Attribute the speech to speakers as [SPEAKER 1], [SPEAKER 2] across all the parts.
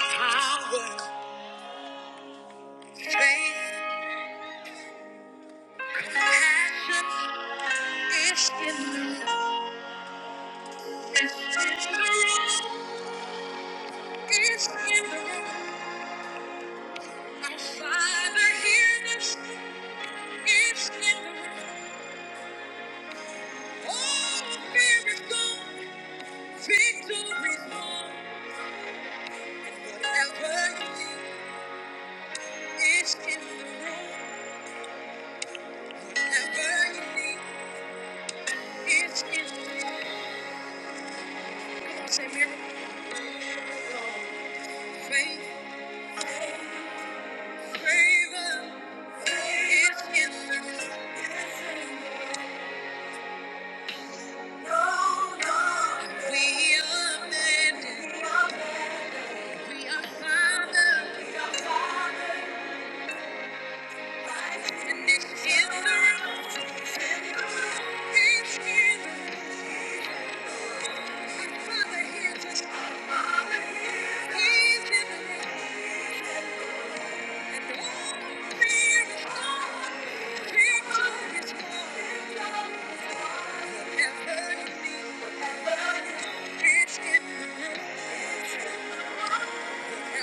[SPEAKER 1] Power, faith, compassion is in the room. It's in the room. It's in the room. Our Father hears us. It's in the room. All fear is gone. Victory's won. Whatever you need, it's in the room. Whatever you need, it's in the room. Come on, say miracle. Faith, favor. It's in Thank you. Thank you.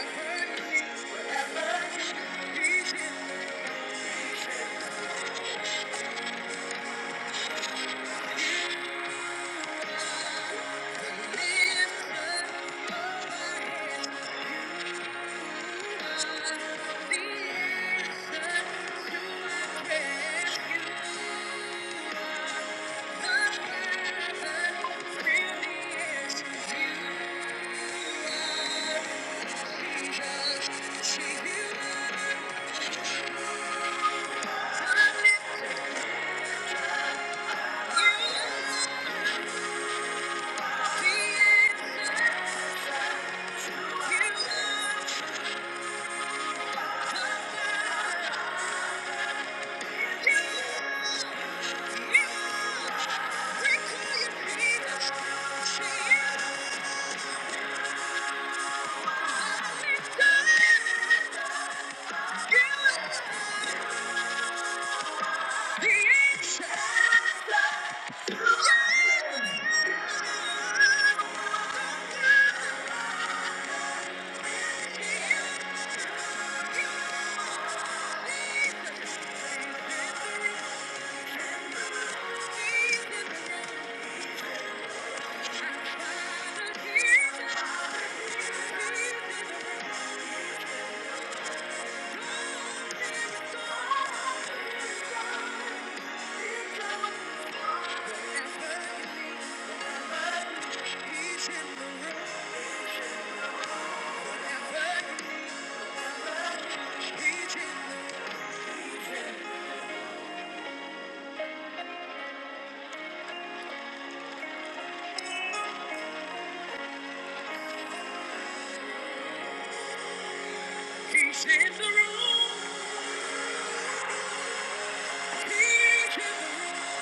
[SPEAKER 1] Thank you. He's in the room. He's in the room.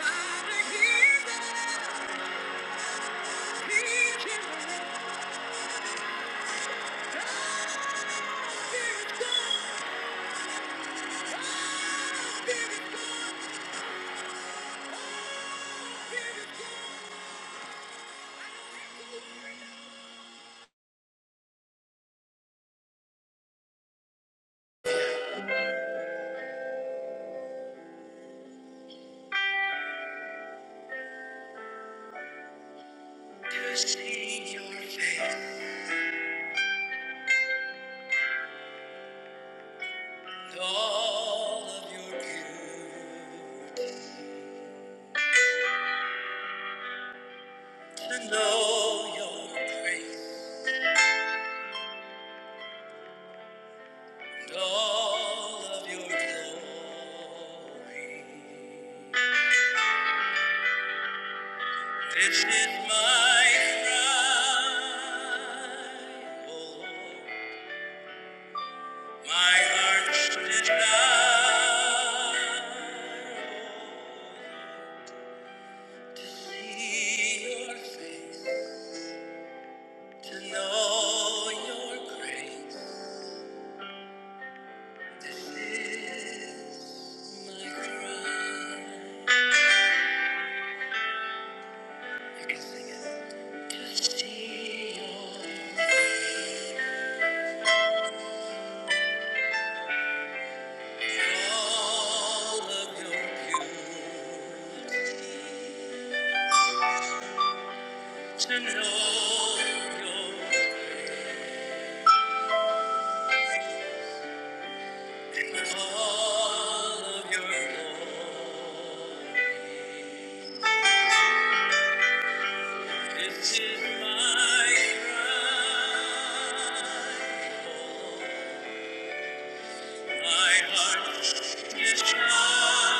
[SPEAKER 1] Father, he's there. He's in the room. To see your face, all of your beauty, to know your grace, and all of your glory. This is my cry, O Lord. My heart should die to see your face, to know your grace. This is my cry. To see all of your beauty, to know your All of your glory. This is my cry. My heart is proud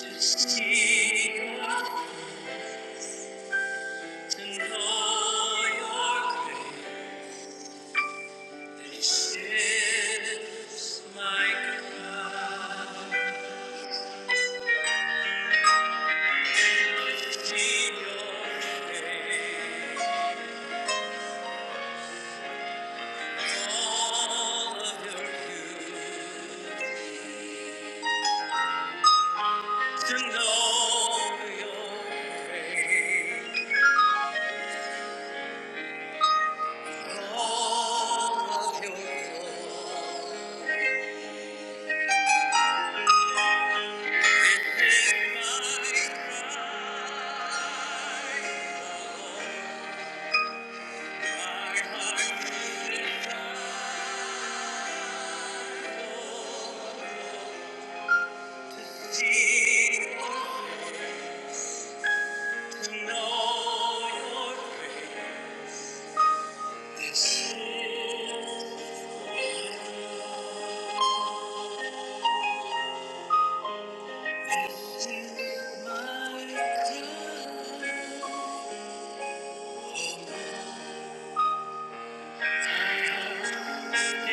[SPEAKER 1] to see you, to know your grace. This is my cry. see your face. all to know your face. All of your glory is my heart deep your face.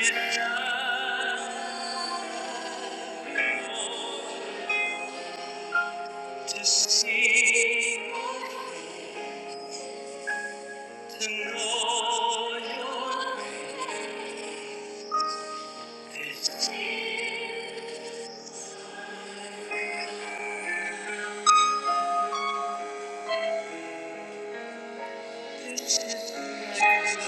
[SPEAKER 1] is my To see, to know your this, this is my,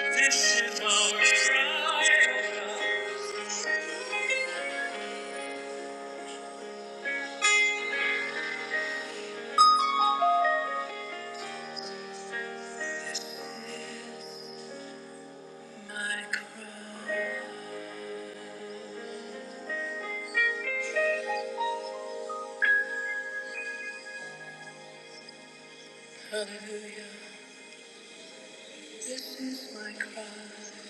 [SPEAKER 1] this is our cry, my cry, hallelujah. This is my cry.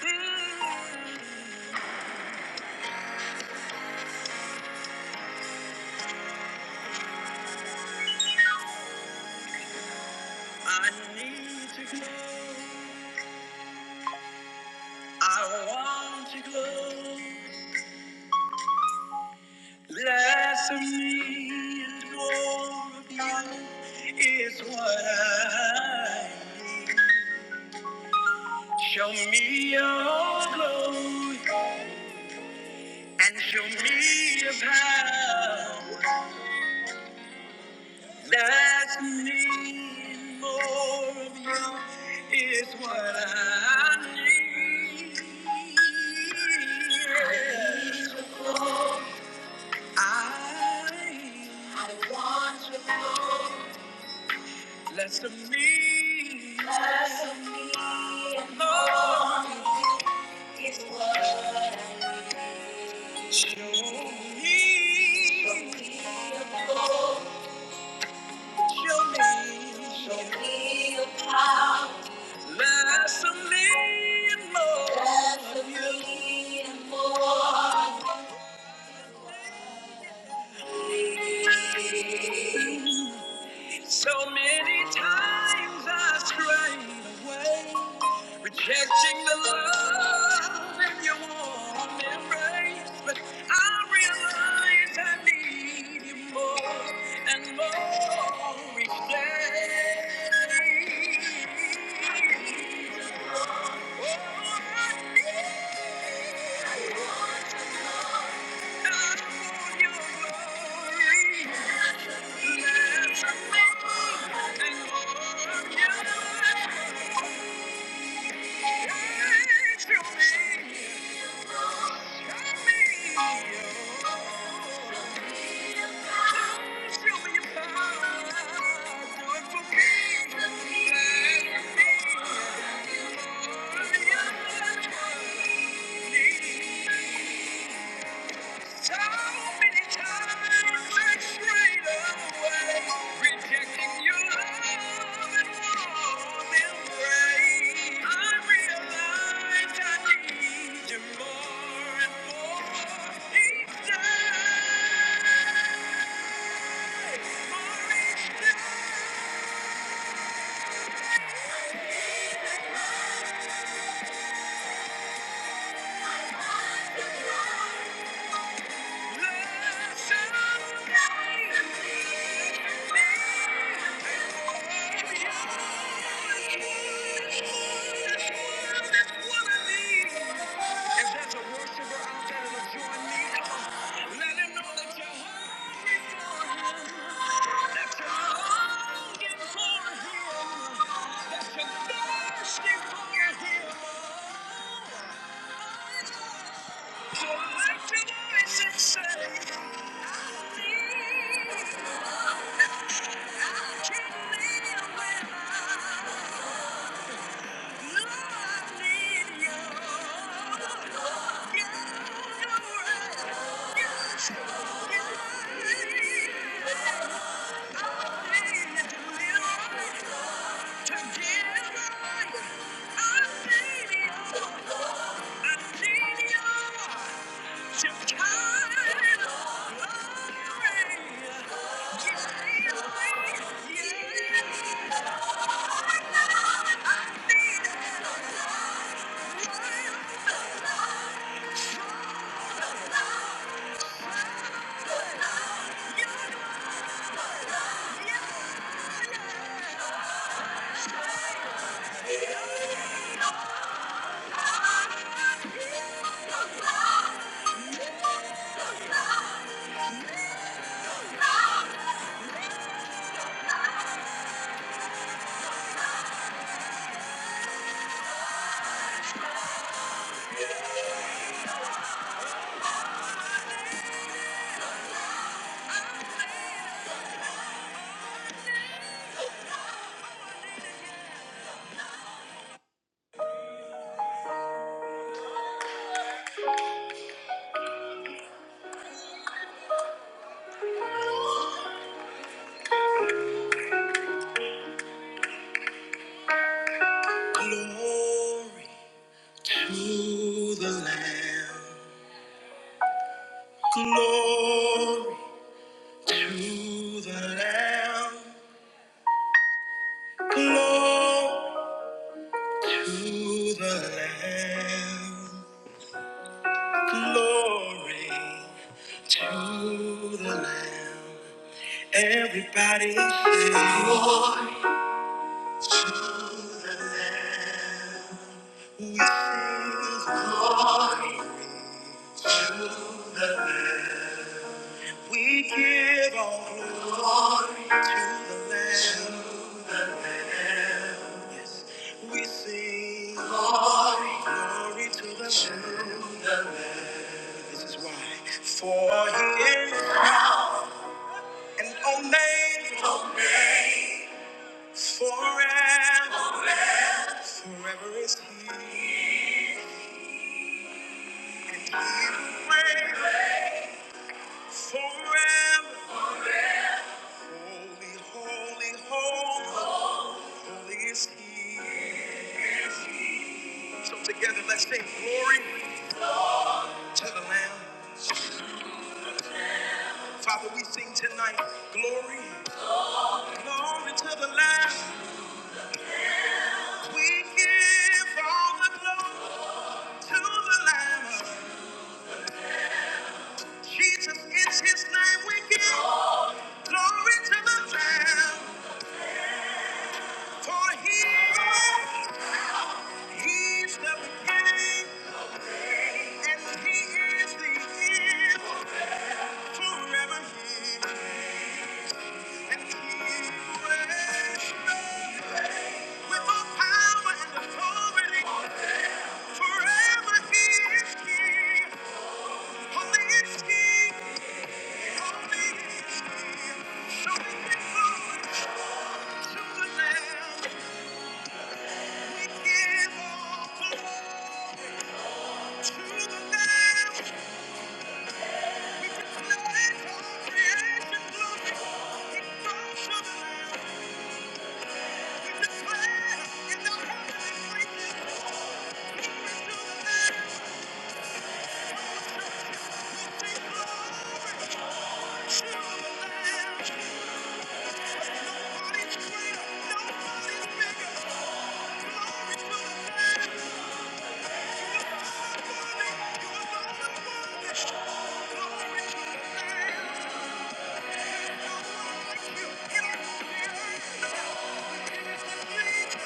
[SPEAKER 1] Mm, I need to go, I want to go. Less of me and more of you is what I show me your glory and show me your power. Less of me and more of you is what I need. I less of me, less of me and more. Thank you. So many times I strayed away, rejecting the love in your warm embrace. But I realize I need you more and more each day. I need you and more of you. Thank you. So many times I strayed away, rejecting your love and warm embrace. I realized I need you more and more each day, more each day. Thirsty for him. Together, I need you. I need you. Glory to the Lamb. Glory to the Lamb. Glory. To the Lamb, glory to the Lamb. Everybody sing. Glory to the Lamb. We sing glory to the Lamb. We give all glory to the Lamb. Yes, we sing. Glory glory to the Lamb. This is why. For he is an omen. Forever, forever is He, and He will reign forever. Holy, holy, holy, holy is He. So together, let's sing glory to the Lamb. Father, we sing tonight, glory, glory to the Lamb. We give all the glory to the Lamb. Jesus is His name. We give glory to the Lamb, for He. is. He's the beginning and he is the end. Forever he And he reigns with all power and authority. Forever he is king. Holy is king. Holy is king. So we give glory to the Lamb. We give all to the Lamb. Thank you.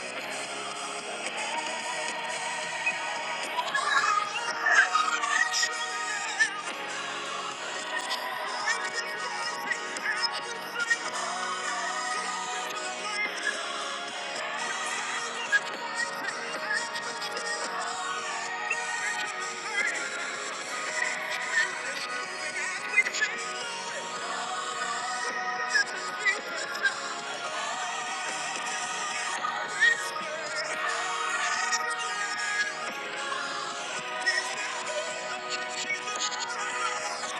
[SPEAKER 1] Thank you.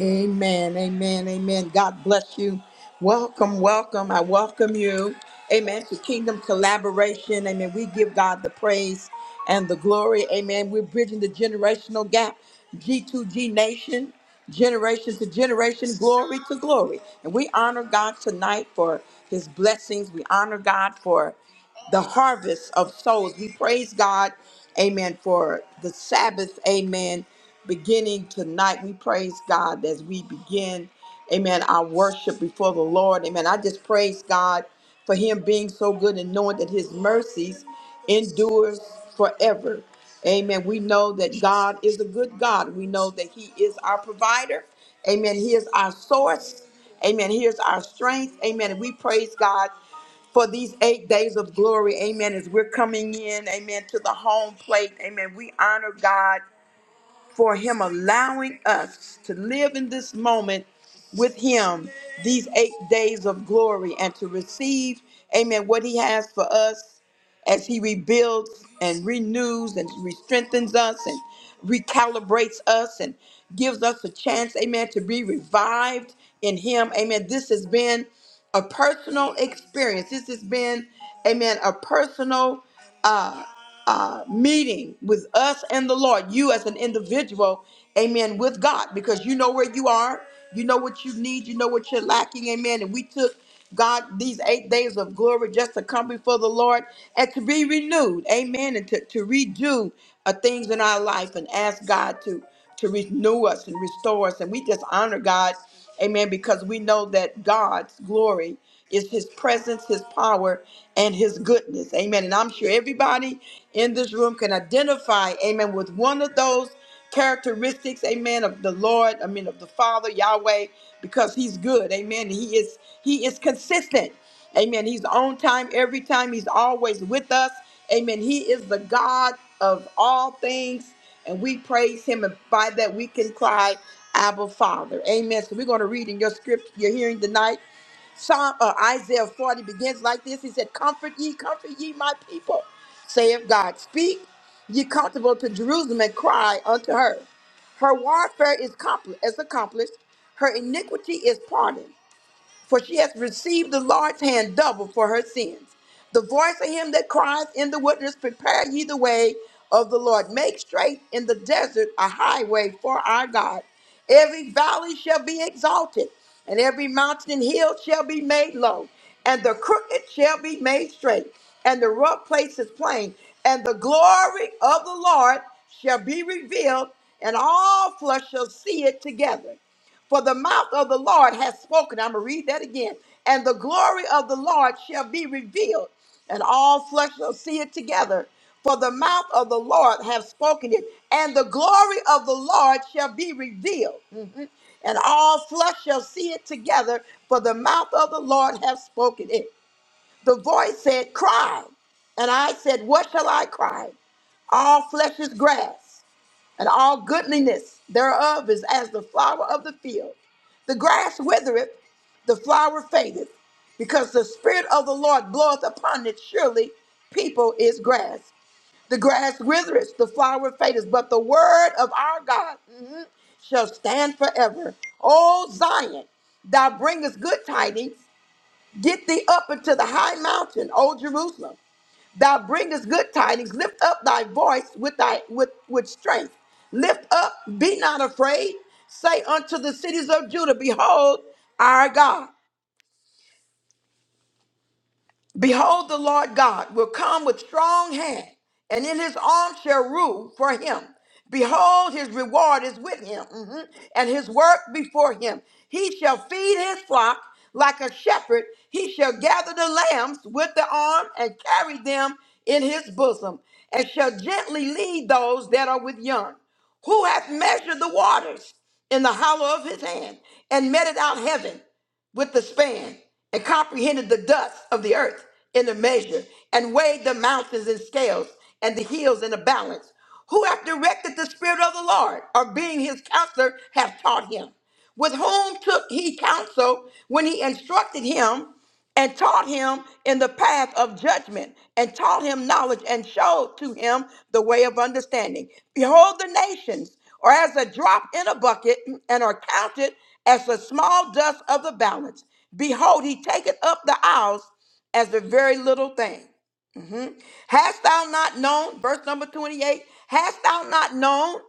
[SPEAKER 1] Amen, amen, amen. God bless you. Welcome, welcome. I welcome you. Amen. To Kingdom Collaboration. Amen. We give God the praise and the glory. Amen. We're bridging the generational gap, G2G Nation, generation to generation, glory to glory. And we honor God tonight for his blessings. We honor God for the harvest of souls. We praise God, amen, for the Sabbath, amen, beginning tonight. We praise God as we begin, amen, our worship before the Lord. Amen. I just praise God for him being so good and knowing that his mercies endures forever. Amen. We know that God is a good God. We know that he is our provider. Amen. He is our source. Amen. He is our strength. Amen. And we praise God for these eight days of glory. Amen. As we're coming in, amen, to the home plate. Amen. We honor God for Him allowing us to live in this moment with Him these eight days of glory and to receive, amen, what He has for us as He rebuilds and renews and strengthens us and recalibrates us and gives us a chance, amen, to be revived in Him. Amen. This has been a personal experience. This has been, amen, a personal. uh, uh, meeting with us and the Lord, you as an individual, amen, with God, because you know where you are, you know what you need, you know what you're lacking, amen. And we took God these eight days of glory just to come before the Lord and to be renewed, amen, and to, to redo uh, things in our life and ask God to, to renew us and restore us. And we just honor God, amen, because we know that God's glory. It's his presence, his power, and his goodness. Amen. And I'm sure everybody in this room can identify, amen, with one of those characteristics, amen, of the Lord, I mean of the Father, Yahweh, because he's good. Amen. He is he is consistent. Amen. He's on time every time. He's always with us. Amen. He is the God of all things, and we praise him. And by that we can cry, Abba Father. Amen. So we're going to read in your script you're hearing tonight. Psalm uh, Isaiah 40 begins like this. He said, Comfort ye, comfort ye my people, saith God. Speak ye comfortable to Jerusalem and cry unto her. Her warfare is compl- is accomplished, her iniquity is pardoned for she has received the Lord's hand double for her sins. The voice of him that cries in the wilderness, prepare ye the way of the Lord. Make straight in the desert a highway for our God. Every valley shall be exalted, and every mountain and hill shall be made low, and the crooked shall be made straight, and the rough places plain, and the glory of the Lord shall be revealed, and all flesh shall see it together for the mouth of the Lord has spoken. I'm going to read that again. And the glory of the Lord shall be revealed, and all flesh shall see it together. For the mouth of the Lord have spoken it, and the glory of the Lord shall be revealed, Mm. and all flesh shall see it together. For the mouth of the Lord have spoken it. The voice said, Cry. And I said, What shall I cry? All flesh is grass and all goodliness thereof is as the flower of the field. The grass withereth, the flower fadeth, because the Spirit of the Lord bloweth upon it. Surely people is grass. The grass withereth, the flower fadeth, but the word of our God mhm, shall stand forever. O Zion, thou bringest good tidings. Get thee up into the high mountain, O Jerusalem. Thou bringest good tidings. Lift up thy voice with thy with, with strength. Lift up, be not afraid. Say unto the cities of Judah, Behold, our God. Behold, the Lord God will come with strong hand, and in his arm shall rule for him. Behold, his reward is with him, mhm, and his work before him. He shall feed his flock like a shepherd. He shall gather the lambs with the arm and carry them in his bosom, and shall gently lead those that are with young. Who hath measured the waters in the hollow of his hand, and meted out heaven? with the span and comprehended the dust of the earth in a measure and weighed the mountains in scales and the hills in a balance. Who hath directed the Spirit of the Lord or being his counselor hath taught him? With whom took he counsel when he instructed him? and taught him in the path of judgment, and taught him knowledge, and showed to him the way of understanding. Behold, the nations are as a drop in a bucket, and are counted as the small dust of the balance. Behold, he taketh up the isles as a very little thing. Mhm. Hast thou not known, verse number 28, hast thou not known?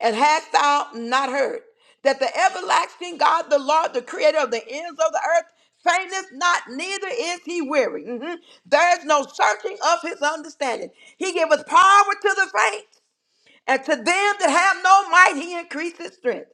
[SPEAKER 1] And hast thou not heard that the everlasting God, the Lord, the creator of the ends of the earth, fainteth not, neither is he weary. Mhm. There is no searching of his understanding. He giveth power to the faint, and to them that have no might, he increases strength.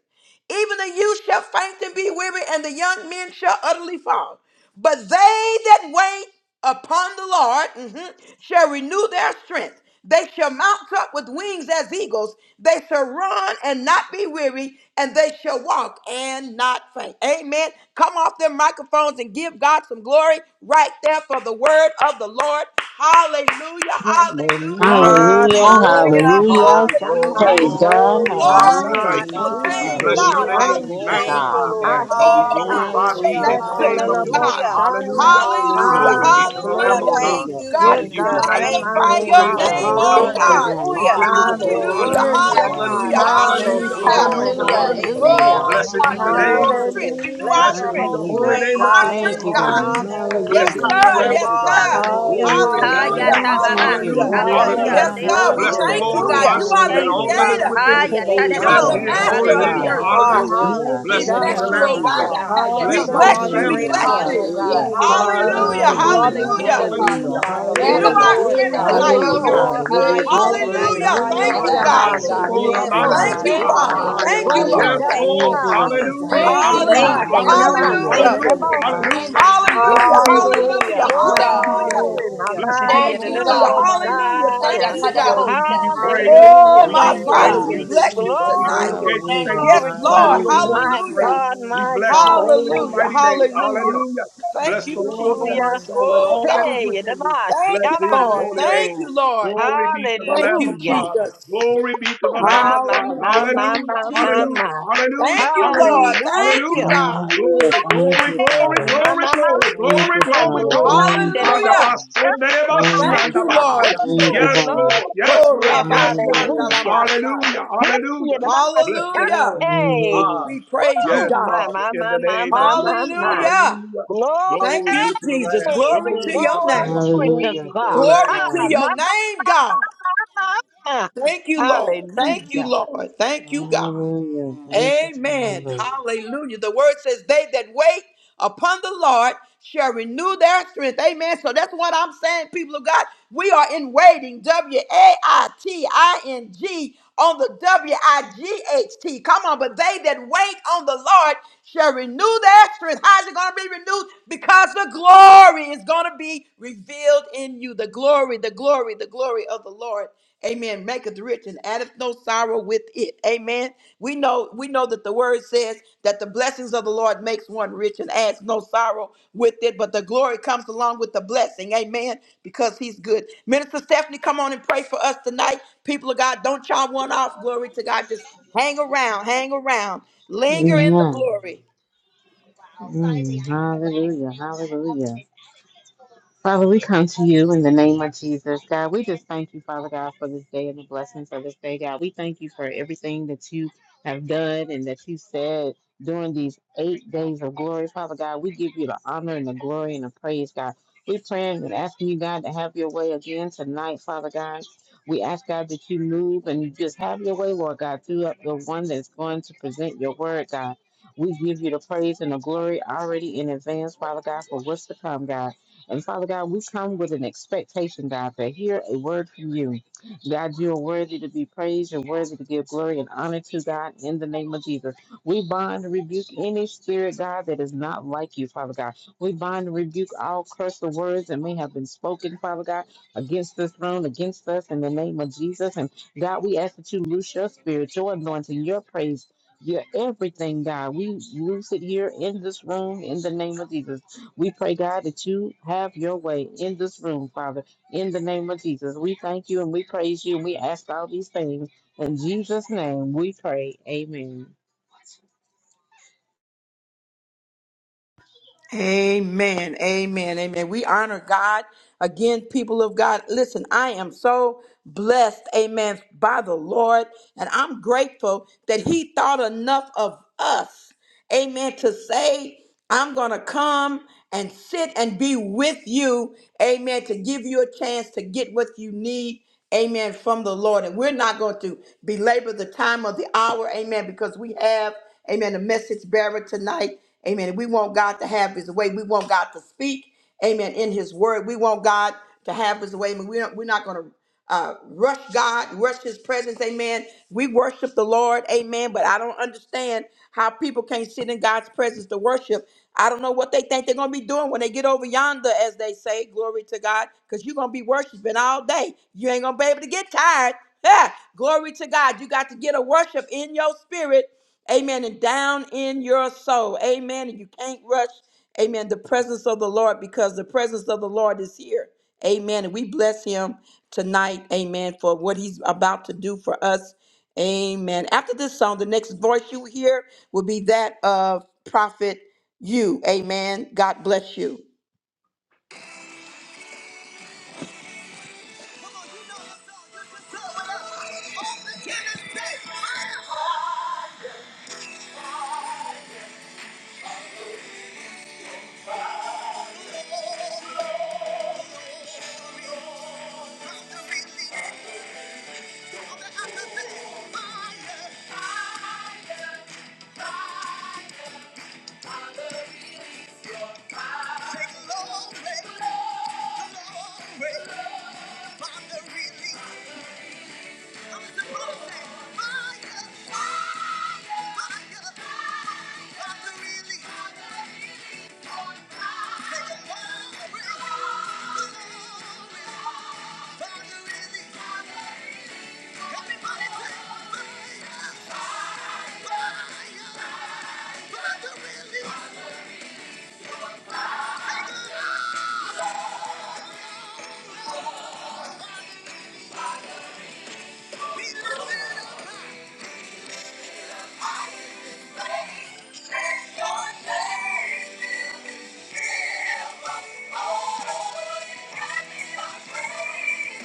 [SPEAKER 1] Even the youth shall faint and be weary, and the young men shall utterly fall. But they that wait upon the Lord mhm, shall renew their strength. They shall mount up with wings as eagles. They shall run and not be weary, and they shall walk and not faint. Amen. Come off their microphones and give God some glory right there for the word of the Lord. Hallelujah. Hallelujah.
[SPEAKER 2] Hallelujah.
[SPEAKER 3] Hallelujah.
[SPEAKER 1] Hallelujah.
[SPEAKER 4] Hallelujah,
[SPEAKER 5] Hallelujah,
[SPEAKER 3] Glory,
[SPEAKER 4] hallelujah.
[SPEAKER 3] glory, glory,
[SPEAKER 1] Hallelujah.
[SPEAKER 4] Praise
[SPEAKER 5] hallelujah.
[SPEAKER 2] Shamanda.
[SPEAKER 3] glory,
[SPEAKER 4] God,
[SPEAKER 5] Glory
[SPEAKER 3] glory.
[SPEAKER 5] be
[SPEAKER 6] Hallelujah.
[SPEAKER 5] to
[SPEAKER 3] Father, we
[SPEAKER 6] Thank
[SPEAKER 1] Glory
[SPEAKER 4] hallelujah.
[SPEAKER 6] you,
[SPEAKER 1] to
[SPEAKER 4] We
[SPEAKER 5] God.
[SPEAKER 3] thank you.
[SPEAKER 1] your
[SPEAKER 4] thank you,
[SPEAKER 6] Jesus.
[SPEAKER 3] We
[SPEAKER 1] name,
[SPEAKER 4] Father.
[SPEAKER 2] Hallelujah.
[SPEAKER 3] bless
[SPEAKER 4] We
[SPEAKER 2] We
[SPEAKER 3] your
[SPEAKER 1] God.
[SPEAKER 4] give
[SPEAKER 5] Hallelujah.
[SPEAKER 4] you the
[SPEAKER 3] name.
[SPEAKER 2] praise
[SPEAKER 6] Hallelujah.
[SPEAKER 3] We
[SPEAKER 2] you,
[SPEAKER 4] glory
[SPEAKER 1] Hallelujah.
[SPEAKER 4] and
[SPEAKER 5] Thank
[SPEAKER 2] God.
[SPEAKER 5] you,
[SPEAKER 3] magnify.
[SPEAKER 4] honor,
[SPEAKER 5] Lord.
[SPEAKER 4] God.
[SPEAKER 3] God,
[SPEAKER 1] Oh,
[SPEAKER 3] we
[SPEAKER 6] Hallelujah.
[SPEAKER 1] we
[SPEAKER 2] Ashaka.
[SPEAKER 3] glorify
[SPEAKER 1] bless
[SPEAKER 6] Praise
[SPEAKER 1] your
[SPEAKER 3] thee
[SPEAKER 4] Hallelujah,
[SPEAKER 5] Hallelujah,
[SPEAKER 3] in the
[SPEAKER 6] God.
[SPEAKER 1] name
[SPEAKER 3] name of
[SPEAKER 2] Nekola
[SPEAKER 1] tonight,
[SPEAKER 4] hallelujah,
[SPEAKER 3] Yahusha.
[SPEAKER 1] God.
[SPEAKER 5] hallelujah.
[SPEAKER 6] Hallelujah.
[SPEAKER 2] Mosiah.
[SPEAKER 3] Hallelujah.
[SPEAKER 6] Thank you,
[SPEAKER 1] Hallelujah.
[SPEAKER 3] Glory
[SPEAKER 2] Ah,
[SPEAKER 4] hallelujah,
[SPEAKER 3] be to
[SPEAKER 6] Lord.
[SPEAKER 3] the Lamb
[SPEAKER 5] Hallelujah.
[SPEAKER 3] of
[SPEAKER 1] Hallelujah.
[SPEAKER 2] glory.
[SPEAKER 3] God.
[SPEAKER 5] Thank
[SPEAKER 6] Glory
[SPEAKER 4] hallelujah.
[SPEAKER 5] you,
[SPEAKER 6] to
[SPEAKER 3] God,
[SPEAKER 1] God,
[SPEAKER 6] your
[SPEAKER 2] Good
[SPEAKER 3] we
[SPEAKER 4] Thank
[SPEAKER 1] we
[SPEAKER 3] give you
[SPEAKER 6] name,
[SPEAKER 5] Jesus.
[SPEAKER 4] you,
[SPEAKER 2] God
[SPEAKER 3] thanks.
[SPEAKER 6] Lord.
[SPEAKER 5] Thank
[SPEAKER 3] We give
[SPEAKER 5] you,
[SPEAKER 3] you
[SPEAKER 1] magnify
[SPEAKER 2] Almighty.
[SPEAKER 4] thank you,
[SPEAKER 1] your
[SPEAKER 3] praise
[SPEAKER 5] Jesus.
[SPEAKER 3] and
[SPEAKER 1] name,
[SPEAKER 4] Father.
[SPEAKER 3] glory and
[SPEAKER 1] oh
[SPEAKER 3] all
[SPEAKER 4] Thank you,
[SPEAKER 2] Hallelujah.
[SPEAKER 3] honor.
[SPEAKER 1] God.
[SPEAKER 6] Hallelujah.
[SPEAKER 4] God. We
[SPEAKER 6] Thank
[SPEAKER 5] Hallelujah.
[SPEAKER 4] give
[SPEAKER 6] you,
[SPEAKER 4] you the
[SPEAKER 3] Hallelujah,
[SPEAKER 6] Lord.
[SPEAKER 5] You're
[SPEAKER 4] glory and
[SPEAKER 1] Hallelujah.
[SPEAKER 3] hallelujah,
[SPEAKER 5] worthy,
[SPEAKER 4] honor,
[SPEAKER 2] Hallelujah.
[SPEAKER 5] oh
[SPEAKER 4] God.
[SPEAKER 5] God.
[SPEAKER 1] Hallelujah.
[SPEAKER 3] hallelujah,
[SPEAKER 7] Hallelujah.
[SPEAKER 2] Hallelujah.
[SPEAKER 4] Thank
[SPEAKER 3] hallelujah,
[SPEAKER 6] Hallelujah.
[SPEAKER 4] you,
[SPEAKER 5] Hallelujah.
[SPEAKER 1] Hallelujah.
[SPEAKER 2] Glory.
[SPEAKER 4] God,
[SPEAKER 5] So
[SPEAKER 3] hallelujah,
[SPEAKER 4] for
[SPEAKER 7] Hallelujah.
[SPEAKER 5] worthy,
[SPEAKER 6] Hallelujah.
[SPEAKER 3] hallelujah.
[SPEAKER 4] everything,
[SPEAKER 5] so
[SPEAKER 1] Oh,
[SPEAKER 7] Amen.
[SPEAKER 2] Hallelujah.
[SPEAKER 4] God.
[SPEAKER 7] Thank
[SPEAKER 5] worthy,
[SPEAKER 3] Blessed
[SPEAKER 7] you,
[SPEAKER 1] God,
[SPEAKER 3] be
[SPEAKER 5] so
[SPEAKER 3] the
[SPEAKER 7] Jesus.
[SPEAKER 1] renew
[SPEAKER 3] name
[SPEAKER 4] Hallelujah,
[SPEAKER 3] of
[SPEAKER 1] our
[SPEAKER 3] the
[SPEAKER 5] worthy.
[SPEAKER 3] Lord.
[SPEAKER 1] strength,
[SPEAKER 6] Hallelujah.
[SPEAKER 1] renew
[SPEAKER 2] Hallelujah.
[SPEAKER 1] our
[SPEAKER 5] Bless
[SPEAKER 3] Blessed
[SPEAKER 5] your
[SPEAKER 3] be
[SPEAKER 1] strength,
[SPEAKER 3] the
[SPEAKER 5] holy
[SPEAKER 3] holy
[SPEAKER 6] Hallelujah.
[SPEAKER 4] hallelujah.
[SPEAKER 2] Good
[SPEAKER 3] name
[SPEAKER 1] renew
[SPEAKER 3] of
[SPEAKER 1] our
[SPEAKER 2] God
[SPEAKER 5] name.
[SPEAKER 3] Israel.
[SPEAKER 4] Thank
[SPEAKER 1] strength,
[SPEAKER 7] Yes,
[SPEAKER 4] you,
[SPEAKER 6] Thank you,
[SPEAKER 7] God.
[SPEAKER 1] God.
[SPEAKER 4] God.
[SPEAKER 2] Almighty.
[SPEAKER 3] Hallelujah.
[SPEAKER 7] We
[SPEAKER 6] Lord.
[SPEAKER 7] shall mount
[SPEAKER 1] Yes,
[SPEAKER 5] Hallelujah.
[SPEAKER 3] Blessed
[SPEAKER 4] Hallelujah.
[SPEAKER 3] be
[SPEAKER 7] up.
[SPEAKER 3] the
[SPEAKER 1] sir,
[SPEAKER 6] Hallelujah.
[SPEAKER 2] Hallelujah.
[SPEAKER 3] Lamb
[SPEAKER 4] Thank
[SPEAKER 1] yes,
[SPEAKER 3] of
[SPEAKER 4] you,
[SPEAKER 3] God.
[SPEAKER 7] Hallelujah.
[SPEAKER 4] God.
[SPEAKER 1] sir.
[SPEAKER 6] Hallelujah.
[SPEAKER 5] Hallelujah,
[SPEAKER 3] Glory,
[SPEAKER 4] Hallelujah.
[SPEAKER 7] Ha ya
[SPEAKER 2] Hallelujah.
[SPEAKER 1] Hallelujah,
[SPEAKER 5] hallelujah,
[SPEAKER 7] ta
[SPEAKER 6] Glory
[SPEAKER 3] hallelujah,
[SPEAKER 7] babasi.
[SPEAKER 6] to
[SPEAKER 4] Thank
[SPEAKER 6] your
[SPEAKER 4] you.
[SPEAKER 1] hallelujah.
[SPEAKER 3] hallelujah,
[SPEAKER 4] We give
[SPEAKER 6] name,
[SPEAKER 5] hallelujah.
[SPEAKER 4] you the
[SPEAKER 2] Father,
[SPEAKER 5] Yes,
[SPEAKER 7] Hallelujah.
[SPEAKER 3] hallelujah.
[SPEAKER 1] Yes,
[SPEAKER 4] honor
[SPEAKER 7] Thank
[SPEAKER 4] and
[SPEAKER 5] God,
[SPEAKER 7] you,
[SPEAKER 4] the
[SPEAKER 1] sir, we
[SPEAKER 3] Bless
[SPEAKER 2] glory,
[SPEAKER 3] the
[SPEAKER 4] glory,
[SPEAKER 6] Jesus.
[SPEAKER 7] Jesus.
[SPEAKER 1] thank
[SPEAKER 3] Lord,
[SPEAKER 1] you,
[SPEAKER 2] glory,
[SPEAKER 3] O
[SPEAKER 4] God.
[SPEAKER 1] God.
[SPEAKER 3] my
[SPEAKER 5] hallelujah.
[SPEAKER 1] You
[SPEAKER 2] glory, glory,
[SPEAKER 3] soul,
[SPEAKER 1] are the
[SPEAKER 3] and
[SPEAKER 7] Thank
[SPEAKER 5] Thank
[SPEAKER 7] you,
[SPEAKER 4] Hallelujah.
[SPEAKER 3] all
[SPEAKER 5] you,
[SPEAKER 3] that
[SPEAKER 2] glory
[SPEAKER 3] is
[SPEAKER 7] Father.
[SPEAKER 1] creator,
[SPEAKER 3] within
[SPEAKER 6] Hallelujah.
[SPEAKER 7] Ha
[SPEAKER 5] Jesus.
[SPEAKER 4] We
[SPEAKER 3] me.
[SPEAKER 2] to
[SPEAKER 7] ya ta
[SPEAKER 2] the
[SPEAKER 5] Thank
[SPEAKER 7] da
[SPEAKER 1] you
[SPEAKER 4] praise
[SPEAKER 7] da
[SPEAKER 5] you,
[SPEAKER 4] you,
[SPEAKER 3] Bless
[SPEAKER 7] bo
[SPEAKER 1] are the
[SPEAKER 2] Lamb
[SPEAKER 4] God.
[SPEAKER 3] his
[SPEAKER 7] se.
[SPEAKER 5] Jesus.
[SPEAKER 2] of
[SPEAKER 1] master
[SPEAKER 3] holy
[SPEAKER 1] of the
[SPEAKER 3] name,
[SPEAKER 4] Hallelujah.
[SPEAKER 2] God.
[SPEAKER 5] You
[SPEAKER 7] Hallelujah.
[SPEAKER 1] earth, oh
[SPEAKER 4] Have
[SPEAKER 5] are,
[SPEAKER 4] your
[SPEAKER 6] Hallelujah.
[SPEAKER 1] God.
[SPEAKER 3] hallelujah.
[SPEAKER 4] way, God. In
[SPEAKER 1] We
[SPEAKER 7] Thank
[SPEAKER 3] Blessed
[SPEAKER 4] the
[SPEAKER 7] you,
[SPEAKER 3] be
[SPEAKER 1] bless
[SPEAKER 5] hallelujah.
[SPEAKER 3] the
[SPEAKER 4] name
[SPEAKER 1] you,
[SPEAKER 4] of
[SPEAKER 3] Lamb
[SPEAKER 7] Jesus.
[SPEAKER 1] oh
[SPEAKER 2] Neshama.
[SPEAKER 3] of
[SPEAKER 6] Glory
[SPEAKER 5] Thank
[SPEAKER 7] Ha
[SPEAKER 5] you,
[SPEAKER 6] to
[SPEAKER 4] Jesus.
[SPEAKER 1] God.
[SPEAKER 7] ya
[SPEAKER 3] God.
[SPEAKER 6] your
[SPEAKER 7] ta
[SPEAKER 5] God.
[SPEAKER 7] ya
[SPEAKER 6] name,
[SPEAKER 1] We
[SPEAKER 7] ta
[SPEAKER 3] Blessed
[SPEAKER 5] You
[SPEAKER 3] be
[SPEAKER 7] bo.
[SPEAKER 6] Lord.
[SPEAKER 5] are
[SPEAKER 3] the
[SPEAKER 1] bless
[SPEAKER 5] the
[SPEAKER 1] you,
[SPEAKER 3] Lamb
[SPEAKER 1] we
[SPEAKER 5] great
[SPEAKER 3] of
[SPEAKER 4] Hallelujah.
[SPEAKER 5] I
[SPEAKER 3] God.
[SPEAKER 1] bless
[SPEAKER 2] Hallelujah.
[SPEAKER 5] am, oh
[SPEAKER 1] you.
[SPEAKER 5] God.
[SPEAKER 7] Hallelujah.
[SPEAKER 4] Hallelujah.
[SPEAKER 3] Glory,
[SPEAKER 7] Thank
[SPEAKER 6] Hallelujah.
[SPEAKER 7] you,
[SPEAKER 6] Thank
[SPEAKER 3] hallelujah,
[SPEAKER 1] Hallelujah,
[SPEAKER 7] Jesus.
[SPEAKER 5] Hallelujah.
[SPEAKER 6] you,
[SPEAKER 5] You are the
[SPEAKER 4] Hallelujah.
[SPEAKER 2] Hallelujah.
[SPEAKER 3] hallelujah,
[SPEAKER 6] Lord.
[SPEAKER 7] Thank
[SPEAKER 5] King
[SPEAKER 7] you,
[SPEAKER 1] hallelujah.
[SPEAKER 5] of
[SPEAKER 7] Father.
[SPEAKER 5] kings,
[SPEAKER 4] Hallelujah.
[SPEAKER 2] Hallelujah.
[SPEAKER 3] hallelujah.
[SPEAKER 5] God, the
[SPEAKER 7] Eh,
[SPEAKER 6] Glory,
[SPEAKER 5] Lord
[SPEAKER 1] Renew
[SPEAKER 7] da
[SPEAKER 5] of
[SPEAKER 2] Hallelujah.
[SPEAKER 3] Glory,
[SPEAKER 4] Hallelujah.
[SPEAKER 1] our
[SPEAKER 7] ba.
[SPEAKER 5] lords,
[SPEAKER 7] He
[SPEAKER 1] strength
[SPEAKER 3] glory,
[SPEAKER 6] glory,
[SPEAKER 7] said,
[SPEAKER 5] God.
[SPEAKER 7] da da
[SPEAKER 1] tonight,
[SPEAKER 7] da
[SPEAKER 3] glory,
[SPEAKER 4] Thank
[SPEAKER 5] We
[SPEAKER 1] oh
[SPEAKER 4] you,
[SPEAKER 2] Hallelujah.
[SPEAKER 7] bo
[SPEAKER 6] glory.
[SPEAKER 1] God.
[SPEAKER 3] glory,
[SPEAKER 4] Father.
[SPEAKER 7] se.
[SPEAKER 4] We
[SPEAKER 5] glorify
[SPEAKER 3] glory,
[SPEAKER 4] give you
[SPEAKER 5] you.
[SPEAKER 4] the
[SPEAKER 5] We
[SPEAKER 7] Hallelujah.
[SPEAKER 3] glory,
[SPEAKER 2] Hallelujah,
[SPEAKER 4] glory and the
[SPEAKER 3] glory.
[SPEAKER 1] Hallelujah.
[SPEAKER 5] magnify your
[SPEAKER 1] Thank
[SPEAKER 6] Hallelujah.
[SPEAKER 7] Yeah,
[SPEAKER 4] honor,
[SPEAKER 1] you,
[SPEAKER 7] da
[SPEAKER 5] holy
[SPEAKER 4] Father
[SPEAKER 7] ba
[SPEAKER 1] God.
[SPEAKER 5] name,
[SPEAKER 4] God.
[SPEAKER 7] si.
[SPEAKER 5] God.
[SPEAKER 6] Hallelujah.
[SPEAKER 7] Yeah, da
[SPEAKER 5] Yes,
[SPEAKER 4] Thank
[SPEAKER 7] da
[SPEAKER 2] hallelujah,
[SPEAKER 4] you,
[SPEAKER 7] bo se.
[SPEAKER 4] God.
[SPEAKER 1] Thank
[SPEAKER 5] God.
[SPEAKER 6] Thank
[SPEAKER 1] you,
[SPEAKER 6] you,
[SPEAKER 7] Thank you,
[SPEAKER 2] hallelujah.
[SPEAKER 1] Father.
[SPEAKER 6] Lord.
[SPEAKER 7] Jesus.
[SPEAKER 3] Adabasokoramandeshekarabahaya.
[SPEAKER 1] Thank
[SPEAKER 5] Hallelujah.
[SPEAKER 2] Go
[SPEAKER 1] you, Lord.
[SPEAKER 6] Glory
[SPEAKER 4] Hallelujah.
[SPEAKER 3] Yes,
[SPEAKER 6] to
[SPEAKER 2] just
[SPEAKER 7] Hallelujah.
[SPEAKER 5] Thank
[SPEAKER 6] your
[SPEAKER 5] you,
[SPEAKER 3] Lord.
[SPEAKER 4] Thank you,
[SPEAKER 6] name,
[SPEAKER 2] far.
[SPEAKER 4] Lord.
[SPEAKER 3] Hallelujah.
[SPEAKER 5] Jesus.
[SPEAKER 4] Thank
[SPEAKER 2] Hold
[SPEAKER 7] Thank
[SPEAKER 4] you,
[SPEAKER 2] you
[SPEAKER 7] you,
[SPEAKER 2] the
[SPEAKER 6] Jesus.
[SPEAKER 4] Lord.
[SPEAKER 3] Hallelujah.
[SPEAKER 7] God.
[SPEAKER 2] bus.
[SPEAKER 5] Thank
[SPEAKER 1] Hallelujah,
[SPEAKER 5] you,
[SPEAKER 7] Yeah,
[SPEAKER 5] Lord
[SPEAKER 3] Hallelujah.
[SPEAKER 2] Down
[SPEAKER 5] God.
[SPEAKER 7] Bobo
[SPEAKER 4] Hallelujah.
[SPEAKER 2] to
[SPEAKER 7] said.
[SPEAKER 5] Thank
[SPEAKER 1] hallelujah,
[SPEAKER 5] you,
[SPEAKER 2] the
[SPEAKER 6] Hallelujah.
[SPEAKER 3] Hallelujah.
[SPEAKER 5] Lord
[SPEAKER 2] bus.
[SPEAKER 5] God.
[SPEAKER 4] Hallelujah.
[SPEAKER 7] Thank
[SPEAKER 3] Hallelujah.
[SPEAKER 7] you,
[SPEAKER 6] Hallelujah.
[SPEAKER 7] Jesus.
[SPEAKER 1] hallelujah,
[SPEAKER 3] Blessed be the
[SPEAKER 6] We
[SPEAKER 3] Lord.
[SPEAKER 5] Hallelujah.
[SPEAKER 1] hallelujah,
[SPEAKER 7] Thank
[SPEAKER 6] exalt
[SPEAKER 7] you,
[SPEAKER 3] Blessed
[SPEAKER 6] you.
[SPEAKER 3] be
[SPEAKER 7] God.
[SPEAKER 3] the
[SPEAKER 6] We
[SPEAKER 1] hallelujah,
[SPEAKER 3] Lord.
[SPEAKER 2] Glory,
[SPEAKER 5] Hallelujah.
[SPEAKER 6] magnify
[SPEAKER 3] Blessed
[SPEAKER 2] mama.
[SPEAKER 3] be
[SPEAKER 5] Thank
[SPEAKER 6] you.
[SPEAKER 3] the
[SPEAKER 2] You
[SPEAKER 5] you,
[SPEAKER 7] Thank
[SPEAKER 2] the
[SPEAKER 7] you,
[SPEAKER 3] Lord God
[SPEAKER 1] hallelujah,
[SPEAKER 2] little
[SPEAKER 7] God.
[SPEAKER 5] Jesus.
[SPEAKER 3] Almighty.
[SPEAKER 1] hallelujah.
[SPEAKER 7] Uh,
[SPEAKER 1] Thank
[SPEAKER 7] yeah,
[SPEAKER 2] Messiah.
[SPEAKER 1] you,
[SPEAKER 5] Thank
[SPEAKER 6] Hallelujah.
[SPEAKER 3] Father,
[SPEAKER 5] you,
[SPEAKER 1] God.
[SPEAKER 3] we
[SPEAKER 7] Tadadabo
[SPEAKER 3] give you
[SPEAKER 7] said.
[SPEAKER 5] God.
[SPEAKER 3] praise.
[SPEAKER 6] Hallelujah.
[SPEAKER 1] Oh,
[SPEAKER 3] We
[SPEAKER 5] Hallelujah.
[SPEAKER 3] give
[SPEAKER 1] my
[SPEAKER 7] Thank
[SPEAKER 3] you
[SPEAKER 7] you,
[SPEAKER 2] Hallelujah.
[SPEAKER 7] God.
[SPEAKER 1] Father,
[SPEAKER 5] Thank you,
[SPEAKER 1] we
[SPEAKER 3] thanksgiving.
[SPEAKER 1] bless
[SPEAKER 5] Jesus.
[SPEAKER 6] Glory
[SPEAKER 1] you
[SPEAKER 3] God,
[SPEAKER 6] to
[SPEAKER 3] we
[SPEAKER 2] Glory,
[SPEAKER 6] your
[SPEAKER 3] enter
[SPEAKER 1] tonight.
[SPEAKER 5] Thank
[SPEAKER 3] your
[SPEAKER 5] you,
[SPEAKER 3] gates
[SPEAKER 6] name,
[SPEAKER 3] with
[SPEAKER 7] Thank
[SPEAKER 5] Jesus.
[SPEAKER 7] you,
[SPEAKER 4] Hallelujah.
[SPEAKER 1] Yes,
[SPEAKER 3] thanksgiving.
[SPEAKER 2] glory,
[SPEAKER 3] We come
[SPEAKER 7] Jesus.
[SPEAKER 6] Jesus.
[SPEAKER 3] into
[SPEAKER 2] glory.
[SPEAKER 1] Lord,
[SPEAKER 3] your
[SPEAKER 4] Hallelujah.
[SPEAKER 3] courts
[SPEAKER 2] My
[SPEAKER 3] with praise.
[SPEAKER 1] hallelujah,
[SPEAKER 2] God,
[SPEAKER 3] We
[SPEAKER 2] my
[SPEAKER 6] Hallelujah,
[SPEAKER 3] bless your
[SPEAKER 2] God.
[SPEAKER 3] holy and
[SPEAKER 1] hallelujah,
[SPEAKER 3] mighty
[SPEAKER 6] hallelujah,
[SPEAKER 3] name.
[SPEAKER 1] hallelujah.
[SPEAKER 3] Hallelujah. Bless
[SPEAKER 1] Thank
[SPEAKER 3] the
[SPEAKER 1] you,
[SPEAKER 3] Lord, O my
[SPEAKER 1] Jesus.
[SPEAKER 2] Hallelujah.
[SPEAKER 6] hallelujah,
[SPEAKER 3] soul, and
[SPEAKER 1] Oh,
[SPEAKER 3] all that is
[SPEAKER 1] God.
[SPEAKER 2] Hey, the
[SPEAKER 3] within me.
[SPEAKER 2] bus.
[SPEAKER 3] Bless
[SPEAKER 1] Thank you,
[SPEAKER 3] his
[SPEAKER 1] Lord.
[SPEAKER 2] Down
[SPEAKER 3] holy
[SPEAKER 1] Thank
[SPEAKER 3] name.
[SPEAKER 2] to.
[SPEAKER 1] you, Lord.
[SPEAKER 3] Glory be to the
[SPEAKER 1] Thank
[SPEAKER 3] Lamb of
[SPEAKER 1] you,
[SPEAKER 2] Hallelujah.
[SPEAKER 3] God.
[SPEAKER 1] Jesus.
[SPEAKER 3] Glory be to
[SPEAKER 2] Oh,
[SPEAKER 3] the Lamb
[SPEAKER 2] my,
[SPEAKER 3] of
[SPEAKER 2] my,
[SPEAKER 3] God.
[SPEAKER 1] Hallelujah.
[SPEAKER 2] my,
[SPEAKER 1] Thank
[SPEAKER 2] my,
[SPEAKER 3] Hallelujah.
[SPEAKER 2] my,
[SPEAKER 1] you,
[SPEAKER 2] my,
[SPEAKER 1] Jesus.
[SPEAKER 3] Hallelujah.
[SPEAKER 2] my.
[SPEAKER 3] Hallelujah.
[SPEAKER 1] Thank you, Lord.
[SPEAKER 3] Hallelujah.
[SPEAKER 1] Thank you,
[SPEAKER 3] Hallelujah.
[SPEAKER 2] Hallelujah.
[SPEAKER 1] God.
[SPEAKER 4] Hallelujah.
[SPEAKER 3] Glory,
[SPEAKER 4] Thank
[SPEAKER 3] glory,
[SPEAKER 4] you,
[SPEAKER 3] glory,
[SPEAKER 4] Father.
[SPEAKER 2] My, my,
[SPEAKER 3] glory,
[SPEAKER 2] my,
[SPEAKER 3] glory,
[SPEAKER 4] Thank
[SPEAKER 3] glory,
[SPEAKER 4] you,
[SPEAKER 2] my.
[SPEAKER 3] glory,
[SPEAKER 4] Father.
[SPEAKER 2] Blown
[SPEAKER 3] glory.
[SPEAKER 4] Thank
[SPEAKER 2] under
[SPEAKER 4] you,
[SPEAKER 2] the bus.
[SPEAKER 1] Hallelujah.
[SPEAKER 4] Father. Thank
[SPEAKER 1] Thank
[SPEAKER 4] you,
[SPEAKER 1] you,
[SPEAKER 4] Father.
[SPEAKER 3] Adabasundebasiandabahaya.
[SPEAKER 1] Lord
[SPEAKER 4] Thank
[SPEAKER 2] Woo!
[SPEAKER 4] you,
[SPEAKER 1] Jesus.
[SPEAKER 3] Yes, Lord.
[SPEAKER 4] Father.
[SPEAKER 3] Yes,
[SPEAKER 2] Glory.
[SPEAKER 3] Lord. Yes, Lord.
[SPEAKER 4] Hallelujah.
[SPEAKER 2] Hallelujah.
[SPEAKER 3] Hallelujah.
[SPEAKER 1] Korabashandalamasaya.
[SPEAKER 2] Hey,
[SPEAKER 3] Hallelujah.
[SPEAKER 2] the bus.
[SPEAKER 3] Bless the
[SPEAKER 1] Hallelujah.
[SPEAKER 3] Lord.
[SPEAKER 2] Hey.
[SPEAKER 3] Ah,
[SPEAKER 4] Hallelujah.
[SPEAKER 1] We praise you,
[SPEAKER 3] yes,
[SPEAKER 2] Woo! My,
[SPEAKER 1] God.
[SPEAKER 3] Father,
[SPEAKER 2] my,
[SPEAKER 3] in
[SPEAKER 2] my,
[SPEAKER 3] the
[SPEAKER 2] my,
[SPEAKER 3] name of
[SPEAKER 2] my, my,
[SPEAKER 3] Jesus.
[SPEAKER 2] my.
[SPEAKER 1] Hallelujah.
[SPEAKER 3] Hallelujah.
[SPEAKER 1] Thank
[SPEAKER 3] Glory be
[SPEAKER 1] you,
[SPEAKER 3] to the
[SPEAKER 1] Jesus.
[SPEAKER 3] Lamb.
[SPEAKER 2] Glory.
[SPEAKER 1] Glory
[SPEAKER 3] Glory
[SPEAKER 1] to
[SPEAKER 3] be to
[SPEAKER 1] your
[SPEAKER 3] the
[SPEAKER 1] name.
[SPEAKER 3] Lamb.
[SPEAKER 2] Glory to
[SPEAKER 3] Glory
[SPEAKER 4] Hallelujah.
[SPEAKER 3] be to the
[SPEAKER 2] God.
[SPEAKER 4] Praise
[SPEAKER 3] Lamb.
[SPEAKER 1] Glory
[SPEAKER 2] Ah, my,
[SPEAKER 1] to
[SPEAKER 4] God.
[SPEAKER 1] your
[SPEAKER 2] my,
[SPEAKER 1] name,
[SPEAKER 2] my,
[SPEAKER 1] God.
[SPEAKER 2] my.
[SPEAKER 1] Thank you, Lord. Thank you,
[SPEAKER 2] Hallelujah.
[SPEAKER 1] Lord. Thank you, God.
[SPEAKER 4] Hallelujah. Thank you,
[SPEAKER 1] Amen.
[SPEAKER 4] Father.
[SPEAKER 1] Hallelujah. The word says, They that wait upon the Lord shall renew their strength. Amen. So that's what I'm saying, people of God. We are in waiting. W A I T I N G on the W I G H T. Come on, but they that wait on the Lord shall renew their strength. How is it going to be renewed? Because the glory is going to be revealed in you. The glory, the glory, the glory of the Lord. Amen. Maketh rich and addeth no sorrow with it. Amen. We know we know that the word says that the blessings of the Lord makes one rich and adds no sorrow with it, but the glory comes along with the blessing. Amen. Because he's good. Minister Stephanie, come on and pray for us tonight. People of God, don't y'all want off. Glory to God. Just Hang around, hang around, linger in the
[SPEAKER 4] Amen.
[SPEAKER 1] glory.
[SPEAKER 4] Mm, hallelujah. Hallelujah. Father, we come to you in the name of Jesus. God, we just thank you, Father God, for this day and the blessings of this day. God, we thank you for everything that you have done and that you said during these eight days of glory. Father God, we give you the honor and the glory and the praise, God. We praying and asking you, God, to have your way again tonight, Father God. We ask, God, that you move and you just have your way, Lord God, through the one that's going to present your word, God. We give you the praise and the glory already in advance, Father God, for what's to come, God. And Father God, we come with an expectation, God, to hear a word from you. God, you are worthy to be praised. You're worthy to give glory and honor to God in the name of Jesus. We bind and rebuke any spirit, God, that is not like you, Father God. We bind and rebuke all cursed words that may have been spoken, Father God, against this throne, against us in the name of Jesus. And God, we ask that you loose your spirit, your anointing, your praise. Your everything, God. We loose it here in this room in the name of Jesus. We pray, God, that you have your way in this room, Father, in the name of Jesus. We thank you and we praise you and we ask all these things. In Jesus' name we pray. Amen.
[SPEAKER 1] Amen. Amen. Amen. We honor God. Again, people of God, listen, I am so blessed, amen, by the Lord. And I'm grateful that He thought enough of us, amen, to say, I'm going to come and sit and be with you, amen, to give you a chance to get what you need, amen, from the Lord. And we're not going to belabor the time of the hour, amen, because we have, amen, a message bearer tonight. Amen. We want God to have his way. We want God to speak. Amen. In his word. We want God to have his way. I mean, we don't, we're not going to uh, rush God, rush His presence. Amen. We worship the Lord. Amen. But I don't understand how people can't sit in God's presence to worship. I don't know what they think they're going to be doing when they get over yonder, as they say. Glory to God. Because you're going to be worshiping all day. You ain't going to be able to get tired. Yeah. Glory to God. You got to get a worship in your spirit. Amen. And down in your soul. Amen. And you can't rush. Amen. The presence of the Lord because the presence of the Lord is here. Amen. And we bless him tonight. Amen. For what he's about to do for us. Amen. After this song, the next voice you hear will be that of Prophet You. Amen. God bless you. Thank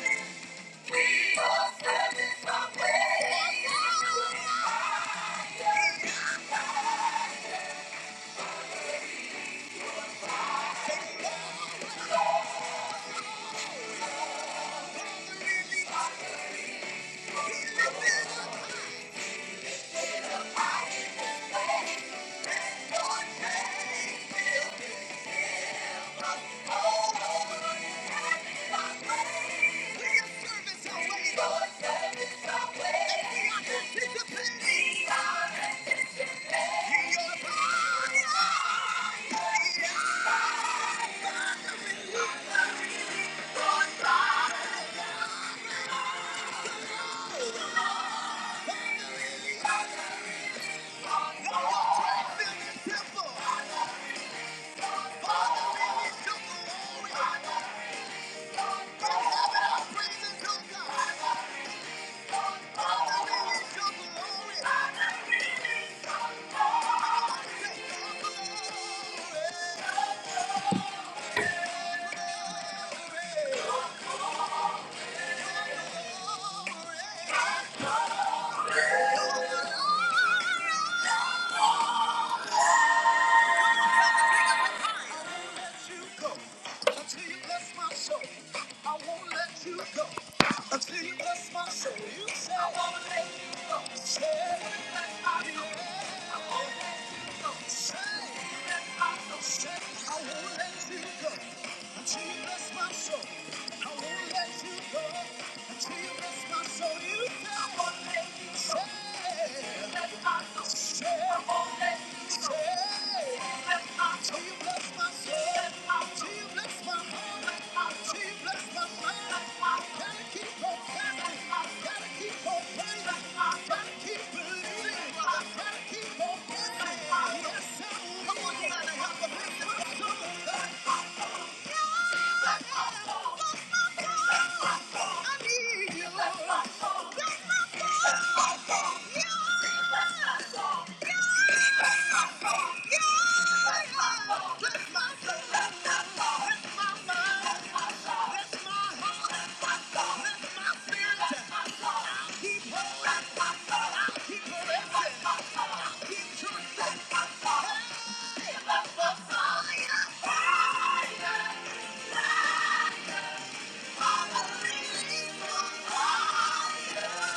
[SPEAKER 1] you. Temple. Father, we need your glory. From heaven, our praises, oh God. Glory. glory, glory. you go until you bless my soul. I won't let you go until you bless my soul. You say I won't let you go. Say bless my soul. I won't let you go. Say bless my soul. Say I won't let you go until you bless my soul. I won't let you go until you bless my soul. You say I won't let you go. Say bless my soul. Say I won't let you go. Say bless my Yes, sir. Come on, you gotta help the people. Fire! Fire!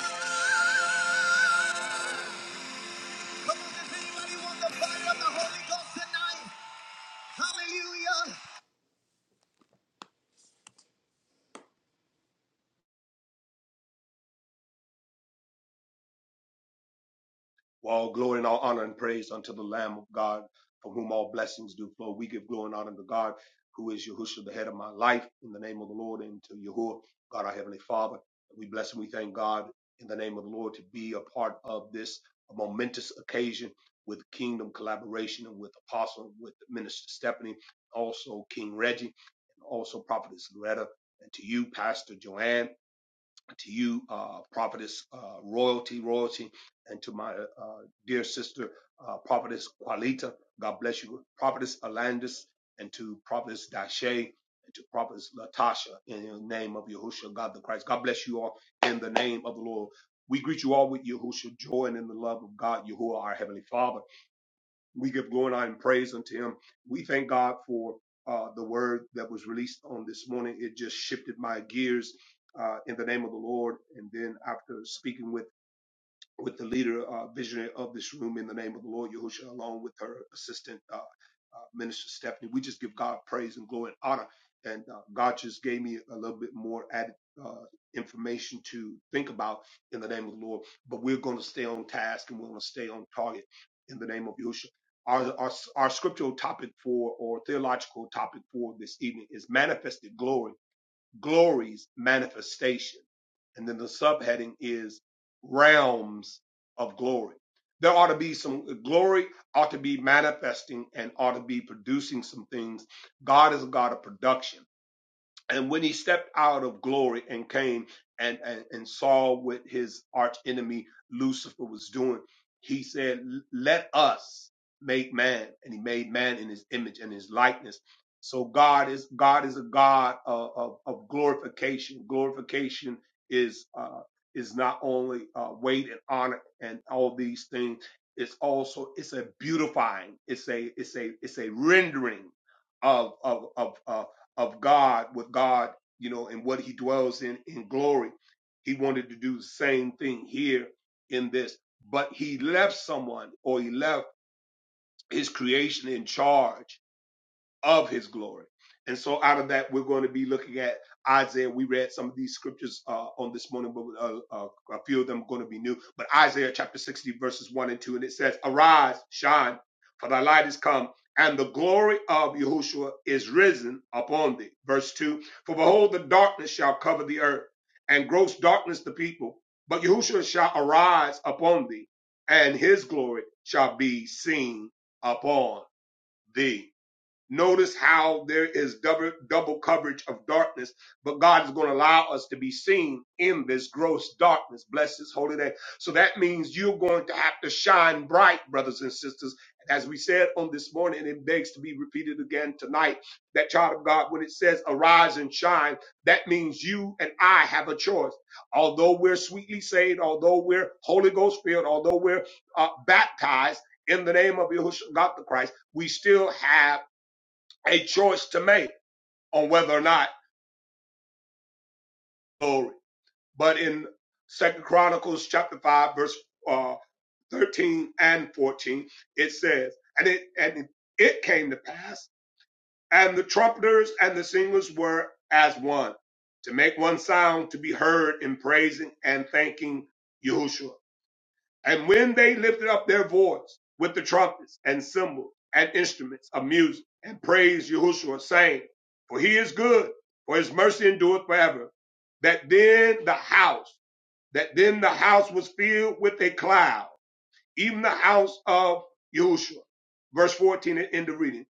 [SPEAKER 1] Fire!
[SPEAKER 3] All glory and all honor and praise unto the Lamb of God, from whom all blessings do flow. We give glory and honor to God, who is Yahushua, the head of my life, in the name of the Lord, and to Yahuwah, God our Heavenly Father. We bless and we thank God in the name of the Lord to be a part of this momentous occasion with kingdom collaboration and with Apostle, with Minister Stephanie, also King Reggie, and also Prophetess Loretta, and to you, Pastor Joanne to you, uh, Prophetess uh, Royalty, Royalty, and to my uh, dear sister, uh, Prophetess Qualita. God bless you. Prophetess Alandis, and to Prophetess Dashe, and to Prophetess Latasha, in the name of Yahushua, God the Christ. God bless you all in the name of the Lord. We greet you all with Yahushua, joy, and in the love of God, Yahuwah, our Heavenly Father. We give glory and praise unto him. We thank God for uh, the word that was released on this morning. It just shifted my gears uh, in the name of the Lord. And then after speaking with with the leader, uh, visionary of this room in the name of the Lord Yahushua, along with her assistant, uh, uh, Minister Stephanie. We just give God praise and glory and honor. And uh, God just gave me a little bit more added uh, information to think about in the name of the Lord. But we're going to stay on task and we're going to stay on target in the name of Yahushua. Our, our, our scriptural topic for or theological topic for this evening is manifested glory glory's manifestation. And then the subheading is realms of glory. There ought to be some glory, ought to be manifesting, and ought to be producing some things. God is a God of production. And when he stepped out of glory and came and, and, and saw what his arch enemy Lucifer was doing, he said, Let us make man. And he made man in his image and his likeness. So God is God is a God of, of, of glorification. Glorification is uh, is not only uh, weight and honor and all these things. It's also it's a beautifying. It's a it's a it's a rendering of of of. uh, of God with God, you know, and what he dwells in in glory. He wanted to do the same thing here in this, but he left someone or he left his creation in charge of his glory. And so out of that, we're going to be looking at Isaiah. We read some of these scriptures uh, on this morning, but uh, uh, a few of them are going to be new. But Isaiah chapter 60, verses 1 and 2, and it says, Arise, shine, for thy light is come, and the glory of Yahushua is risen upon thee. Verse 2, for behold, the darkness shall cover the earth, and gross darkness the people. But Yahushua shall arise upon thee, and his glory shall be seen upon thee. Notice how there is double double coverage of darkness, but God is going to allow us to be seen in this gross darkness. Bless His holy name. So that means you're going to have to shine bright, brothers and sisters. As we said on this morning, and it begs to be repeated again tonight. That child of God, when it says arise and shine, that means you and I have a choice. Although we're sweetly saved, although we're Holy Ghost filled, although we're uh, baptized in the name of Yahushua God the Christ, we still have a choice to make on whether or not glory. But in Second Chronicles chapter five, verse uh, thirteen and fourteen, it says, and it and it came to pass, and the trumpeters and the singers were as one, to make one sound to be heard in praising and thanking Yahushua. And when they lifted up their voice with the trumpets and cymbals and instruments of music and praised Yahushua, saying, For he is good, for his mercy endureth forever. That then the house, that then the house was filled with a cloud, even the house of Yahushua. Verse 14 and end of reading.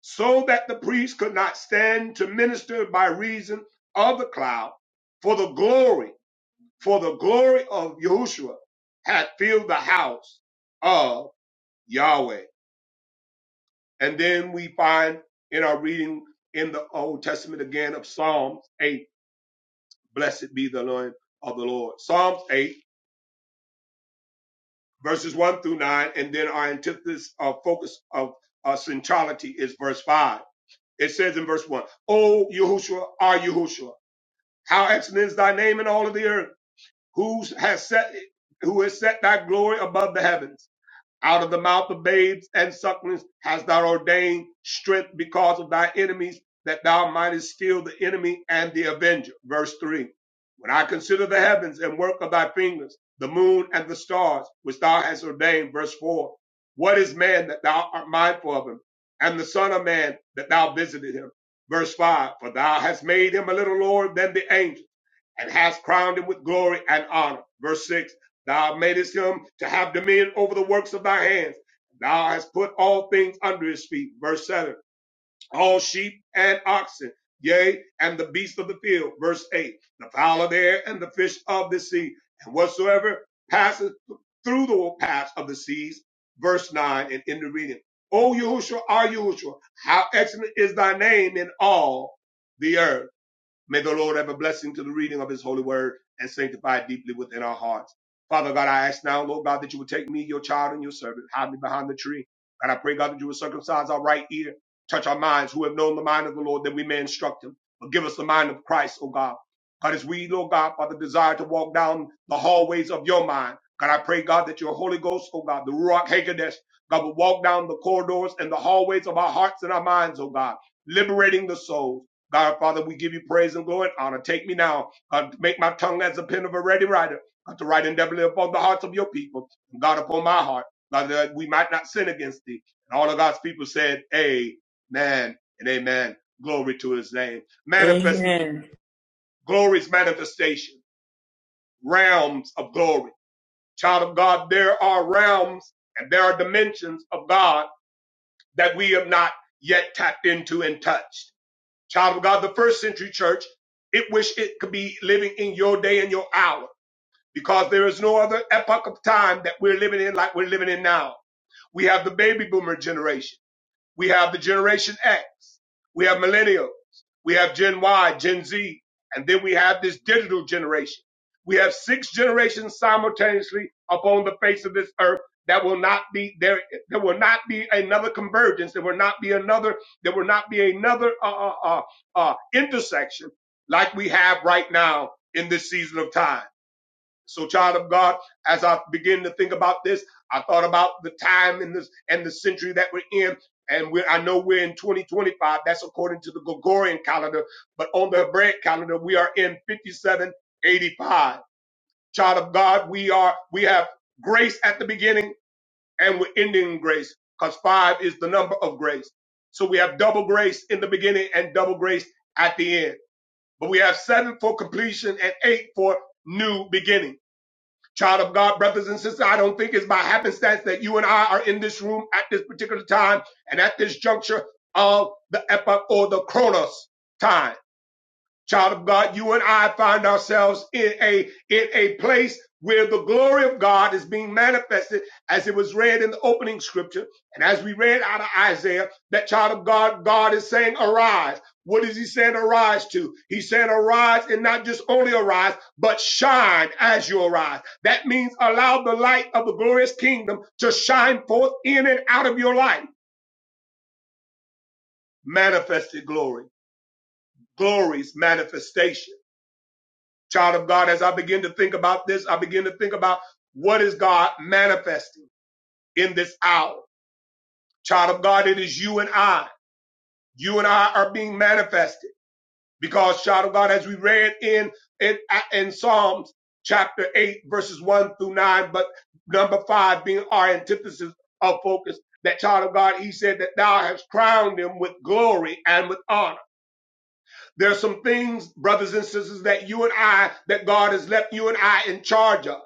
[SPEAKER 3] So that the priest could not stand to minister by reason of the cloud, for the glory for the glory of Yahushua had filled the house of Yahweh. And then we find in our reading in the Old Testament again of Psalms 8, blessed be the name of the Lord. Psalms 8, verses 1 through 9, and then our antithesis of focus of uh, centrality is verse 5. It says in verse 1, O Yahushua, our Yahushua, how excellent is thy name in all of the earth, who has set who has set thy glory above the heavens. Out of the mouth of babes and sucklings hast thou ordained strength because of thy enemies, that thou mightest steal the enemy and the avenger. Verse 3. When I consider the heavens and work of thy fingers, the moon and the stars, which thou hast ordained. Verse 4. What is man that thou art mindful of him, and the son of man that thou visited him? Verse 5. For thou hast made him a little lower than the angels and hast crowned him with glory and honor. Verse 6 Thou madest him to have dominion over the works of thy hands. Thou hast put all things under his feet. Verse 7 All sheep and oxen, yea, and the beasts of the field. Verse 8 The fowl of the air and the fish of the sea, and whatsoever passes through the paths of the seas. Verse 9 and in the reading. O Yahushua, our Yahushua, how excellent is thy name in all the earth May the Lord have a blessing to the reading of his holy word and sanctify it deeply within our hearts. Father God, I ask now, Lord God, that you would take me, your child, and your servant, hide me behind the tree. And I pray, God, that you would circumcise our right ear, touch our minds, who have known the mind of the Lord, that we may instruct him. But give us the mind of Christ, O God. God, as we, Lord God, Father, desire to walk down the hallways of your mind. God, I pray, God, that your Holy Ghost, O God, the Ruach Hakodesh, God, will walk down the corridors and the hallways of our hearts and our minds, O God, liberating the soul God, Father, we give you praise and glory and honor. Take me now. Uh, make my tongue as a pen of a ready writer. uh, To write endeavorly upon the hearts of your people. And God, upon my heart. God, that we might not sin against thee. And all of God's people said, Amen and amen. Glory to his name. Manifest
[SPEAKER 1] Amen.
[SPEAKER 3] glory's manifestation. Realms of glory. Child of God, there are realms and there are dimensions of God that we have not yet tapped into and touched. child of God, the first century church, it wish it could be living in your day and your hour because there is no other epoch of time that we're living in like we're living in now. We have the baby boomer generation. We have the Generation X. We have millennials. We have Gen Y, Gen Z. And then we have this digital generation. We have six generations simultaneously upon the face of this earth that will not be there. There will not be another convergence. There will not be another, there will not be another uh, uh, uh, uh, intersection like we have right now in this season of time. So, child of God, as I begin to think about this, I thought about the time and this and the century that we're in. And we, I know we're in 2025. That's according to the Gregorian calendar. But on the Hebraic calendar, we are in 5785. Child of God, we are, we have grace at the beginning and we're ending in grace because five is the number of grace. So we have double grace in the beginning and double grace at the end. But we have seven for completion and eight for new beginning. Child of God, brothers and sisters, I don't think it's by happenstance that you and I are in this room at this particular time and at this juncture of the epoch or the chronos time. Child of God, you and I find ourselves in a in a place where the glory of God is being manifested as it was read in the opening scripture. And as we read out of Isaiah, that child of God, God is saying, arise. What is he saying arise to? He's saying arise and not just only arise, but shine as you arise. That means allow the light of the glorious kingdom to shine forth in and out of your life. Manifested glory, glory's manifestation child of God, as I begin to think about this, I begin to think about what is God manifesting in this hour. Child of God, it is you and I. You and I are being manifested because, child of God, as we read in in, in Psalms chapter eight, verses one through nine, but number five being our antithesis of focus. That child of God, he said that thou hast crowned him with glory and with honor. There are some things, brothers and sisters, that you and I, that God has left you and I in charge of.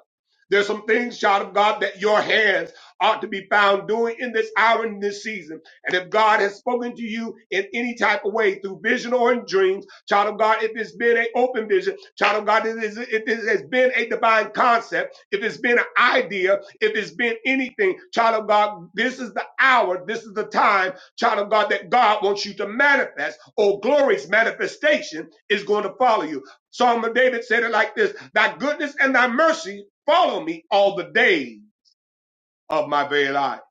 [SPEAKER 3] There's some things, child of God, that your hands ought to be found doing in this hour and this season. And if God has spoken to you in any type of way through vision or in dreams, child of God, if it's been an open vision, child of God, if it's- if it has been a divine concept, if it's been an idea, if it's been anything, child of God, this is the hour, this is the time child of God, that God wants you to manifest, or glory's manifestation is going to follow you. Psalm of David said it like this Thy goodness and thy mercy follow me all the days of my very life.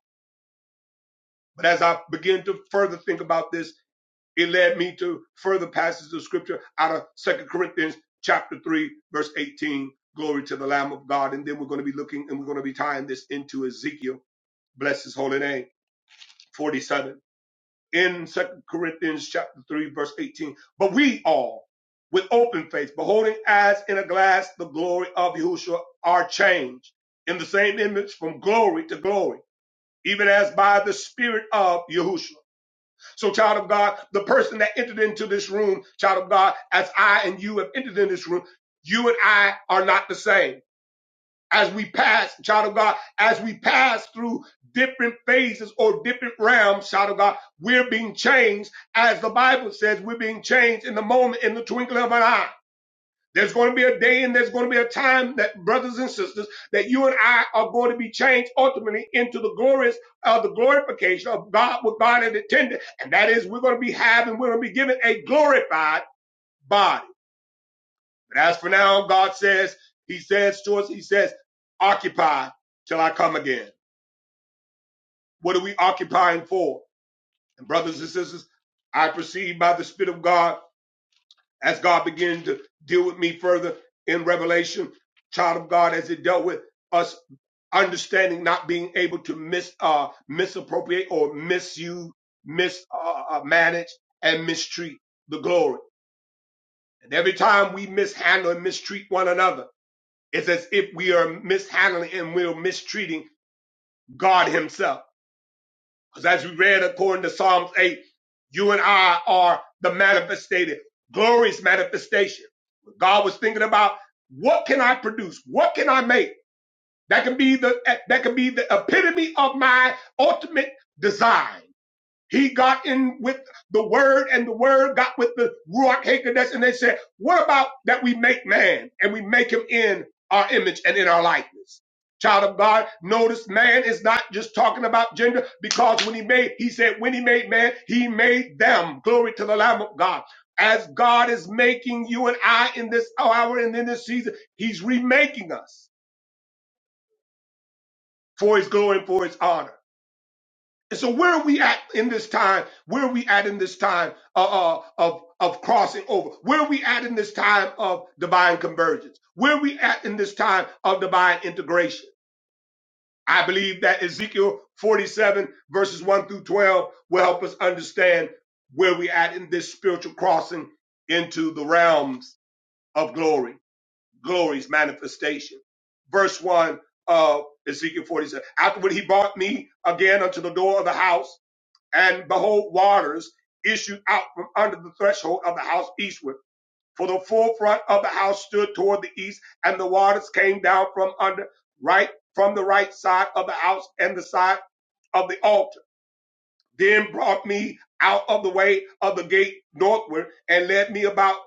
[SPEAKER 3] But as I begin to further think about this, it led me to further passages of scripture out of Second Corinthians chapter 3, verse 18. Glory to the Lamb of God. And then we're going to be looking and we're going to be tying this into Ezekiel. Bless his holy name. 47. in Second Corinthians chapter 3, verse 18. But we all, with open face, beholding as in a glass the glory of Yahushua, are changed in the same image from glory to glory, even as by the Spirit of Yahushua. So, child of God, the person that entered into this room, child of God, as I and you have entered in this room, you and I are not the same as we pass, child of God, as we pass through different phases or different realms, child of God, we're being changed. As the Bible says, we're being changed in the moment, in the twinkling of an eye. There's going to be a day and there's going to be a time that brothers and sisters, that you and I are going to be changed ultimately into the glorious, uh, the glorification of God, what God had intended. And that is we're going to be having, we're going to be given a glorified body. But as for now, God says, He says to us, He says, occupy till I come again. What are we occupying for? And brothers and sisters, I perceive by the Spirit of God as God began to deal with me further in Revelation, child of God, as it dealt with us understanding not being able to mis uh, misappropriate or misuse, mismanage, uh, uh, and mistreat the glory. And every time we mishandle and mistreat one another, It's as if we are mishandling and we're mistreating God Himself. Because as we read according to Psalms 8, you and I are the manifested, glorious manifestation. God was thinking about what can I produce? What can I make? That can be the that can be the epitome of my ultimate design. He got in with the word, and the word got with the Ruach Hakodesh, and they said, What about that we make man and we make him in our image and in our likeness? Child of God, notice man is not just talking about gender because when he made, he said, when he made man, he made them. Glory to the Lamb of God. As God is making you and I in this hour and in this season, he's remaking us for his glory and for his honor. And so where are we at in this time? Where are we at in this time uh, uh, of of crossing over? Where are we at in this time of divine convergence? Where are we at in this time of divine integration? I believe that Ezekiel 47 verses 1 through 12 will help us understand where we at in this spiritual crossing into the realms of glory, glory's manifestation. Verse 1 of Ezekiel 47. Afterward, he brought me again unto the door of the house and behold, waters issued out from under the threshold of the house eastward. For the forefront of the house stood toward the east, and the waters came down from under right from the right side of the house and the side of the altar. Then brought me out of the way of the gate northward, and led me about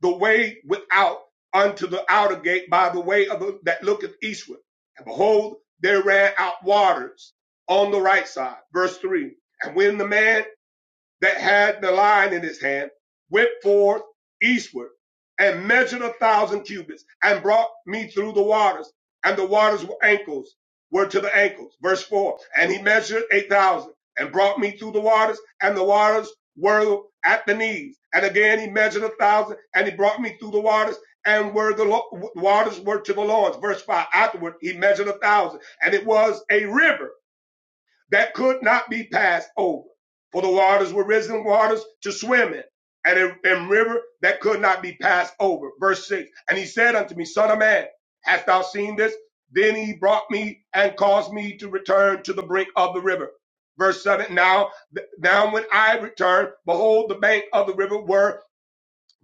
[SPEAKER 3] the way without unto the outer gate by the way of the, that looketh eastward. And behold, there ran out waters on the right side. Verse three. And when the man that had the line in his hand went forth eastward and measured a thousand cubits and brought me through the waters. And the waters were ankles, were to the ankles. Verse four. And he measured eight thousand and brought me through the waters and the waters were at the knees. And again, he measured a thousand and he brought me through the waters and where the lo- waters were to the loins. Verse five. Afterward, he measured a thousand and it was a river that could not be passed over. For the waters were risen waters to swim in, and a and river that could not be passed over. Verse 6. And he said unto me, Son of man, hast thou seen this? Then he brought me and caused me to return to the brink of the river. Verse 7. Now, now when I returned, behold, the bank of the river were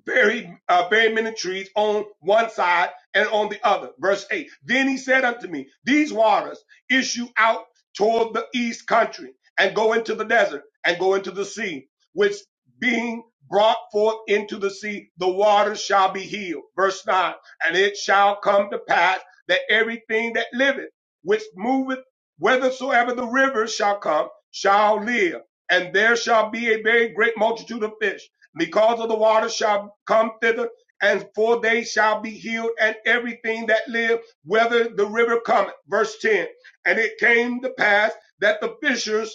[SPEAKER 3] very uh, very many trees on one side and on the other. Verse eight. Then he said unto me, These waters issue out toward the east country and go into the desert and go into the sea, which being brought forth into the sea, the waters shall be healed. Verse nine. And it shall come to pass that everything that liveth, which moveth, whithersoever the rivers shall come, shall live. And there shall be a very great multitude of fish because of the water shall come thither, and for they shall be healed, and everything that live, whether the river cometh. Verse 10. And it came to pass that the fishers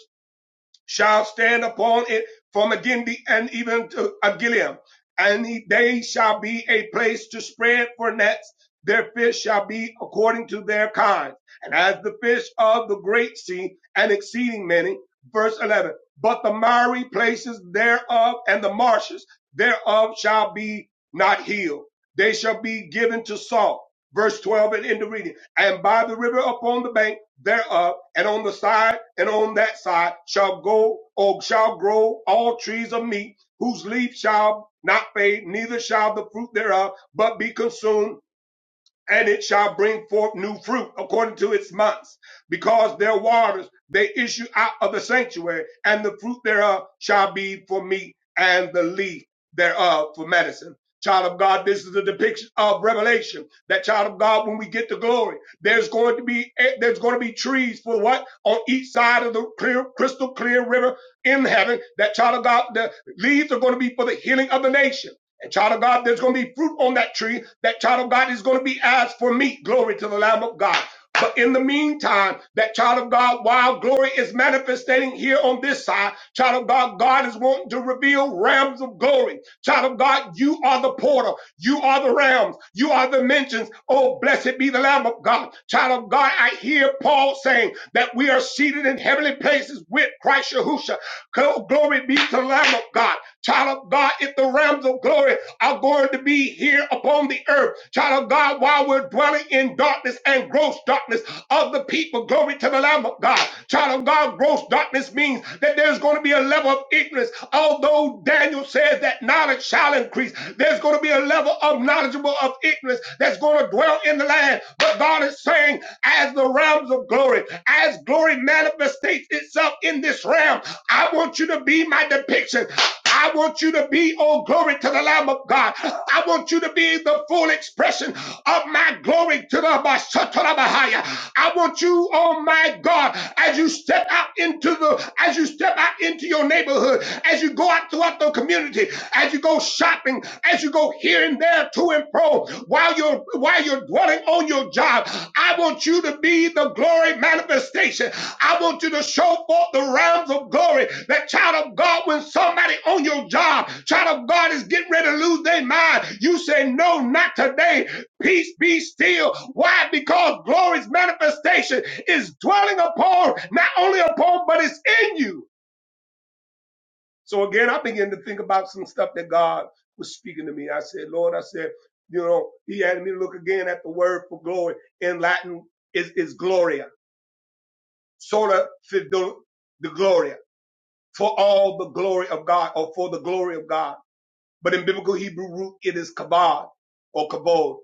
[SPEAKER 3] shall stand upon it from Agindi and even to Agilim, and he- they shall be a place to spread for nets. Their fish shall be according to their kind, and as the fish of the great sea and exceeding many. Verse 11. But the miry places thereof and the marshes thereof shall be not healed. They shall be given to salt. Verse 12 and in the reading. And by the river upon the bank thereof and on the side and on that side shall go or shall grow all trees of meat, whose leaf shall not fade, neither shall the fruit thereof but be consumed and it shall bring forth new fruit according to its months, because their waters they issue out of the sanctuary, and the fruit thereof shall be for meat, and the leaf thereof for medicine. Child of God, this is a depiction of revelation. That child of God, when we get to glory, there's going to be eh, there's going to be trees for what on each side of the clear, crystal clear river in heaven. That child of God, the leaves are going to be for the healing of the nation. And child of God, there's going to be fruit on that tree. That child of God is going to be asked for meat. Glory to the Lamb of God. But in the meantime, that child of God, while glory is manifesting here on this side, child of God, God is wanting to reveal realms of glory. Child of God, you are the portal. You are the realms. You are the mentions. Oh, blessed be the Lamb of God. Child of God, I hear Paul saying that we are seated in heavenly places with Christ Yahushua. Glory be to the Lamb of God. Child of God, if the realms of glory are going to be here upon the earth, child of God, while we're dwelling in darkness and gross darkness of the people, glory to the Lamb of God. Child of God, gross darkness means that there's going to be a level of ignorance. Although Daniel says that knowledge shall increase, there's going to be a level of knowledgeable of ignorance that's going to dwell in the land. But God is saying, as the realms of glory, as glory manifestates itself in this realm, I want you to be my depiction. I want you to be, oh, glory to the Lamb of God. I want you to be the full expression of my glory to the Basatarabahaya. I want you, oh my God, as you step out into the, as you step out into your neighborhood, as you go out throughout the community, as you go shopping, as you go here and there to and fro while you're while you're dwelling on your job. I want you to be the glory manifestation. I want you to show forth the realms of glory. That child of God, when somebody on your job, child of God is getting ready to lose their mind, you say, No, not today. Peace be still. Why? Because glory's manifestation is dwelling upon, not only upon, but it's in you. So again, I began to think about some stuff that God was speaking to me. I said, Lord, I said, you know, he had me look again at the word for glory in Latin is, is gloria, sort of the gloria, for all the glory of God or for the glory of God but in biblical Hebrew root, it is kabod or kabod,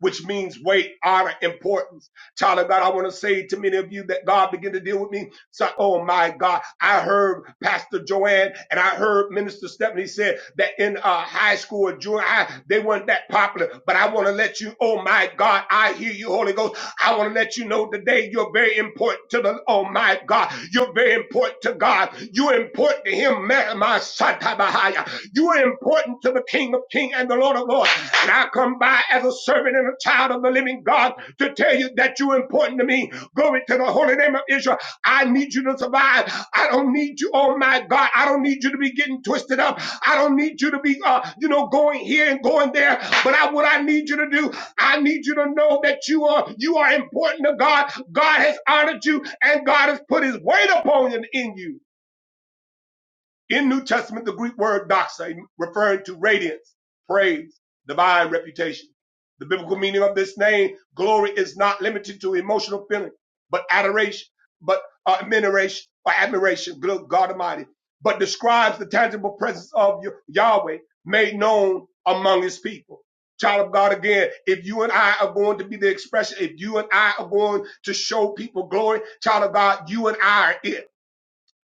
[SPEAKER 3] which means weight, honor, importance. Child of God, I want to say to many of you that God began to deal with me. So, oh my God, I heard Pastor Joanne and I heard Minister Stephanie said that in uh, high school or junior high, they weren't that popular. But I want to let you, oh my God, I hear you, Holy Ghost. I want to let you know today you're very important to the, oh my God, you're very important to God. You're important to Him, my son. You are important to the King of Kings and the Lord of Lords. And I come by as a servant and a child of the living God to tell you that you're important to me. Glory to the holy name of Israel. I need you to survive. I don't need you, oh my God. I don't need you to be getting twisted up. I don't need you to be, uh, you know, going here and going there. But I, what I need you to do, I need you to know that you are, you are important to God. God has honored you and God has put his weight upon you in you. In New Testament, the Greek word doxa, referring to radiance, praise, divine reputation. The biblical meaning of this name, glory, is not limited to emotional feeling, but adoration, but uh, admiration, or admiration, God Almighty, but describes the tangible presence of Yahweh made known among his people. Child of God, again, if you and I are going to be the expression, if you and I are going to show people glory, child of God, you and I are it.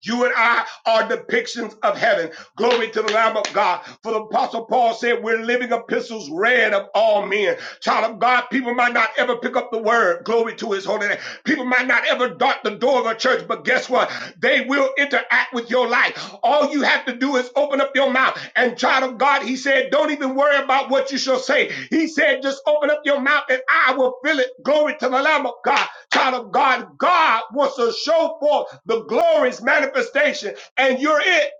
[SPEAKER 3] You and I are depictions of heaven. Glory to the Lamb of God. For the Apostle Paul said, We're living epistles read of all men. Child of God, people might not ever pick up the word. Glory to his holy name. People might not ever dart the door of a church, but guess what? They will interact with your life. All you have to do is open up your mouth. And child of God, he said, Don't even worry about what you shall say. He said, Just open up your mouth and I will fill it. Glory to the Lamb of God child of God, God wants to show forth the glorious manifestation, and you're it.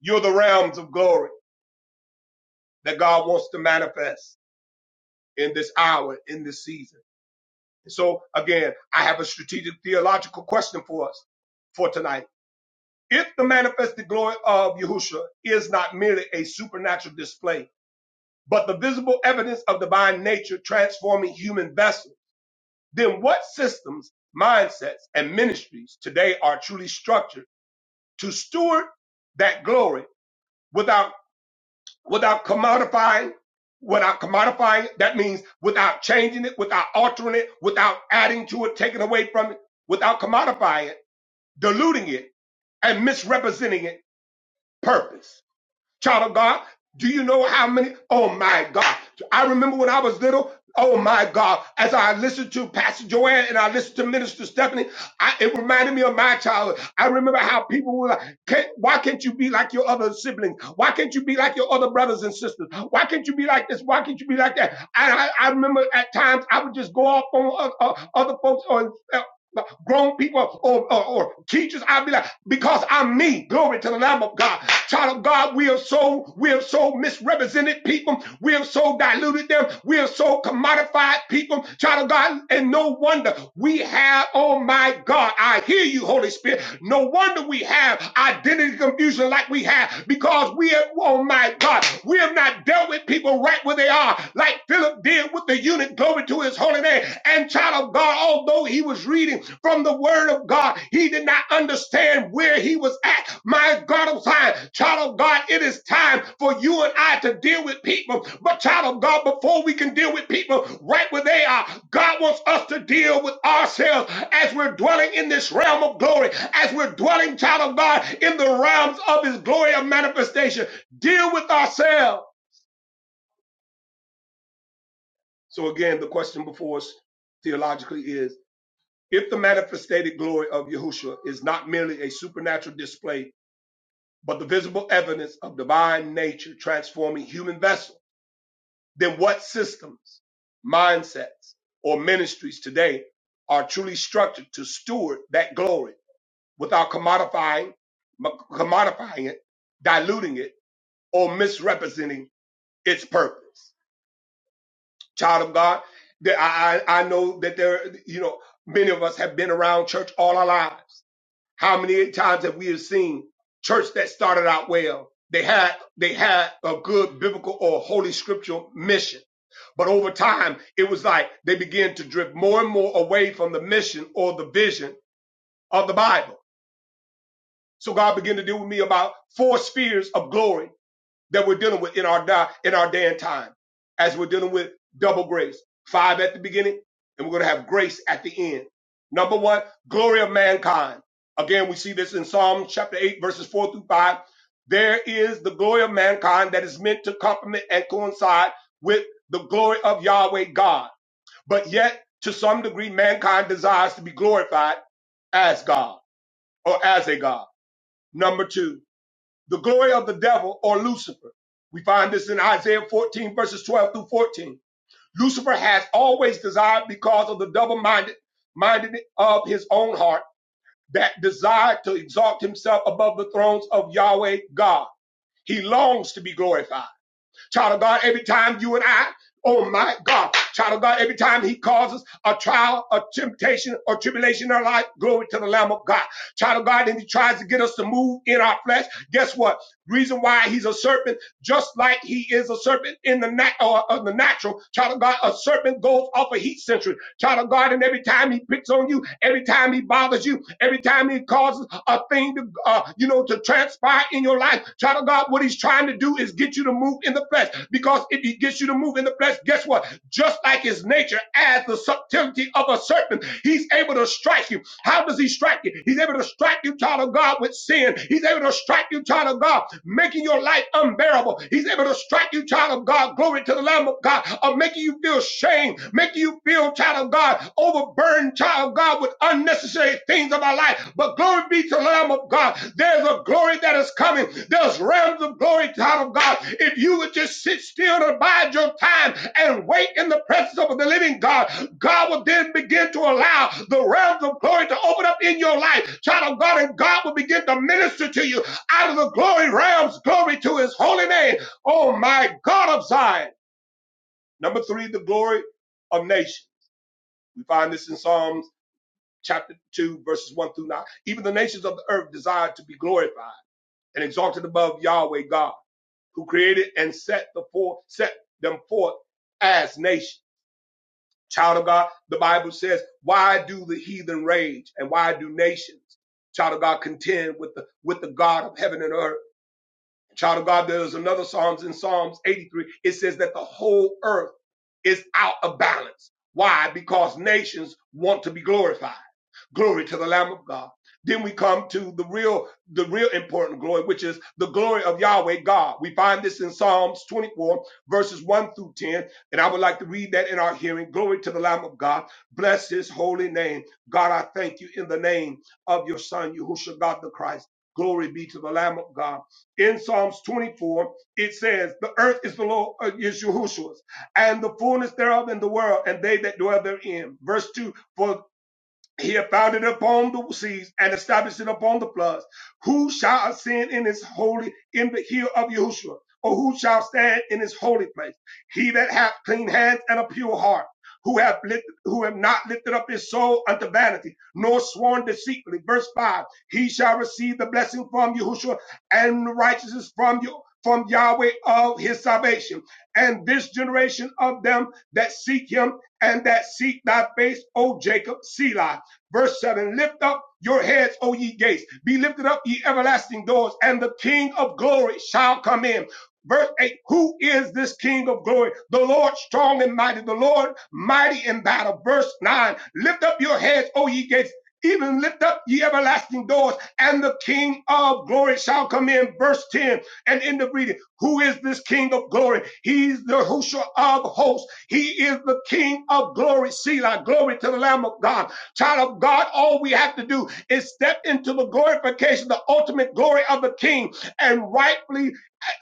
[SPEAKER 3] You're the realms of glory that God wants to manifest in this hour, in this season. So again, I have a strategic theological question for us for tonight. If the manifested glory of Yahushua is not merely a supernatural display, but the visible evidence of divine nature transforming human vessels, then what systems, mindsets, and ministries today are truly structured? to steward that glory without without commodifying without commodifying that means without changing it without altering it without adding to it taking away from it without commodifying it diluting it and misrepresenting it purpose child of God. Do you know how many? Oh my God. I remember when I was little. Oh my God. As I listened to Pastor Joanne and I listened to Minister Stephanie, I, it reminded me of my childhood. I remember how people were like, can't, why can't you be like your other siblings? Why can't you be like your other brothers and sisters? Why can't you be like this? Why can't you be like that? I, I, I remember at times I would just go off on o- o- other folks on uh, grown people or, or, or teachers. I'll be like, because I'm me. Glory to the Lamb of God. Child of God, we have so we have so misrepresented people. We have so diluted them. We have so commodified people. Child of God, and no wonder we have. Oh my God, I hear you, Holy Spirit. No wonder we have identity confusion like we have because we have. Oh my God, we have not dealt with people right where they are, like Philip did with the eunuch. Glory to His holy name. And child of God, although he was reading from the word of God. He did not understand where he was at. My God of Zion, child of God, it is time for you and I to deal with people. But child of God, before we can deal with people right where they are, God wants us to deal with ourselves as we're dwelling in this realm of glory, as we're dwelling, child of God, in the realms of his glory of manifestation. Deal with ourselves. So again, the question before us theologically is If the manifested glory of Yahushua is not merely a supernatural display, but the visible evidence of divine nature transforming human vessel, then what systems, mindsets, or ministries today are truly structured to steward that glory without commodifying, commodifying it, diluting it, or misrepresenting its purpose? Child of God, that I, I I know that there, you know, many of us have been around church all our lives How many times have we have seen church that started out well? They had they had a good biblical or holy scriptural mission, but over time it was like they began to drift more and more away from the mission or the vision of the Bible. So God began to deal with me about four spheres of glory that we're dealing with in our di- in our day and time, as we're dealing with double grace, five at the beginning, and we're going to have grace at the end. Number one, glory of mankind. Again, we see this in Psalm chapter eight, verses four through five. There is the glory of mankind that is meant to complement and coincide with the glory of Yahweh God. But yet, to some degree, mankind desires to be glorified as God or as a God. Number two, the glory of the devil or Lucifer. We find this in Isaiah 14 verses 12 through 14. Lucifer has always desired because of the double minded minded of his own heart that desire to exalt himself above the thrones of Yahweh God. He longs to be glorified Child of God, every time you and I, oh my God, child of God, every time he causes a trial, a temptation, or tribulation in our life, glory to the Lamb of God. Child of God, and he tries to get us to move in our flesh. Guess what? Reason why he's a serpent just like he is a serpent in the nat or or the natural. Child of God, a serpent goes off a heat sensor. Child of God, and every time he picks on you, every time he bothers you, every time he causes a thing to uh, you know to transpire in your life, child of God, what he's trying to do is get you to move in the flesh. Because if he gets you to move in the flesh, guess what? Just like his nature, as the subtlety of a serpent, he's able to strike you. How does he strike you? He's able to strike you, child of God, with sin. He's able to strike you, child of God, making your life unbearable. He's able to strike you, child of God, glory to the Lamb of God, of making you feel shame, making you feel, child of God, overburdened, child of God, with unnecessary things of our life. But glory be to the Lamb of God. There's a glory that is coming. There's realms of glory, child of God. If you would just sit still and abide your time and wait in the presence of the living God, God will then begin to allow the realms of glory to open up in your life, child of God, and God will begin to minister to you out of the glory realms, glory to his holy name. Oh my God of Zion. Number three, the glory of nations. We find this in Psalms chapter two, verses one through nine. Even the nations of the earth desire to be glorified and exalted above Yahweh God, who created and set the four, set them forth as nations. Child of God, the Bible says, why do the heathen rage and why do nations, child of God, contend with the, with the God of heaven and earth? Child of God, there's another Psalms in Psalms 83. It says that the whole earth is out of balance. Why? Because nations want to be glorified. Glory to the Lamb of God. Then we come to the real, the real important glory, which is the glory of Yahweh God. We find this in Psalms 24, verses 1 through 10. And I would like to read that in our hearing. Glory to the Lamb of God. Bless his holy name. God, I thank you in the name of your son, Yahushua God the Christ. Glory be to the Lamb of God. In Psalms 24, it says, The earth is the Lord, uh, is Yahushua's, and the fullness thereof in the world, and they that dwell therein. Verse 2 for. He had founded it upon the seas and established it upon the floods. Who shall ascend in his holy in the hill of Yahushua? Or who shall stand in his holy place? He that hath clean hands and a pure heart, who have lit, who have not lifted up his soul unto vanity, nor sworn deceitfully. Verse five: He shall receive the blessing from Yahushua and the righteousness from you. From Yahweh of his salvation, and this generation of them that seek him and that seek thy face, O Jacob, Selah, Verse 7 Lift up your heads, O ye gates. Be lifted up, ye everlasting doors, and the King of glory shall come in. Verse 8 Who is this King of glory? The Lord strong and mighty, the Lord mighty in battle. Verse 9 Lift up your heads, O ye gates. Even lift up ye everlasting doors, and the King of glory shall come in. Verse 10, and in the reading, who is this King of glory? He's the Husha of hosts. He is the King of glory. Selah, glory to the Lamb of God. Child of God, all we have to do is step into the glorification, the ultimate glory of the King, and rightfully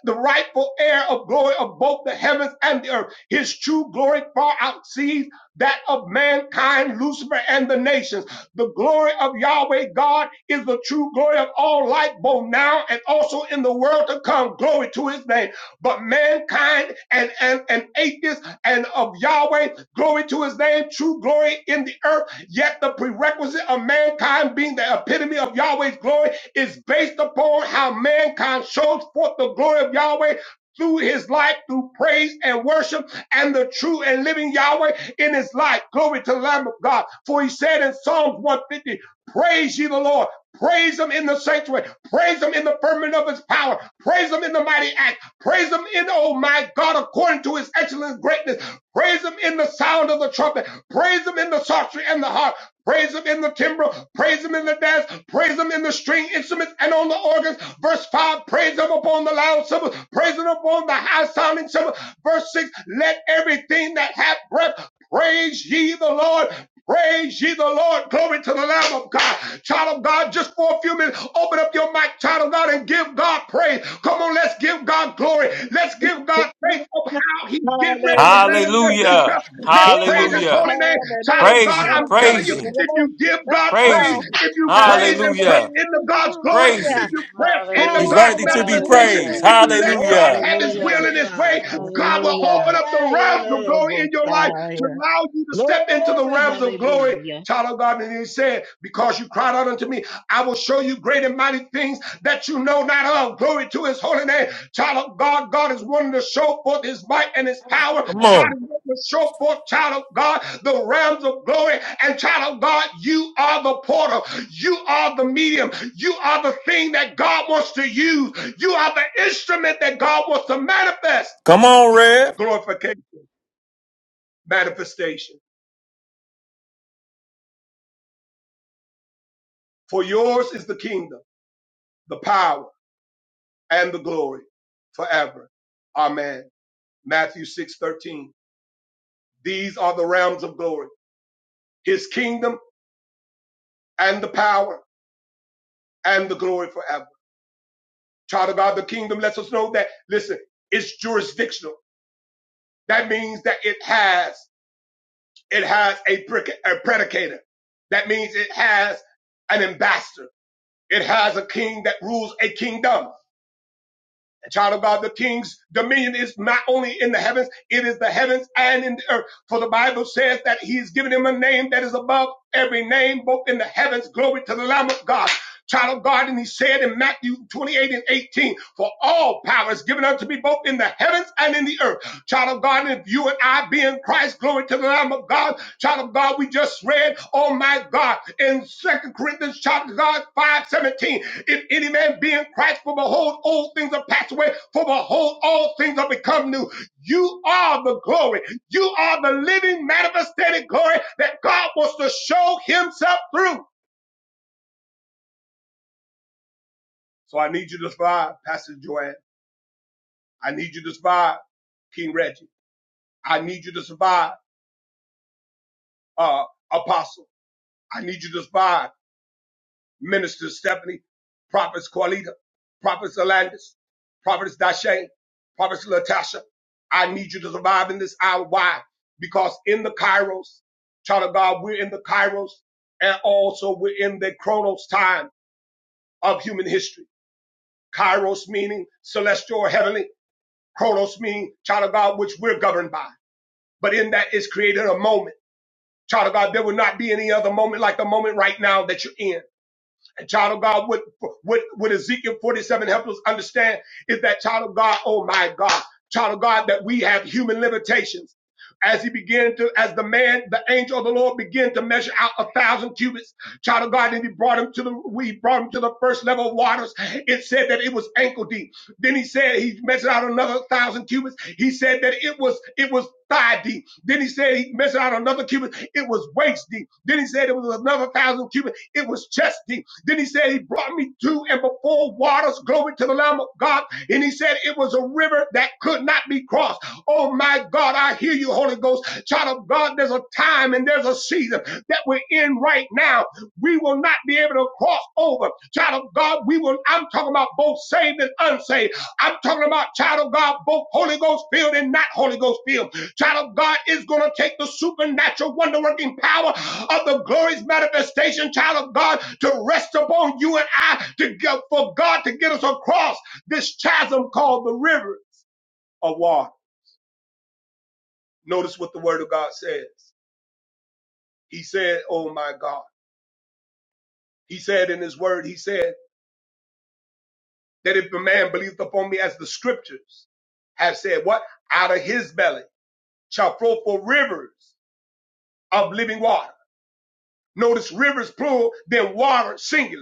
[SPEAKER 3] the rightful heir of glory of both the heavens and the earth. His true glory far outsees that of mankind, Lucifer, and the nations. The glory of Yahweh God is the true glory of all light, both now and also in the world to come. Glory to his name. But mankind and, and, and atheists and of Yahweh, glory to his name, true glory in the earth. Yet the prerequisite of mankind being the epitome of Yahweh's glory is based upon how mankind shows forth the glory of Yahweh through his life, through praise and worship, and the true and living Yahweh in his life. Glory to the Lamb of God. For he said in Psalms 150, Praise ye the Lord. Praise him in the sanctuary. Praise him in the firmament of his power. Praise him in the mighty act. Praise him in, oh my God, according to his excellent greatness. Praise him in the sound of the trumpet. Praise him in the psaltery and the harp. Praise him in the timbre, praise him in the dance, praise him in the string instruments and on the organs. Verse 5, praise him upon the loud cymbal, praise him upon the high sounding cymbal. Verse 6, let everything that hath breath praise ye the Lord. Praise ye the Lord. Glory to the Lamb of God. Child of God, just for a few minutes, open up your mic, child of God, and give God praise. Come on, let's give God glory. Let's give God faith of how He's getting ready to manifest
[SPEAKER 2] Hallelujah.
[SPEAKER 8] Hallelujah.
[SPEAKER 3] Himself. Let's
[SPEAKER 2] Hear my
[SPEAKER 3] praise His
[SPEAKER 8] Hallelujah.
[SPEAKER 3] holy
[SPEAKER 2] prayer
[SPEAKER 3] name.
[SPEAKER 2] and
[SPEAKER 3] Child of
[SPEAKER 8] Praise
[SPEAKER 3] God,
[SPEAKER 8] him.
[SPEAKER 3] I'm telling
[SPEAKER 8] Praise
[SPEAKER 3] you,
[SPEAKER 2] give it
[SPEAKER 8] him.
[SPEAKER 3] if you give
[SPEAKER 2] up,
[SPEAKER 3] God
[SPEAKER 8] Praise
[SPEAKER 3] praise,
[SPEAKER 2] uh,
[SPEAKER 8] him.
[SPEAKER 3] if you praise and press
[SPEAKER 8] Hallelujah.
[SPEAKER 3] into God's glory,
[SPEAKER 8] Praise
[SPEAKER 3] if
[SPEAKER 2] Hallelujah.
[SPEAKER 8] him.
[SPEAKER 3] you press into
[SPEAKER 8] He's
[SPEAKER 4] Hallelujah.
[SPEAKER 3] God's
[SPEAKER 8] worthy to be
[SPEAKER 3] manifestation,
[SPEAKER 4] Hallelujah.
[SPEAKER 8] praised.
[SPEAKER 3] if
[SPEAKER 2] Hallelujah.
[SPEAKER 3] you let God
[SPEAKER 8] Hallelujah.
[SPEAKER 3] have his
[SPEAKER 2] Glory
[SPEAKER 3] will
[SPEAKER 4] Hallelujah.
[SPEAKER 2] to
[SPEAKER 3] and his way,
[SPEAKER 2] God.
[SPEAKER 3] God will
[SPEAKER 2] Oh,
[SPEAKER 3] open
[SPEAKER 4] Hallelujah.
[SPEAKER 3] up the
[SPEAKER 2] my
[SPEAKER 3] realms of glory in
[SPEAKER 2] honorable
[SPEAKER 3] your life to
[SPEAKER 2] fire.
[SPEAKER 3] allow you to step into the
[SPEAKER 2] Glory,
[SPEAKER 3] realms of glory.
[SPEAKER 2] hallelujah.
[SPEAKER 3] Child of God, and he said, because you cried out unto me, I will show you great and mighty things that you know not of. Glory to his holy name. Child of God, God is wanting to show forth his might and his power
[SPEAKER 8] Come
[SPEAKER 3] God
[SPEAKER 8] on.
[SPEAKER 3] is going to show forth, child of God, the realms of glory. And child of God, you are the portal. You are the medium. You are the thing that God wants to use. You are the instrument that God wants to manifest.
[SPEAKER 8] Come on, Rev.
[SPEAKER 3] Glorification, manifestation. For yours is the kingdom, the power, and the glory forever. Amen. Matthew 6 13. These are the realms of glory, his kingdom and the power and the glory forever. Child of God, the kingdom lets us know that, listen, it's jurisdictional. That means that it has, it has a, a predicator. That means it has an ambassador. It has a king that rules a kingdom. child of God, the king's dominion is not only in the heavens, it is the heavens and in the earth. For the Bible says that he's given him a name that is above every name, both in the heavens. Glory to the Lamb of God. Child of God, and he said in Matthew 28 and 18, for all power is given unto me both in the heavens and in the earth. Child of God, and if you and I be in Christ, glory to the Lamb of God. Child of God, we just read, oh my God, in Second Corinthians, child of God, 5:17. If any man be in Christ, for behold, old things are passed away, for behold, all things are become new. You are the glory. You are the living, manifested glory that God wants to show himself through. So I need you to survive, Pastor Joanne. I need you to survive, King Reggie. I need you to survive, uh, Apostle. I need you to survive. Minister Stephanie, Prophets Corlita, Prophets Alandis, Prophets Dashane, Prophets Latasha. I need you to survive in this hour. Why? Because in the Kairos, child of God, we're in the Kairos and also we're in the Chronos time of human history. Kairos meaning celestial or heavenly, Chronos meaning child of God, which we're governed by. But in that is created a moment. Child of God, there will not be any other moment like the moment right now that you're in. And child of God, what, what, what Ezekiel 47 helps us understand is that child of God, oh my God, child of God, that we have human limitations. As he began to, as the man, the angel of the Lord began to measure out a thousand cubits, child of God, and he brought him to the, we brought him to the first level of waters. It said that it was ankle deep. Then he said he measured out another thousand cubits. He said that it was it was thigh deep. Then he said he measured out another cubit. It was waist deep. Then he said it was another thousand cubits. It was chest deep. Then he said, He brought me to and before waters, glory to the Lamb of God. And he said, It was a river that could not be crossed. Oh my God, I hear you, Holy Ghost. Child of God, there's a time and there's a season that we're in right now. We will not be able to cross over. Child of God, we will, I'm talking about both saved and unsaved. I'm talking about, child of God, both Holy Ghost filled and not Holy Ghost filled. Child of God is going to take the supernatural wonder working power of the glory's manifestation, child of God, to rest upon you and I to get, for God to get us across this chasm called the river of water. Notice what the word of God says. He said, Oh my God. He said in his word, he said that if a man believeth upon me as the scriptures have said, what? Out of his belly shall flow for rivers of living water. Notice rivers plural, then water singular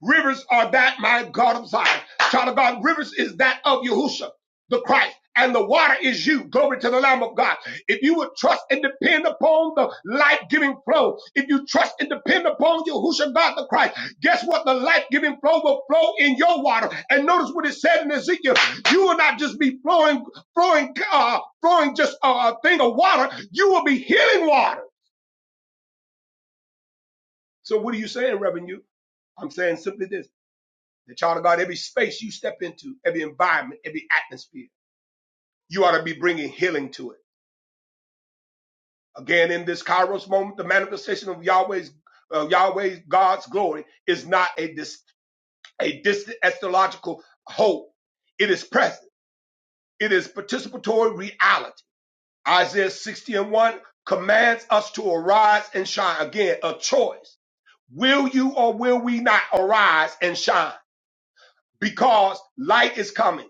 [SPEAKER 3] Rivers are that, my God of Zion. Child of God, rivers is that of Yahusha, the Christ. And the water is you. Glory to the Lamb of God. If you would trust and depend upon the life-giving flow, if you trust and depend upon Yahusha God the Christ, guess what? The life-giving flow will flow in your water. And notice what it said in Ezekiel. You will not just be flowing, flowing, uh, flowing just a thing of water. You will be healing water. So what are you saying, Reverend? You? I'm saying simply this. The child of God, every space you step into, every environment, every atmosphere, you ought to be bringing healing to it. Again, in this Kairos moment, the manifestation of Yahweh's uh, Yahweh's God's glory is not a dis- a distant astrological hope. It is present. It is participatory reality. Isaiah 60 and 1 commands us to arise and shine. Again, a choice. Will you or will we not arise and shine? because light is coming.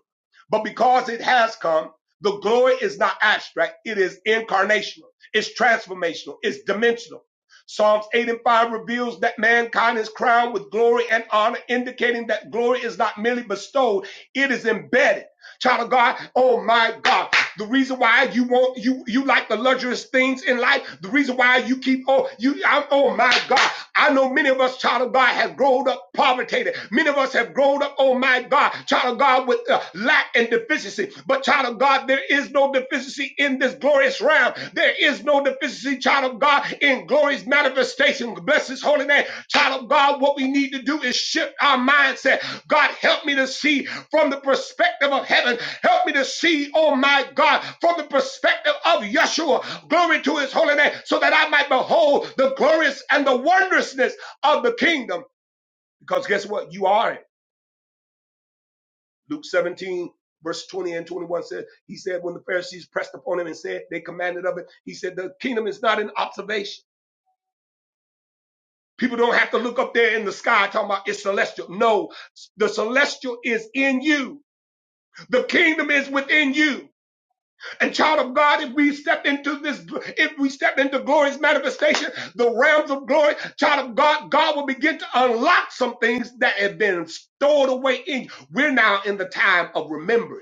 [SPEAKER 3] But because it has come, the glory is not abstract, it is incarnational, it's transformational, it's dimensional. Psalms 8 and 5 reveals that mankind is crowned with glory and honor, indicating that glory is not merely bestowed, it is embedded. Child of God, oh my God. The reason why you want you you like the luxurious things in life, the reason why you keep oh you I'm oh my God. I know many of us, child of God, have grown up poverty. Many of us have grown up, oh my God, child of God, with uh, lack and deficiency. But child of God, there is no deficiency in this glorious realm. There is no deficiency, child of God, in glory's manifestation. Bless his holy name. Child of God, what we need to do is shift our mindset. God, help me to see from the perspective of heaven. Help me to see, oh my God, from the perspective of Yeshua. Glory to his holy name, so that I might behold the glorious and the wondrousness of the kingdom. Because guess what? You are it. Luke 17, verse 20 and 21 says, He said, when the Pharisees pressed upon him and said, they commanded of it, he said, the kingdom is not in observation. People don't have to look up there in the sky talking about it's celestial. No, the celestial is in you. The kingdom is within you. And child of God, if we step into this, if we step into glory's manifestation, the realms of glory, child of God, God will begin to unlock some things that have been stored away in you. We're now in the time of remembering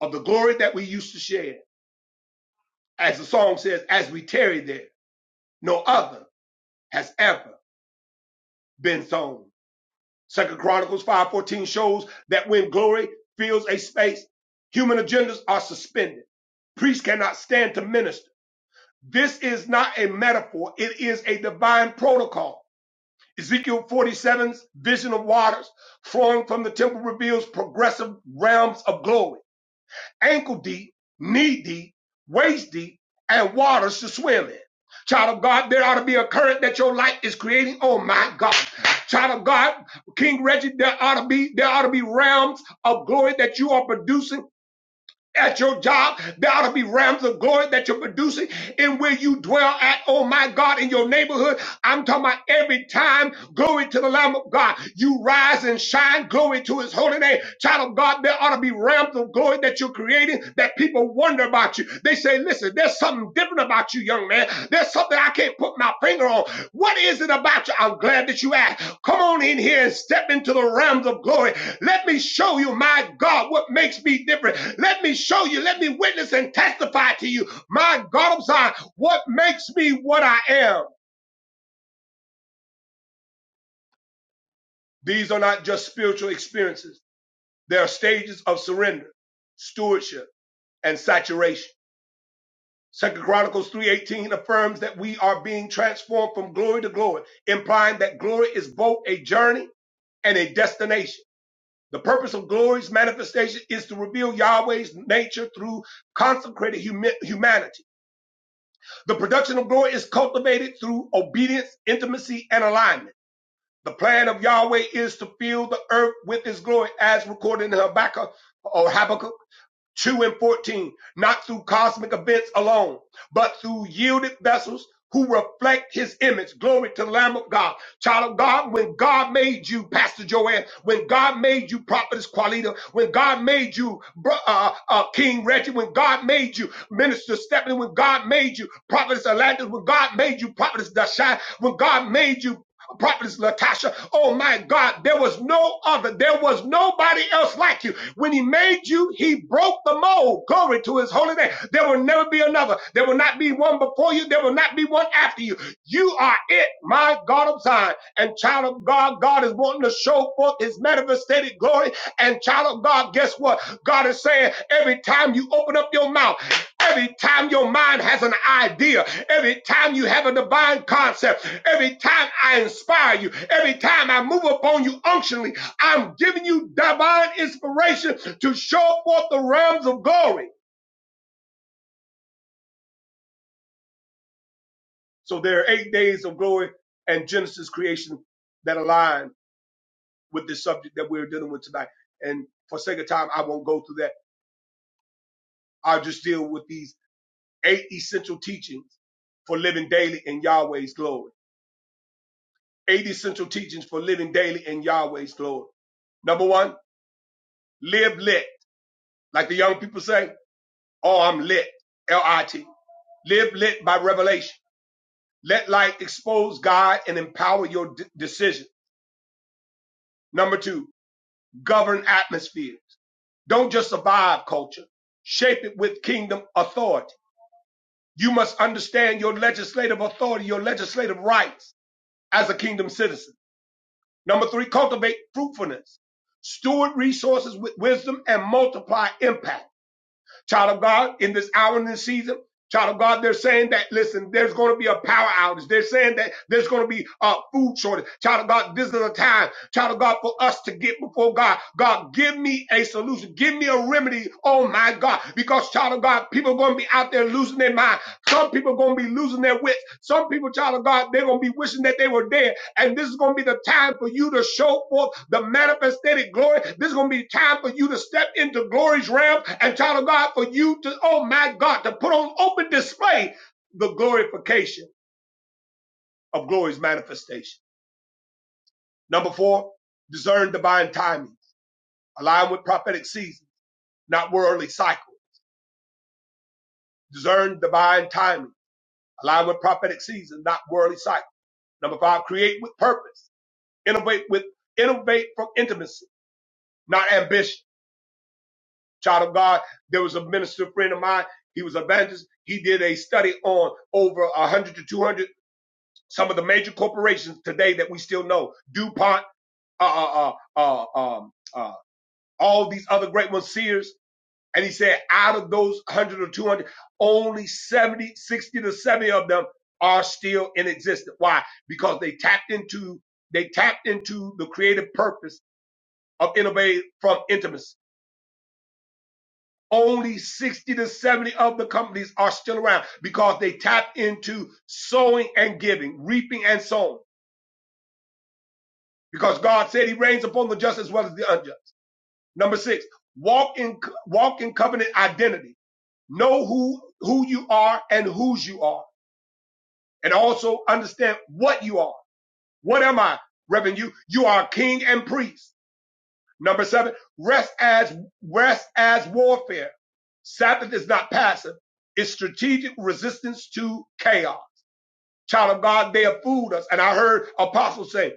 [SPEAKER 3] of the glory that we used to share. As the song says, as we tarry there, no other has ever been sown. Second Chronicles 5:14 shows that when glory fills a space, human agendas are suspended. Priests cannot stand to minister This is not a metaphor, it is a divine protocol. Ezekiel 47's vision of waters flowing from the temple reveals progressive realms of glory, ankle deep, knee deep, waist deep, and waters to swim in. Child of God, there ought to be a current that your life is creating. Oh my God. Child of God, King Reggie, there ought to be, there ought to be realms of glory that you are producing at your job. There ought to be realms of glory that you're producing in where you dwell at. Oh my God, in your neighborhood. I'm talking about every time. Glory to the Lamb of God. You rise and shine. Glory to his holy name. Child of God, there ought to be realms of glory that you're creating that people wonder about you. They say, listen, there's something different about you, young man. There's something I can't put my finger on. What is it about you? I'm glad that you asked. Come on in here and step into the realms of glory let me show you, my God, what makes me different. Let me show you, let me witness and testify to you, my God, I'm sorry, what makes me what I am. These are not just spiritual experiences. They are stages of surrender, stewardship, and saturation. Second Chronicles 3:18 affirms that we are being transformed from glory to glory, implying that glory is both a journey and a destination. The purpose of glory's manifestation is to reveal Yahweh's nature through consecrated humi- humanity The production of glory is cultivated through obedience, intimacy, and alignment. The plan of Yahweh is to fill the earth with his glory as recorded in Habakkuk or Habakkuk 2 and 14, not through cosmic events alone, but through yielded vessels who reflect his image. Glory to the Lamb of God. Child of God, when God made you, Pastor Joanne, when God made you, Prophetess Qualita, when God made you, Bro- uh, uh, King Reggie, when God made you, Minister Stephanie, when God made you, Prophetess Atlantis, when God made you, Prophetess Dashai, when God made you, prophetess Latasha. Oh my God, there was no other. There was nobody else like you. When he made you, he broke the mold. Glory to his holy name. There will never be another. There will not be one before you. There will not be one after you. You are it, my God of Zion. And child of God, God is wanting to show forth his manifested glory. And child of God, guess what? God is saying every time you open up your mouth, every time your mind has an idea, every time you have a divine concept, Every time I inspire you, every time I move upon you unctionally, I'm giving you divine inspiration to show forth the realms of glory. So there are eight days of glory and Genesis creation that align with this subject that we're dealing with tonight. And for sake of time, I won't go through that. I'll just deal with these eight essential teachings for living daily in Yahweh's glory. Eight essential teachings for living daily in Yahweh's glory. Number one, live lit, like the young people say. arm lit, L-I-T. Live lit by revelation. Let light expose God and empower your d- decision. Number two, govern atmospheres. Don't just survive culture. Shape it with kingdom authority. You must understand your legislative authority, your legislative rights as a kingdom citizen. Number three, cultivate fruitfulness. Steward resources with wisdom and multiply impact. Child of God, in this hour and this season, child of God, they're saying that, listen, there's going to be a power outage. They're saying that there's going to be a food shortage. Child of God, this is a time, child of God, for us to get before God. God, give me a solution. Give me a remedy. Oh my God. Because, child of God, people are going to be out there losing their mind. Some people are going to be losing their wits. Some people, child of God, they're going to be wishing that they were dead and this is going to be the time for you to show forth the manifested glory. This is going to be time for you to step into glory's realm and child of God for you to, oh my God, to put on open display the glorification of glory's manifestation. Number four, discern divine timing. Align with prophetic season, not worldly cycle. Discern divine timing. Align with prophetic season, not worldly cycle. Number five, create with purpose. Innovate with, innovate from intimacy, not ambition Child of God, there was a minister friend of mine. He was an evangelist. He did a study on over 100 to 200 some of the major corporations today that we still know. DuPont, uh, uh, uh, uh, um, uh, all these other great ones, Sears. And he said out of those 100 or 200, only 70, 60 to 70 of them are still in existence. Why? Because they tapped into, they tapped into the creative purpose of innovate from intimacy only 60 to 70 of the companies are still around because they tapped into sowing and giving, reaping and sowing. Because God said he reigns upon the just as well as the unjust. Number six, walk in walk in covenant identity. Know who who you are and whose you are. And also understand what you are. What am I, Reverend? You you are king and priest. Number seven, rest as rest as warfare. Sabbath is not passive. It's strategic resistance to chaos. Child of God, they have fooled us. And I heard apostles say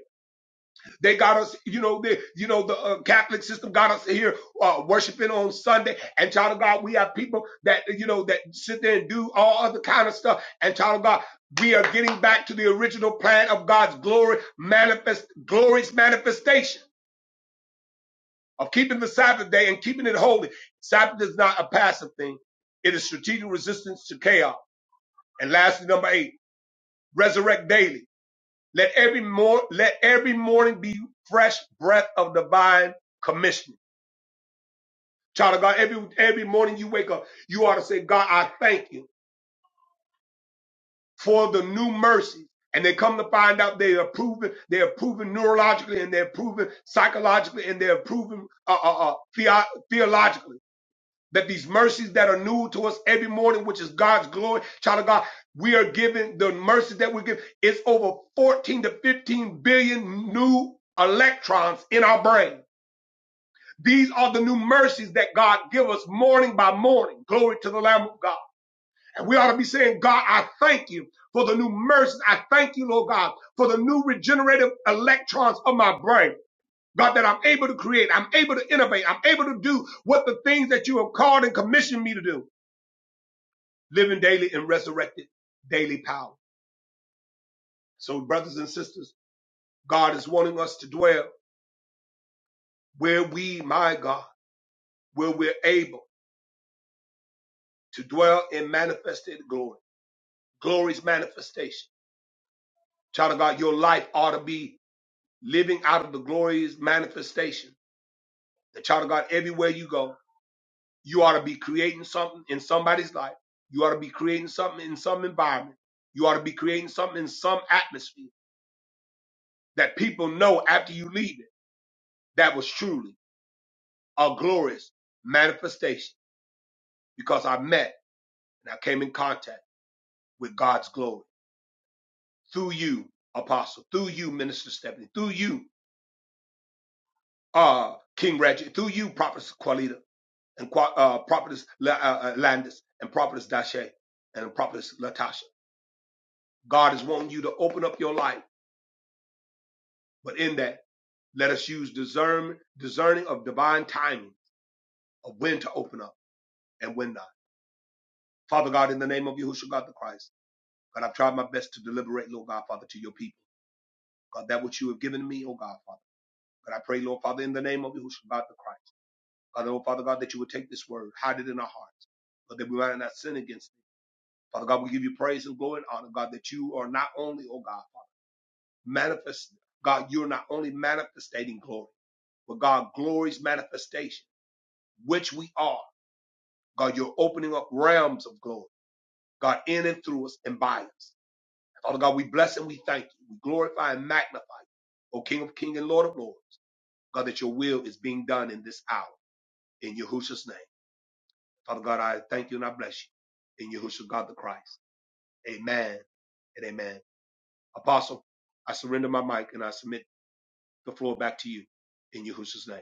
[SPEAKER 3] they got us, you know, the, you know, the uh, Catholic system got us here uh, worshiping on Sunday. And child of God, we have people that, you know, that sit there and do all other kind of stuff. And child of God, we are getting back to the original plan of God's glory manifest, glorious manifestation of keeping the Sabbath day and keeping it holy. Sabbath is not a passive thing. It is strategic resistance to chaos. And lastly, number eight, resurrect daily. Let every more let every morning be fresh breath of divine commission. Child of God, every every morning you wake up, you ought to say, God, I thank you for the new mercies. And they come to find out they are proven, they are proven neurologically and they're proven psychologically and they're proven uh, uh, uh, theo- theologically. that these mercies that are new to us every morning, which is God's glory, child of God, we are given the mercies that we give. It's over 14 to 15 billion new electrons in our brain. These are the new mercies that God give us morning by morning. Glory to the Lamb of God. And we ought to be saying, God, I thank you for the new mercies. I thank you, Lord God, for the new regenerative electrons of my brain. God, that I'm able to create, I'm able to innovate, I'm able to do what the things that you have called and commissioned me to do. living daily in resurrected daily power. So, brothers and sisters, God is wanting us to dwell where we, my God, where we're able to dwell in manifested glory, glory's manifestation. Child of God, your life ought to be living out of the glory's manifestation. The child of God, everywhere you go, you ought to be creating something in somebody's life. You ought to be creating something in some environment. You ought to be creating something in some atmosphere that people know after you leave it. That was truly. a glorious manifestation because I met and I came in contact with God's glory through you, Apostle, through you, Minister Stephanie, through you, uh, King Reggie, through you, Prophetess Qualita, and Qua- uh, Prophetess La- uh, uh, Landis, and Prophetess Dashe, and Prophetess Latasha. God is wanting you to open up your life, but in that, let us use discern, discerning of divine timing of when to open up and when not. Father God, in the name of Yahushua God the Christ. God, I've tried my best to deliberate, Lord God, Father, to your people. God, that which you have given me, oh God, Father. God, I pray, Lord Father, in the name of Yahushua, God the Christ. God, oh Father God, that you would take this word, hide it in our hearts, but that we might not sin against it. Father God, we give you praise and glory and honor, God, that you are not only, oh God, manifest, God, you're not only manifestating glory, but God, glory's manifestation, which we are. God, you're opening up realms of glory, God, in and through us and by us. Father God, we bless and we thank you. We glorify and magnify you, O King of kings and Lord of Lords. God, that your will is being done in this hour in Yahushua's name. Father God, I thank you and I bless you in Yahushua God the Christ. Amen and amen. Apostle, I surrender my mic and I submit the floor back to you in Yahushua's name.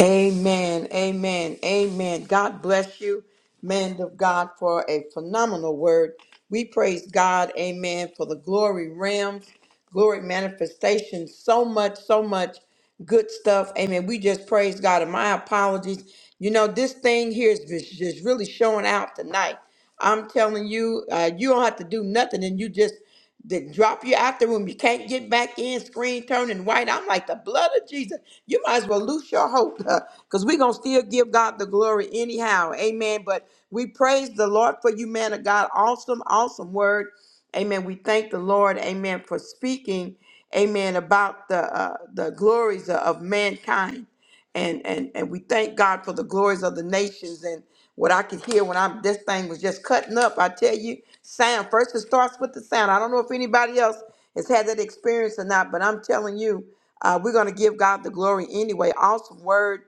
[SPEAKER 1] Amen. Amen. Amen. God bless you, man of God, for a phenomenal word. We praise God, amen, for the glory realms, glory manifestation. So much, so much good stuff. Amen. We just praise God. And my apologies. You know, this thing here is just just really showing out tonight. I'm telling you, uh, you don't have to do nothing and you just They drop you out the room. You can't get back in, screen turning white. I'm like, the blood of Jesus. You might as well lose your hope because we're going to still give God the glory anyhow. Amen. But we praise the Lord for you, man of God. Awesome, awesome word. Amen. We thank the Lord. Amen. For speaking. Amen. About the uh, the glories of mankind and and and we thank God for the glories of the nations and what I could hear when I'm this thing was just cutting up. I tell you, sound first it starts with the sound. I don't know if anybody else has had that experience or not, but I'm telling you, uh, we're gonna give God the glory anyway. Awesome word,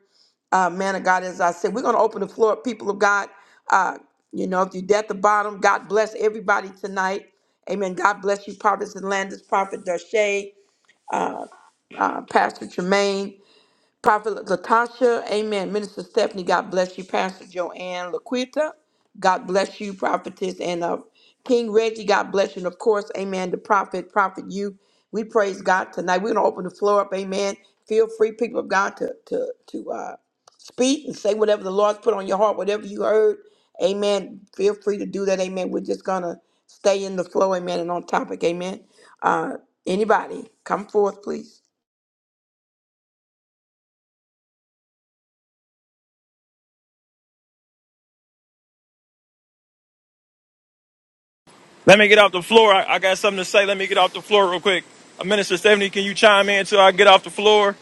[SPEAKER 1] uh, man of God. As I said, we're gonna open the floor, people of God. Uh, you know, if you're at the bottom, God bless everybody tonight. Amen. God bless you, prophets and landers, prophet Dashay, uh, Pastor Tremaine. Prophet Latasha, amen. Minister Stephanie, God bless you. Pastor Joanne Laquita, God bless you, prophetess. And uh, King Reggie, God bless you. And of course, amen, the prophet, prophet you. We praise God tonight. We're going to open the floor up, amen. Feel free, people of God, to, to, to uh, speak and say whatever the Lord's put on your heart, whatever you heard. Amen. Feel free to do that, amen. We're just going to stay in the flow, amen, and on topic, amen. Uh, anybody, come forth, please.
[SPEAKER 8] Let me I- let me get off the floor real quick. Uh, Minister Stephanie, can you chime in until I get off the floor?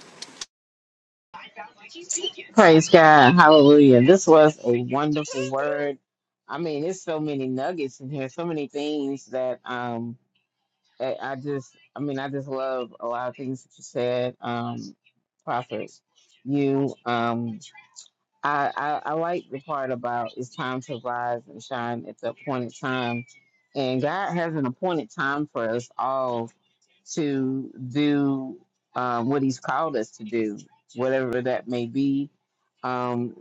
[SPEAKER 4] Praise God. Hallelujah. This was a wonderful word. I mean, there's so many nuggets in here, so many things that um I, I just, I mean, I just love a lot of things that you said, um, Prophet. You, um, I, I, I like the part about it's time to rise and shine at the appointed time, and God has an appointed time for us all to do um, what He's called us to do, whatever that may be. Um,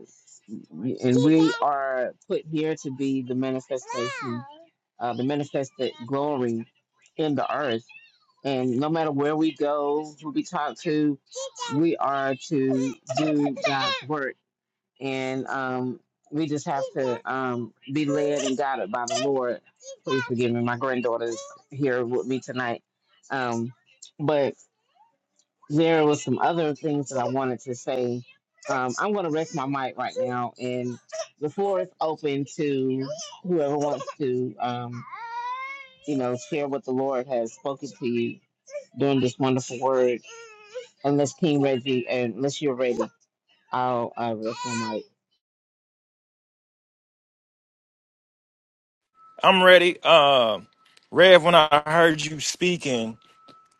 [SPEAKER 4] and we are put here to be the manifestation, uh, the manifested glory in the earth and no matter where we go, who we talk to, we are to do God's work. And um, we just have to um, be led and guided by the Lord. Please forgive me. My granddaughter's here with me tonight. Um, but there was some other things that I wanted to say. Um, I'm going to rest my mic right now, and the floor is open to whoever wants to, um, you know, share what the Lord has spoken to you doing this wonderful word. Unless King Reggie and unless you're ready, I'll I rest my mic.
[SPEAKER 8] I'm ready. Um, Rev, when I heard you speaking.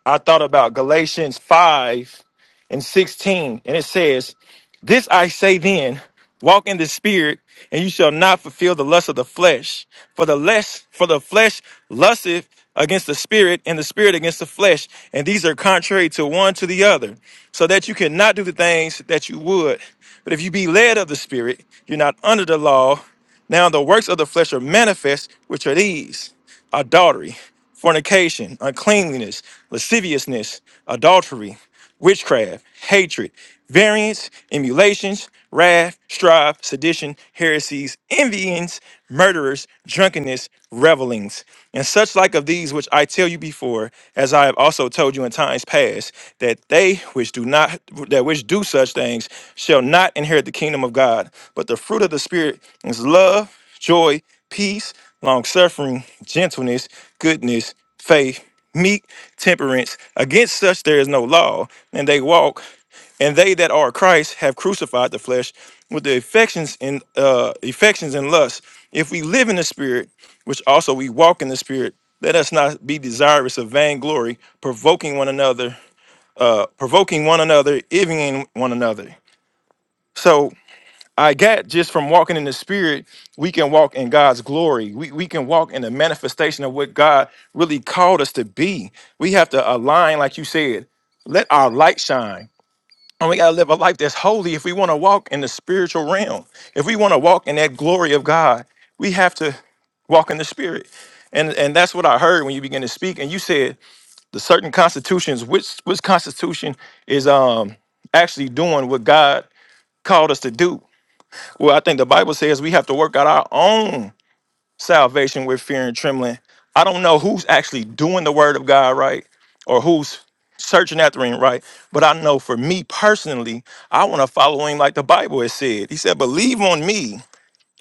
[SPEAKER 8] I thought about Galatians 5 and 16, and it says, This I say then, walk in the spirit, and you shall not fulfill the lust of the flesh. For the less for the flesh lusteth against the spirit, and the spirit against the flesh, and these are contrary to one to the other, so that you cannot do the things that you would. But if you be led of the spirit, you're not under the law. Now the works of the flesh are manifest, which are these adultery, fornication, uncleanliness, lasciviousness, adultery, witchcraft, hatred, variance, emulations, wrath, strife, sedition, heresies, envyings, murderers, drunkenness, revelings, and such like of these which I tell you before, as I have also told you in times past, that they which do not that which do such things shall not inherit the kingdom of God. But the fruit of the spirit is love joy, peace, long suffering, gentleness, goodness, faith, meek, temperance. Against such there is no law, and they walk, and they that are Christ have crucified the flesh with the affections and uh, affections and lusts. If we live in the Spirit, which also we walk in the Spirit, let us not be desirous of vainglory, provoking one another, uh, provoking one another, envying one another. So I got just from walking in the spirit, we can walk in God's glory. We, we can walk in the manifestation of what God really called us to be. We have to align, like you said, let our light shine. And we got to live a life that's holy if we want to walk in the spiritual realm. If we want to walk in that glory of God, we have to walk in the spirit. And and that's what I heard when you began to speak. And you said the certain constitutions, which which constitution is um actually doing what God called us to do well, I think the Bible says we have to work out our own salvation with fear and trembling. I don't know who's actually doing the word of God right or who's searching after him right, but I know for me personally, I want to follow him like the Bible has said. He said, Believe on me,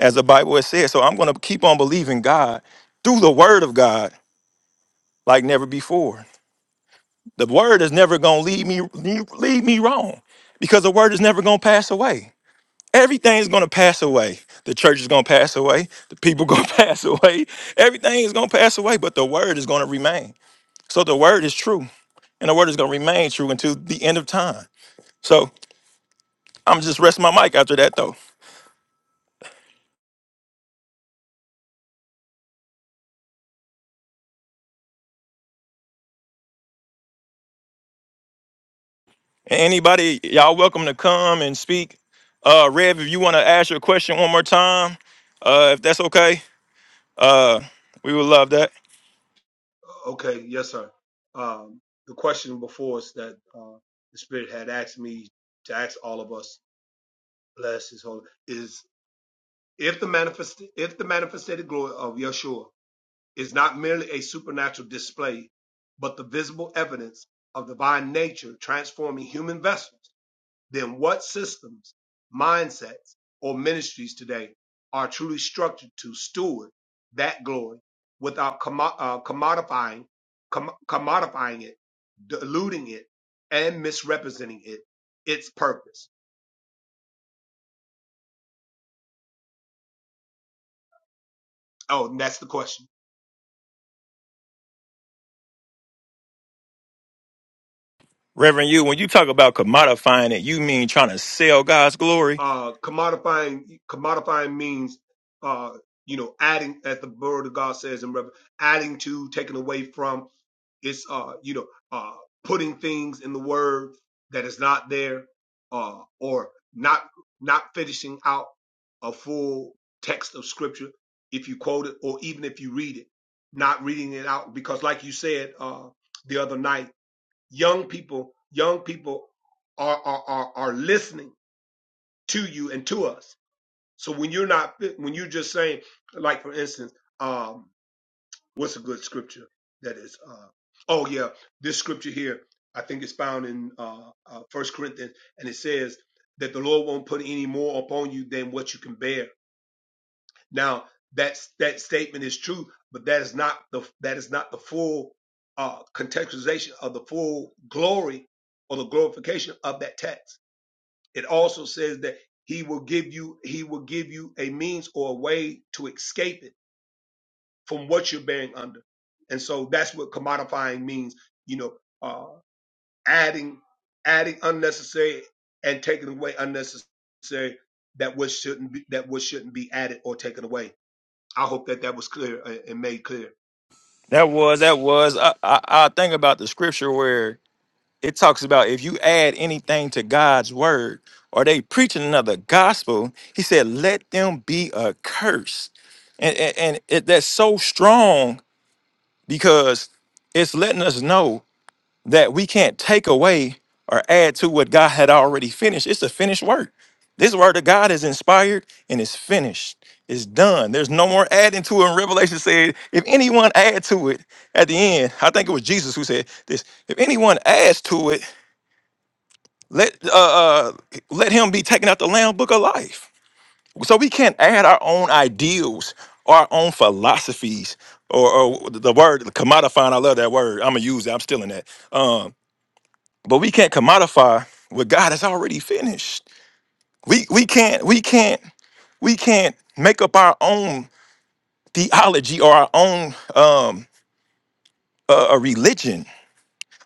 [SPEAKER 8] as the Bible has said. So I'm going to keep on believing God through the word of God like never before. The word is never going to lead me, lead me wrong because the word is never going to pass away. Everything's going to pass away. The church is going to pass away. The people going to pass away. Everything is going to pass away, but the word is going to remain. So the word is true, and the word is going to remain true until the end of time. So I'm just resting my mic after that, though. And Anybody, y'all welcome to come and speak. Uh, Rev, if you want to ask your question one more time, uh, if that's okay, uh, we would love that.
[SPEAKER 3] Okay, yes, sir. Um, the question before us that uh, the Spirit had asked me to ask all of us, bless His holy, is if the manifest if the manifested glory of Yeshua is not merely a supernatural display, but the visible evidence of divine nature transforming human vessels, then what systems, mindsets, or ministries today are truly structured to steward that glory without commo- uh, commodifying, com- commodifying it, diluting it, and misrepresenting it, its purpose? Oh, and that's the question.
[SPEAKER 8] Reverend, you when you talk about commodifying it, you mean trying to sell God's glory?
[SPEAKER 3] uh, commodifying commodifying means uh, you know adding as the word of God says in Rev adding to taking away from it's uh, you know uh, putting things in the word that is not there uh, or not not finishing out a full text of scripture if you quote it or even if you read it not reading it out because like you said uh, the other night young people young people are are, are, are listening to you and to us. So when you're not, when you're just saying, like for instance, um, what's a good scripture that is? Uh, oh yeah, this scripture here, I think it's found in uh, uh, First Corinthians, and it says that the Lord won't put any more upon you than what you can bear. Now that's that statement is true, but that is not the that is not the full uh, contextualization of the full glory or the glorification of that text it also says that he will give you he will give you a means or a way to escape it from what you're bearing under. And so that's what commodifying means, you know, uh adding adding unnecessary and taking away unnecessary that what shouldn't be that what shouldn't be added or taken away. I hope that that was clear uh, and made clear.
[SPEAKER 8] That was that was. I, I I think about the scripture where it talks about if you add anything to God's word or they preaching another gospel, he said, let them be accursed. And and, and it, that's so strong because it's letting us know that we can't take away or add to what God had already finished. It's a finished work. This word of God is inspired and is finished. It's done. There's no more adding to it. And Revelation said, if anyone add to it at the end, I think it was Jesus who said this. If anyone adds to it, let uh, uh let him be taken out the Lamb book of life. So we can't add our own ideals, our own philosophies, or, or the word commodifying. I love that word. I'm gonna use it. I'm stealing that. Um, but we can't commodify what God has already finished. We we can't we can't we can't make up our own theology or our own um uh, a religion.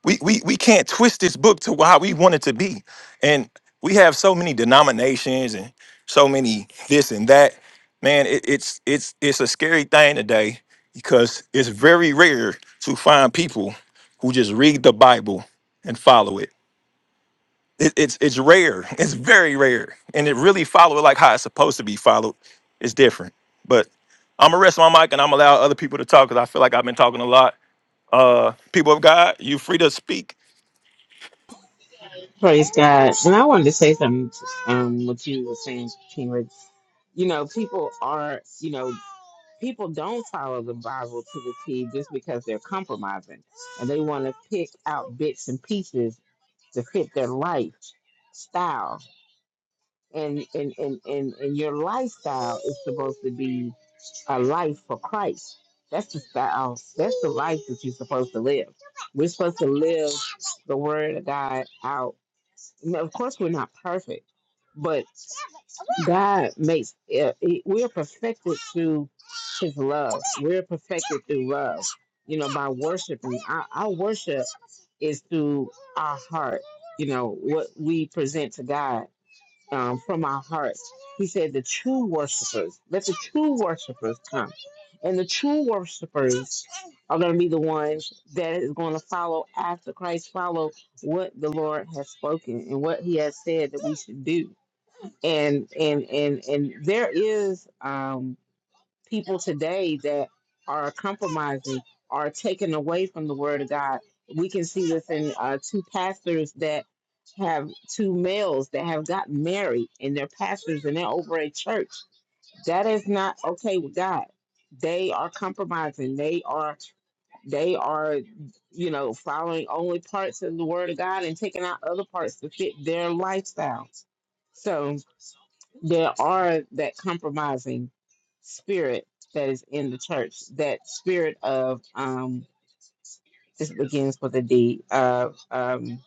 [SPEAKER 8] We, we we can't twist this book to how we want it to be. And we have so many denominations and so many this and that. Man, it, it's it's it's a scary thing today because it's very rare to find people who just read the Bible and follow it. It, it's it's rare. It's very rare, and it really followed like how it's supposed to be followed. It's different, but I'm gonna rest my mic and I'm gonna allow other people to talk because I feel like I've been talking a lot. Uh, people of God, you free to speak.
[SPEAKER 4] Praise God. And I wanted to say something to, um what you were saying, King Reggie. You know, people are you know, people don't follow the Bible to the T just because they're compromising and they want to pick out bits and pieces to fit their lifestyle. And and, and, and and your lifestyle is supposed to be a life for Christ. That's the style. That's the life that you're supposed to live. We're supposed to live the word of God out. Now, Of course, we're not perfect, but God makes eh, eh, we're perfected through His love. We're perfected through love. You know, by worshiping. Our, our worship is through our heart. You know what we present to God um, from our hearts. He said, The true worshipers, let the true worshipers come. And the true worshipers are going to be the ones that is going to follow after Christ, follow what the Lord has spoken and what He has said that we should do. And and and and there is um people today that are compromising, are taken away from the Word of God. We can see this in uh, two pastors that have two males that have gotten married and they're pastors and they're over a church. That is not okay with God. They are compromising. They are they are you know following only parts of the word of God and taking out other parts to fit their lifestyles. So there are that compromising spirit that is in the church. That spirit of um this begins with a D. Uh, um,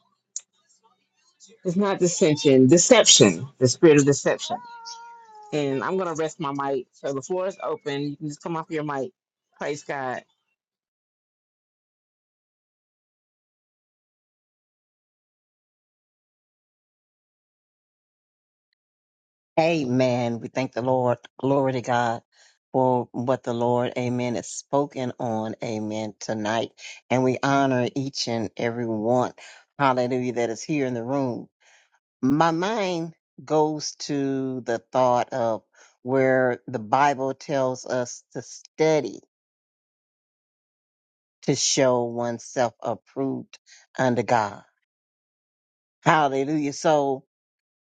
[SPEAKER 4] it's not dissension, deception. The spirit of deception. And I'm gonna rest my mic. So the floor is open. You can just come off your mic. Praise God.
[SPEAKER 2] Amen. We thank the Lord. Glory to God for what the Lord, amen, has spoken on, amen, tonight. And we honor each and every one, hallelujah, that is here in the room. My mind goes to the thought of where the Bible tells us to study to show oneself approved unto God. Hallelujah. So,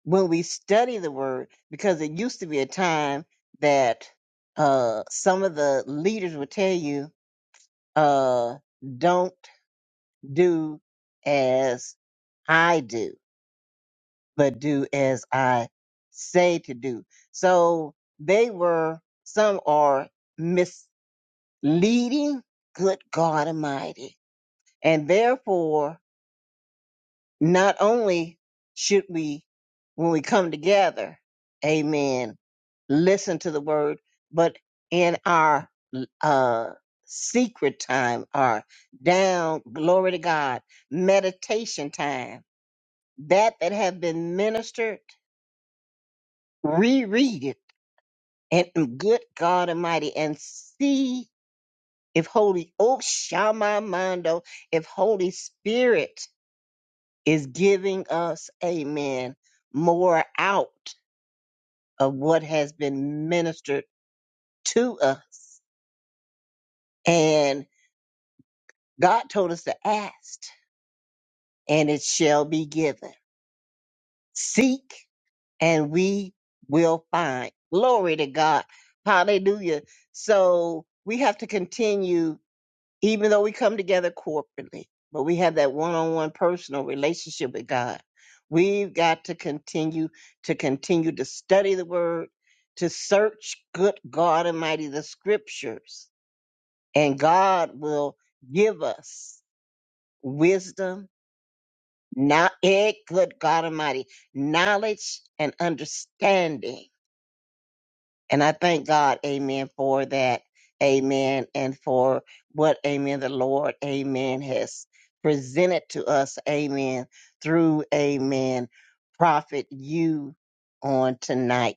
[SPEAKER 2] when we study the word because it used to be a time that uh some of the leaders would tell you uh don't do as I do but do as I say to do so they were some are misleading good God almighty and therefore Not only should we, when we come together, amen, listen to the word, but in our uh, secret time, our down, glory to God, meditation time, that that have been ministered, reread it, and and good God Almighty, and see if Holy, oh Shama Mando, if Holy Spirit is giving us, amen, more out of what has been ministered to us. And God told us to ask, and it shall be given. Seek, and we will find. Glory to God. Hallelujah. So we have to continue even though we come together corporately, but we have that one on one personal relationship with God. We've got to continue to continue to study the word, to search good God Almighty, the scriptures, and God will give us wisdom, not eh, good God Almighty, knowledge and understanding And I thank God, amen, for that, amen, and for what, amen, the Lord, amen, has presented to us, amen, through, amen, prophet you on tonight.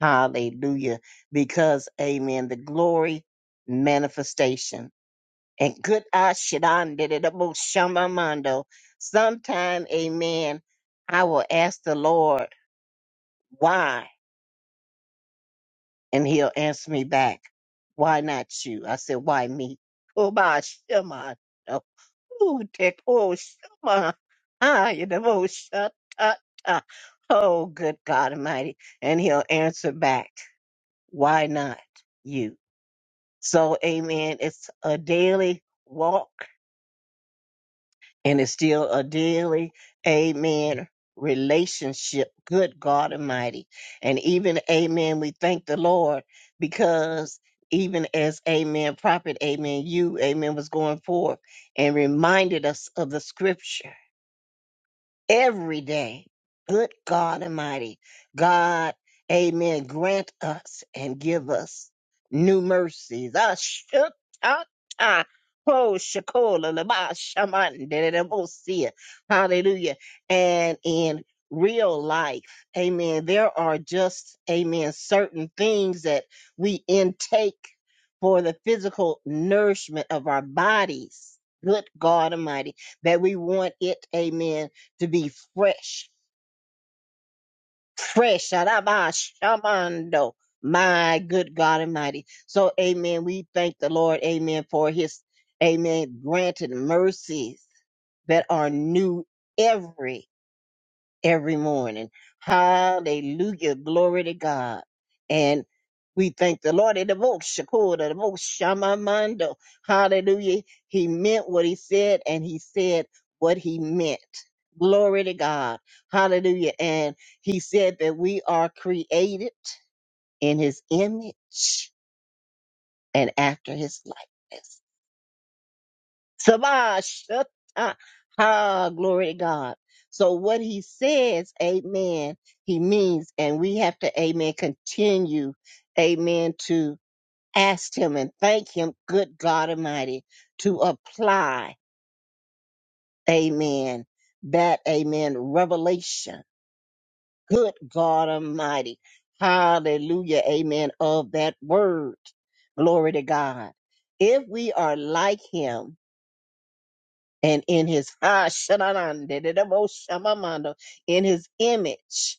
[SPEAKER 2] Hallelujah. Because, amen, the glory manifestation. And good Ashidan did it about Shamamando. Sometime, amen, I will ask the Lord why. And he'll answer me back, why not you? I said, why me? Oh, my, shema. Oh, take, oh, shema. Ah, you know, oh, shut, ta, ta. Oh, good God Almighty. And he'll answer back, why not you? So, amen. It's a daily walk and it's still a daily amen relationship good god almighty and even amen we thank the lord because even as amen prophet amen you amen was going forth and reminded us of the scripture every day. Good God Almighty. God, amen. Grant us and give us new mercies. Ashutata. Oh, shakola laba shaman dedebosia. Hallelujah. And in real life, amen, there are just, amen, certain things that we intake for the physical nourishment of our bodies. Good God Almighty, that we want it, amen, to be fresh, fresh. Sharaba shamando. My good God Almighty. So, amen. We thank the Lord, amen, for his, amen, granted mercies that are new every every morning. Hallelujah. Glory to God. And we thank the Lord. And the most Shakur, the most Shamamando. Hallelujah. He meant what he said and he said what he meant. Glory to God. Hallelujah. And he said that we are created in his image and after his likeness. Sabashata. Ah, glory to God. So what he says, amen, he means, and we have to, amen, continue, amen, to ask him and thank him, good God Almighty, to apply, amen, that, amen, revelation, good God Almighty, hallelujah, amen, of that word. Glory to God. If we are like him, and in his ah shadanande, dedebo shamamando, in his image,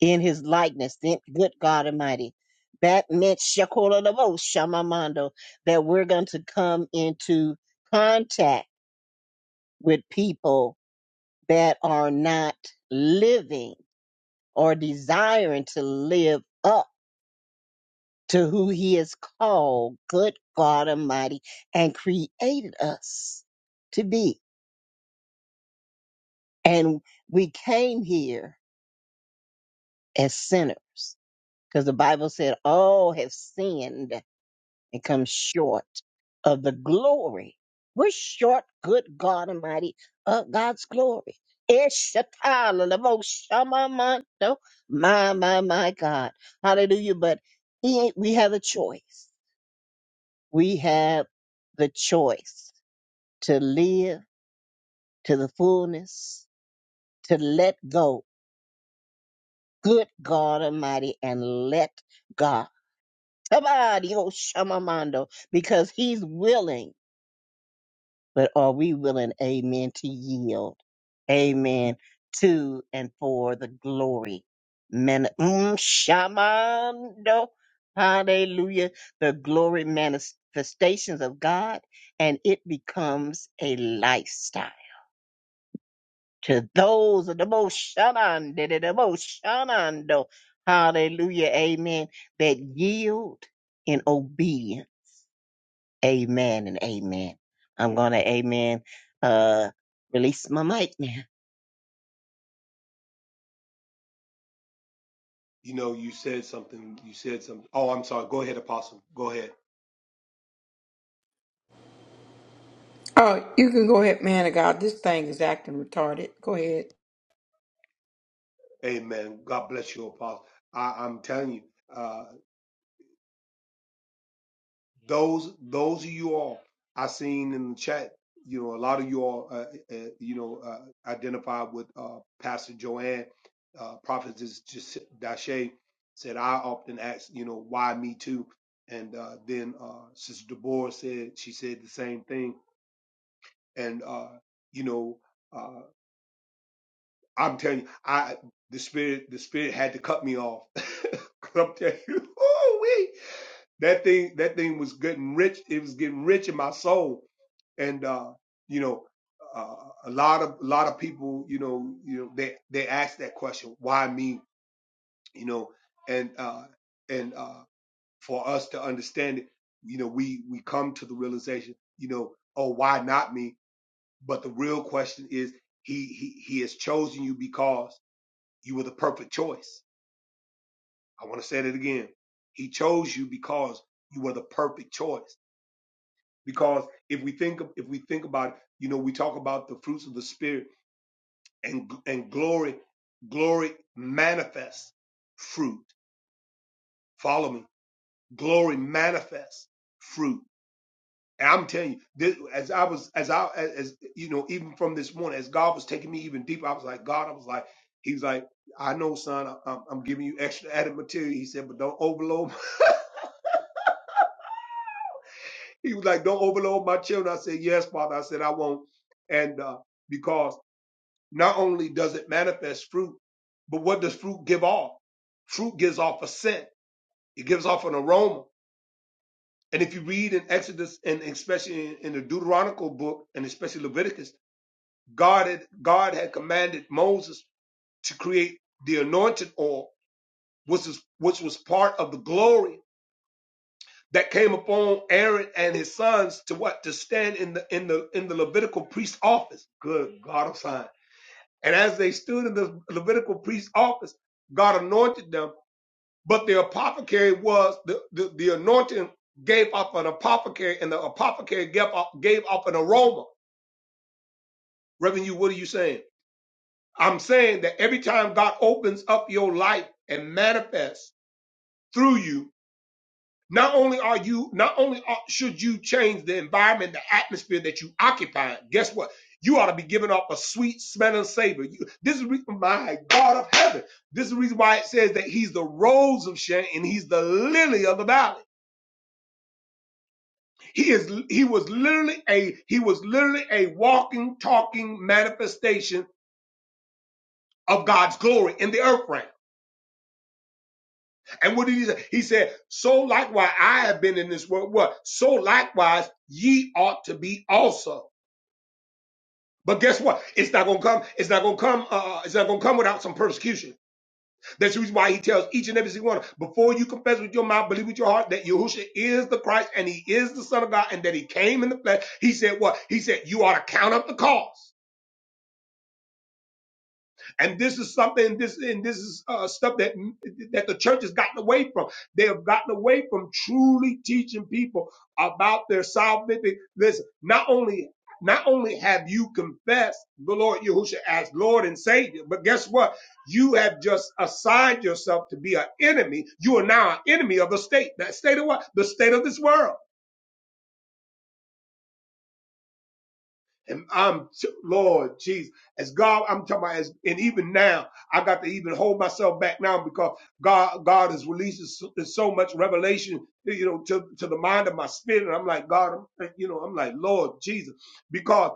[SPEAKER 2] in his likeness, then good God Almighty. That meant shakoladebo shamamando, that we're going to come into contact with people that are not living or desiring to live up to who he has called, good God Almighty, and created us to be. And we came here as sinners because the Bible said all have sinned and come short of the glory. We're short, good God Almighty, of God's glory. Eshatala lamo shamamanto. My, my, my God. Hallelujah. But he ain't, we have a choice. We have the choice to live to the fullness, to let go, good God Almighty, and let God. Somebody, oh Shamamando, because he's willing, but are we willing, amen, to yield? Amen to and for the glory. Man, mm, Shamando, hallelujah, the glory manifestations of God, and it becomes a lifestyle. To those of the most Shamando, the most Shamando, hallelujah, amen, that yield in obedience Amen and amen. I'm going to amen. Uh, release my mic now.
[SPEAKER 3] You know, you said something. You said something. Oh, I'm sorry. Go ahead, Apostle. Go ahead.
[SPEAKER 1] Oh, you can go ahead, man of God. This thing is acting retarded. Go ahead.
[SPEAKER 3] Amen. God bless you, Apostle. I, I'm telling you. uh, those those of you all I seen in the chat, you know, a lot of you all, uh, uh, you know, uh, identified with uh, Pastor Joanne, uh, Prophetess Jas- Dashe said, I often ask, you know, why me too? And uh, then uh, Sister Deborah said, she said the same thing. And, uh, you know, uh, I'm telling you, I the spirit the spirit had to cut me off. 'Cause I'm telling you, ooh, that thing that thing was getting rich it was getting rich in my soul and uh you know uh, a lot of a lot of people you know you know they they ask that question why me you know and uh and uh for us to understand it you know we we come to the realization you know oh why not me but the real question is he he he has chosen you because you were the perfect choice i want to say that again he chose you because you were the perfect choice because if we think if we think about it, you know we talk about the fruits of the spirit and and glory glory manifests fruit follow me glory manifests fruit and i'm telling you this, as i was as i as you know even from this morning as god was taking me even deeper i was like god i was like he's like i know son I- i'm, I'm giving you extra added material he said but don't overload he was like don't overload my children i said yes father i said i won't and uh, because Not only does it manifest fruit, but what does fruit give off? Fruit gives off a scent. It gives off an aroma. And if you read in Exodus and especially in, in the Deuteronomical book and especially Leviticus, God had, God had commanded Moses to create the anointed oil, which is which was part of the glory that came upon Aaron and his sons to what to stand in the in the in the Levitical priest office. Good God of signs. And as they stood in the Levitical priest's office, God anointed them. But the apothecary was the, the, the anointing gave off an apothecary, and the apothecary gave off, gave off an aroma. Reverend, you, what are you saying? I'm saying that every time God opens up your life and manifests through you Not only are you, not only are, should you change the environment, the atmosphere that you occupy. Guess what? You ought to be giving off a sweet smelling savor. You, this is re- my God of heaven. This is the reason why it says that He's the rose of Sharon and He's the lily of the valley. He is. He was literally a. He was literally a walking, talking manifestation of God's glory in the earth realm. And what did he say? He said, So likewise, I have been in this world. What? So likewise, ye ought to be also. But guess what? It's not gonna come. It's not gonna come. Uh, uh, it's not gonna come without some persecution. That's the reason why he tells each and every single one: before you confess with your mouth, believe with your heart that Yahushua is the Christ and He is the Son of God, and that He came in the flesh. He said what? He said you ought to count up the cost. And this is something. This and this is uh, stuff that that the church has gotten away from. They have gotten away from truly teaching people about their salvific. Listen, not only not only have you confessed the Lord Yahushua as Lord and Savior, but guess what? You have just assigned yourself to be an enemy. You are now an enemy of the state. That state of what? The state of this world. And I'm, Lord Jesus, as God, I'm talking about, as, and even now, I got to even hold myself back now because God, God is releasing so, so much revelation, you know, to, to the mind of my spirit. And I'm like, God, I'm, you know, I'm like, Lord Jesus, because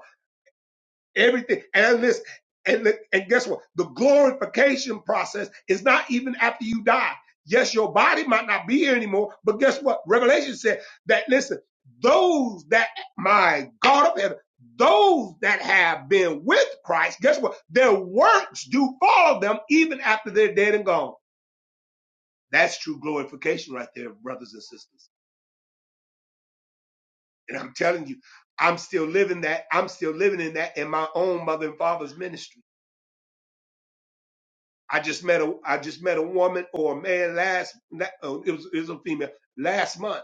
[SPEAKER 3] Everything. And listen, and, li- and guess what? The glorification process is not even after you die. Yes, your body might not be here anymore, but guess what? Revelation said that, listen, those that, my God of heaven, those that have been with Christ, guess what? Their works do follow them even after they're dead and gone. That's true glorification right there, brothers and sisters. And I'm telling you, I'm still living that. I'm still living in that in my own mother and father's ministry. I just met a I just met a woman or a man last la- oh, it was it was a female last month.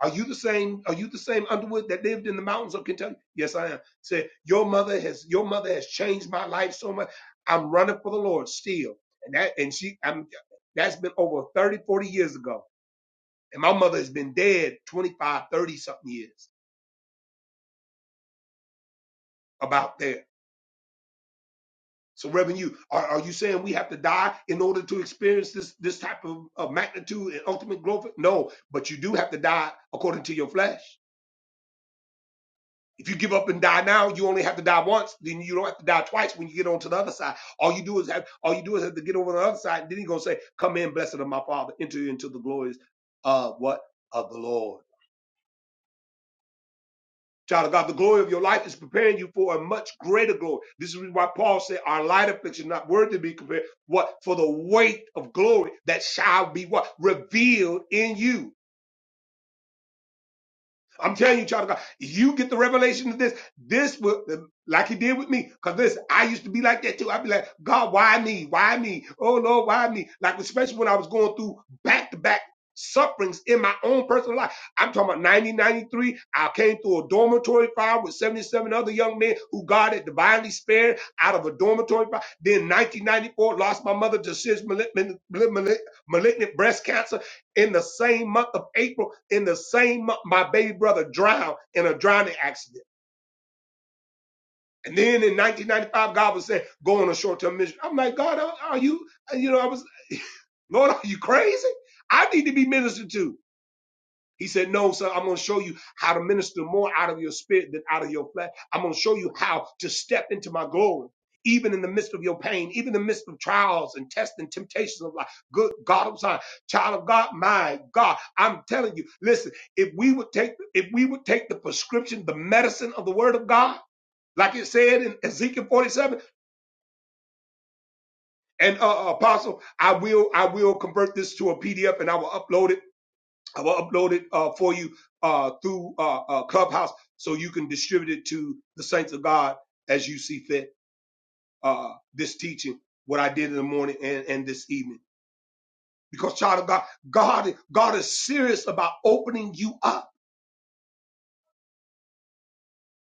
[SPEAKER 3] Are you the same? Are you the same Underwood that lived in the mountains of Kentucky? Yes, I am. Said your mother has your mother has changed my life so much. I'm running for the Lord still, and that and she I'm that's been over 30 40 years ago, and my mother has been dead 25 30 something years about there So, Reverend, you are, are you saying we have to die in order to experience this this type of, of magnitude and ultimate growth? No, but you do have to die according to your flesh. If you give up and die now, you only have to die once. Then you don't have to die twice when you get onto the other side. All you do is have all you do is have to get over the other side. And then he's gonna say, "Come in, blessed of my Father, enter into the glories of what of the Lord." Child of God, the glory of your life is preparing you for a much greater glory. This is why Paul said, Our light affliction not worthy to be compared. What? For the weight of glory that shall be what? Revealed in you. I'm telling you, child of God, you get the revelation of this. This will, like he did with me, because this, I used to be like that too. I'd be like, God, why me? Why me? Oh Lord, why me? Like, especially when I was going through back to back sufferings in my own personal life. I'm talking about 1993. I came through a dormitory fire with 77 other young men who God had divinely spared out of a dormitory fire. Then 1994, lost my mother to cis- malignant- malignant breast cancer in the same month of April, in the same month, my baby brother drowned in a drowning accident. And then in 1995, God was saying, go on a short-term mission. I'm like, God, are you, you know, I was, Lord, are you crazy? I need to be ministered to. He said, No, son, I'm going to show you how to minister more out of your spirit than out of your flesh. I'm going to show you how to step into my glory, even in the midst of your pain, even in the midst of trials and tests and temptations of life. Good God, I'm sorry. Child of God, my God, I'm telling you, listen, if we would take, if we would take the prescription, the medicine of the word of God, like it said in Ezekiel 47, and uh, apostle, I will, I will convert this to a PDF and I will upload it I will upload it uh, for you uh, through uh, uh, Clubhouse so you can distribute it to the saints of God as you see fit. Uh, this teaching, what I did in the morning and, and this evening, because child of God, God, God is serious about opening you up.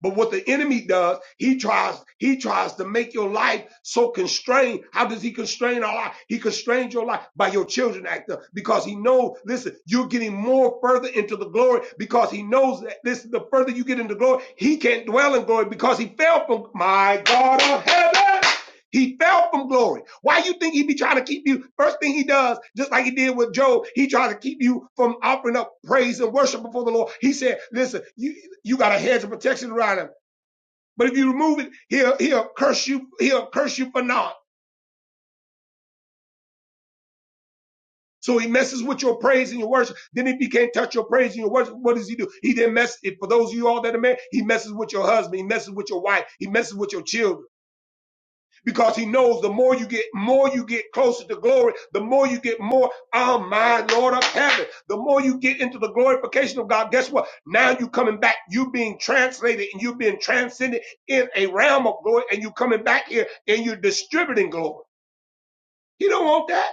[SPEAKER 3] But what the enemy does, he tries, he tries to make your life so constrained. How does he constrain our life? He constrains your life by your children acting. because he knows, listen, you're getting more further into the glory because he knows that this. the further you get into glory, he can't dwell in glory because he fell from my God of heaven. He fell from glory. Why you think he be trying to keep you? First thing he does, just like he did with Job, he tries to keep you from offering up praise and worship before the Lord. He said, listen, you, you got a hedge of protection around him. But if you remove it, he'll he'll curse you. He'll curse you for naught. So he messes with your praise and your worship. Then if he can't touch your praise and your worship, what does he do? He then messes. For those of you all that are married, he messes with your husband. He messes with your wife. He messes with your children because he knows the more you get, more you get closer to glory. The more you get, more. Oh my Lord of heaven! The more you get into the glorification of God, guess what? Now you coming back. You being translated and you being transcended in a realm of glory, and you coming back here and you're distributing glory. He don't want that.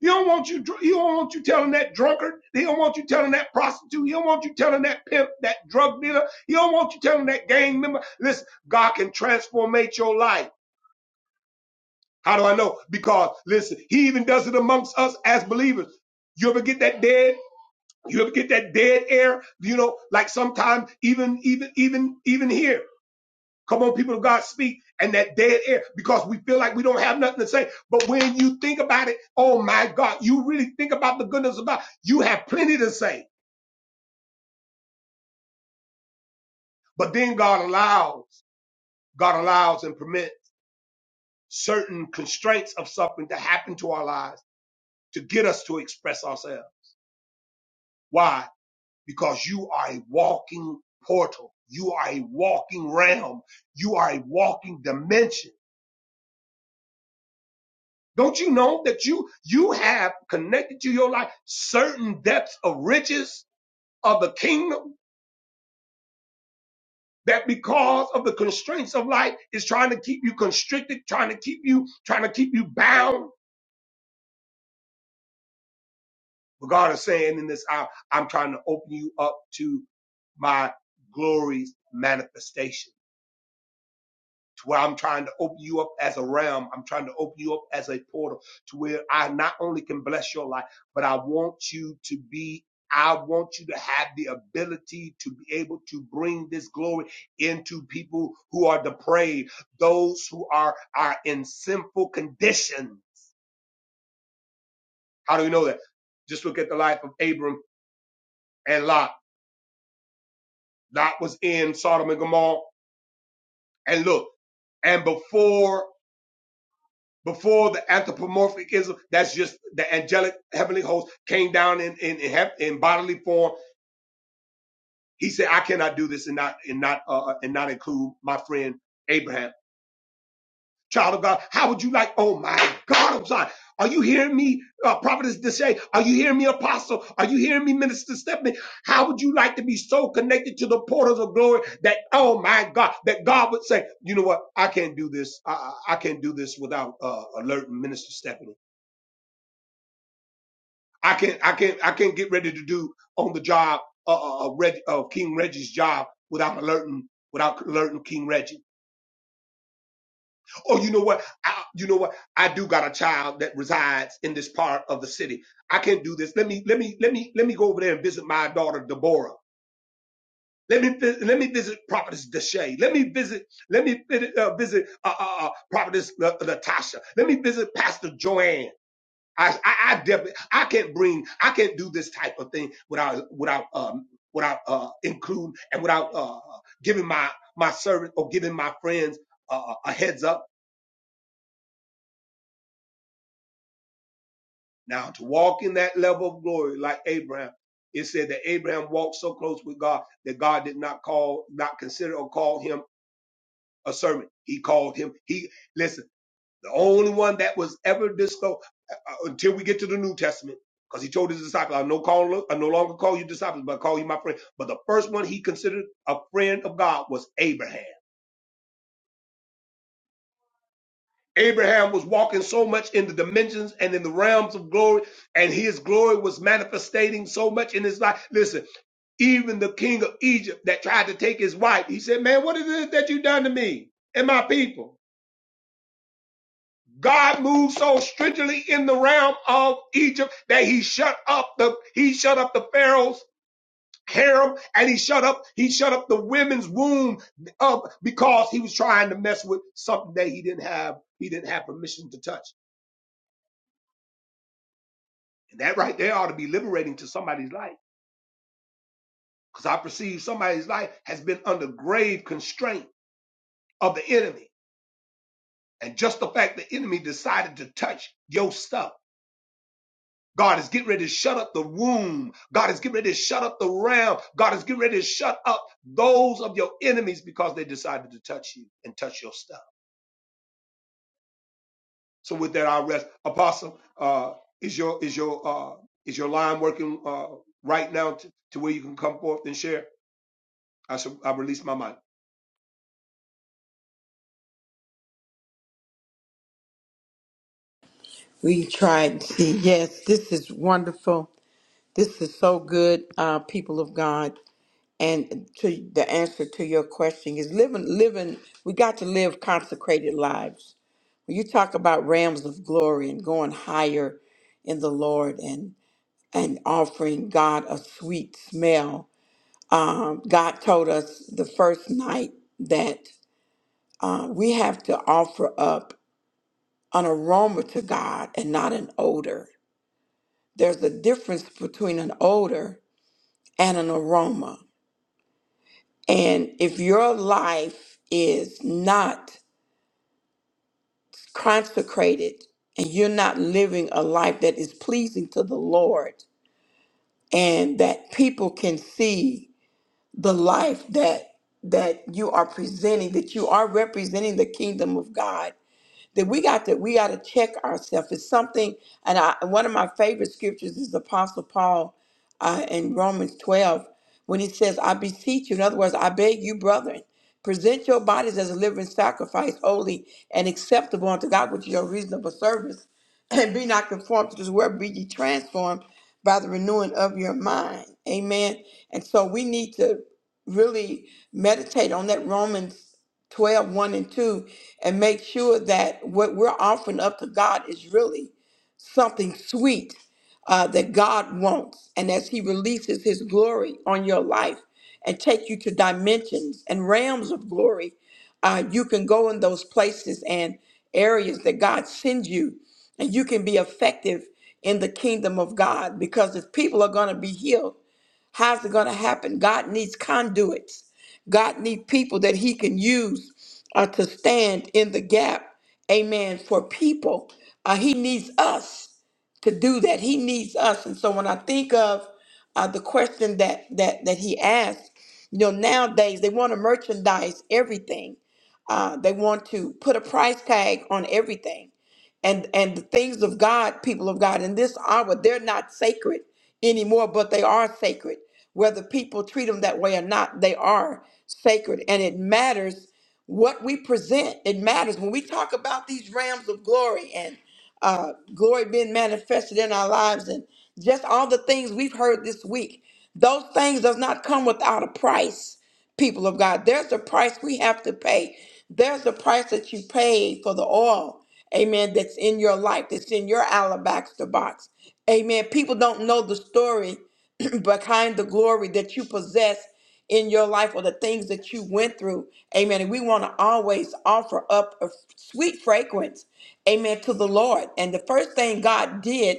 [SPEAKER 3] He don't want you. He don't want you telling that drunkard. He don't want you telling that prostitute. He don't want you telling that pimp, that drug dealer. He don't want you telling that gang member. Listen, God can transformate your life. How do I know? Because listen, He even does it amongst us as believers. You ever get that dead? You ever get that dead air? You know, like sometimes even, even, even, even here. Come on, people of God, speak and that dead air because we feel like we don't have nothing to say. But when you think about it, oh my God, you really think about the goodness of God. You have plenty to say. But then God allows, God allows and permits certain constraints of something to happen to our lives to get us to express ourselves. Why? Because you are a walking portal. You are a walking realm. You are a walking dimension Don't you know that you you have connected to your life certain depths of riches of the kingdom that because of the constraints of life is trying to keep you constricted, trying to keep you, trying to keep you bound. But God is saying in this hour, I'm trying to open you up to my glorious manifestation. to where I'm trying to open you up as a realm. I'm trying to open you up as a portal to where I not only can bless your life, but I want you to be I want you to have the ability to be able to bring this glory into people who are depraved, those who are are in sinful condition. How do we know that? Just look at the life of Abram and Lot. Lot was in Sodom and Gomorrah. And look, and before before the anthropomorphism, that's just the angelic heavenly host came down in in in, hea- in bodily form. He said, "I cannot do this and not and not uh, and not include my friend Abraham, child of God. How would you like? Oh my God, I'm sorry. Are you hearing me, uh, prophetess Deshay? Are you hearing me, apostle? Are you hearing me, minister Stephanie? How would you like to be so connected to the portals of glory that oh my God, that God would say, you know what? I can't do this. I I I can't do this without uh, alerting minister Stephanie." I can I can I can not get ready to do on the job uh, uh, uh, Reg, uh King Reggie's job without alerting without alerting King Reggie. Oh, you know what? I, you know what? I do got a child that resides in this part of the city. I can't do this. Let me let me let me let me go over there and visit my daughter Deborah. Let me vi- let me visit Prophetess Deshay. Let me visit let me vi- uh, visit uh, uh, uh, Prophetess La- Latasha. Let me visit Pastor Joanne. I, I, I definitely, I can't bring, I can't do this type of thing without, without, um, without, uh, including and without, uh, giving my, my servant or giving my friends uh, a heads up. Now to walk in that level of glory like Abraham, it said that Abraham walked so close with God that God did not call, not consider or call him a servant. He called him, he, listen. The only one that was ever disclosed uh, uh, until we get to the New Testament, because he told his disciples, I no, call, I no longer call you disciples, but I call you my friend. But the first one he considered a friend of God was Abraham. Abraham was walking so much in the dimensions and in the realms of glory, and his glory was manifesting so much in his life. Listen, even the king of Egypt that tried to take his wife, he said, Man, what is it that you done to me and my people? God moved so stringently in the realm of Egypt that he shut up the he shut up the Pharaoh's harem and he shut up he shut up the women's womb up because he was trying to mess with something that he didn't have he didn't have permission to touch. And that right there ought to be liberating to somebody's life because I perceive somebody's life has been under grave constraint of the enemy. And just the fact the enemy decided to touch your stuff God is getting ready to shut up the womb. God is getting ready to shut up the realm. God is getting ready to shut up those of your enemies because they decided to touch you and touch your stuff. So with that, I'll rest. Apostle, uh, is your is your uh, is your line working uh, right now to, to where you can come forth and share? I shall, I release my mic.
[SPEAKER 1] We tried and see. Yes, this is wonderful. This is so good, uh, people of God. And to the answer to your question is living, living. We got to live consecrated lives. When you talk about realms of glory and going higher in the Lord and and offering God a sweet smell. Um, God told us the first night that uh, we have to offer up. an aroma to God and not an odor. There's a difference between an odor and an aroma. And if your life is not consecrated and you're not living a life that is pleasing to the Lord and that people can see the life that that you are presenting that you are representing the kingdom of God that we got to we got to check ourselves. It's something, and I, one of my favorite scriptures is Apostle Paul uh, in Romans 12 when he says, "I beseech you." In other words, I beg you, brethren, present your bodies as a living sacrifice, holy and acceptable unto God, which is your reasonable service. And be not conformed to this world, be ye transformed by the renewing of your mind. Amen. And so we need to really meditate on that Romans Twelve, one and 2, and make sure that what we're offering up to God is really something sweet uh, that God wants. And as He releases His glory on your life and take you to dimensions and realms of glory, uh, you can go in those places and areas that God sends you, and you can be effective in the kingdom of God because if people are going to be healed, How's it going to happen? God needs conduits. God needs people that He can use uh, to stand in the gap, amen, for people. Uh, he needs us to do that. He needs us. And so when I think of uh, the question that, that, that He asked, you know, nowadays they want to merchandise everything, uh, they want to put a price tag on everything and and the things of God, people of God, in this hour, they're not sacred anymore, but they are sacred. Whether people treat them that way or not, they are sacred, and it matters what we present. It matters when we talk about these realms of glory and uh, glory being manifested in our lives, and just all the things we've heard this week. Those things does not come without a price people of God. There's a price we have to pay. There's a price that you pay for the oil, amen, that's in your life, that's in your alabaster box. Amen. People don't know the story behind the glory that you possess in your life or the things that you went through. Amen. And we want to always offer up a sweet fragrance, amen, to the Lord. And the first thing God did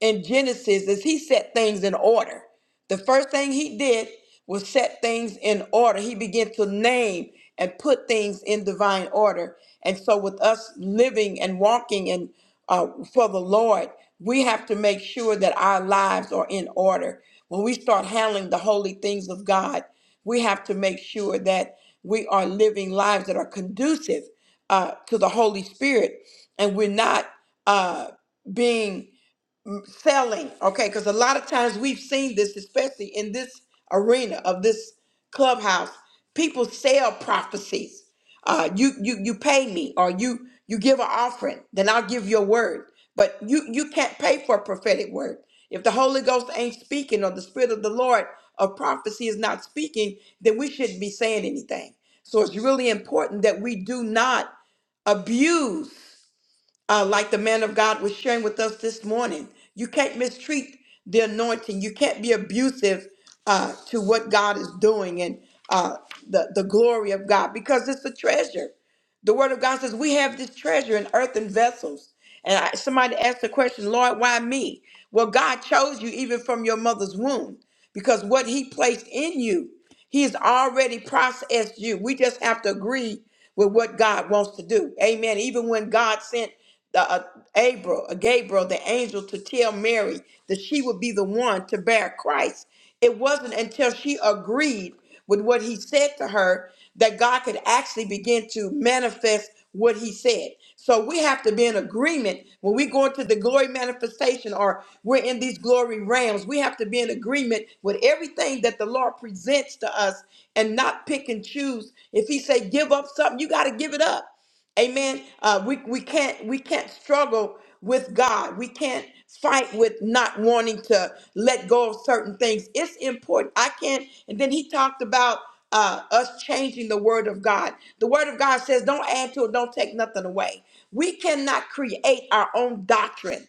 [SPEAKER 1] in Genesis is he set things in order. The first thing he did was set things in order. He began to name and put things in divine order. And so, with us living and walking and uh, for the Lord, we have to make sure that our lives are in order. When we start handling the holy things of God, we have to make sure that we are living lives that are conducive uh, to the Holy Spirit, and we're not uh, being selling okay because a lot of times we've seen this especially in this arena of this clubhouse people sell prophecies uh you you you pay me or you you give an offering then i'll give your word but you you can't pay for a prophetic word if the holy ghost ain't speaking or the spirit of the lord of prophecy is not speaking then we shouldn't be saying anything so it's really important that we do not abuse uh, like the man of God was sharing with us this morning. You can't mistreat the anointing. You can't be abusive uh, to what God is doing and uh, the the glory of God because it's a treasure. The word of God says we have this treasure in earthen vessels. And I, somebody asked the question, Lord, why me? Well, God chose you even from your mother's womb because what He placed in you, He has already processed you. We just have to agree with what God wants to do. Amen. Even when God sent the, uh, Abra- Gabriel, the angel, to tell Mary that she would be the one to bear Christ. It wasn't until she agreed with what he said to her that God could actually begin to manifest what he said. So we have to be in agreement when we go into the glory manifestation or we're in these glory realms. We have to be in agreement with everything that the Lord presents to us and not pick and choose. If he say give up something, you got to give it up. Amen. Uh, we we can't we can't struggle with God. We can't fight with not wanting to let go of certain things. It's important. I can't. And then he talked about uh, us changing the word of God. The word of God says, "Don't add to it. Don't take nothing away." We cannot create our own doctrine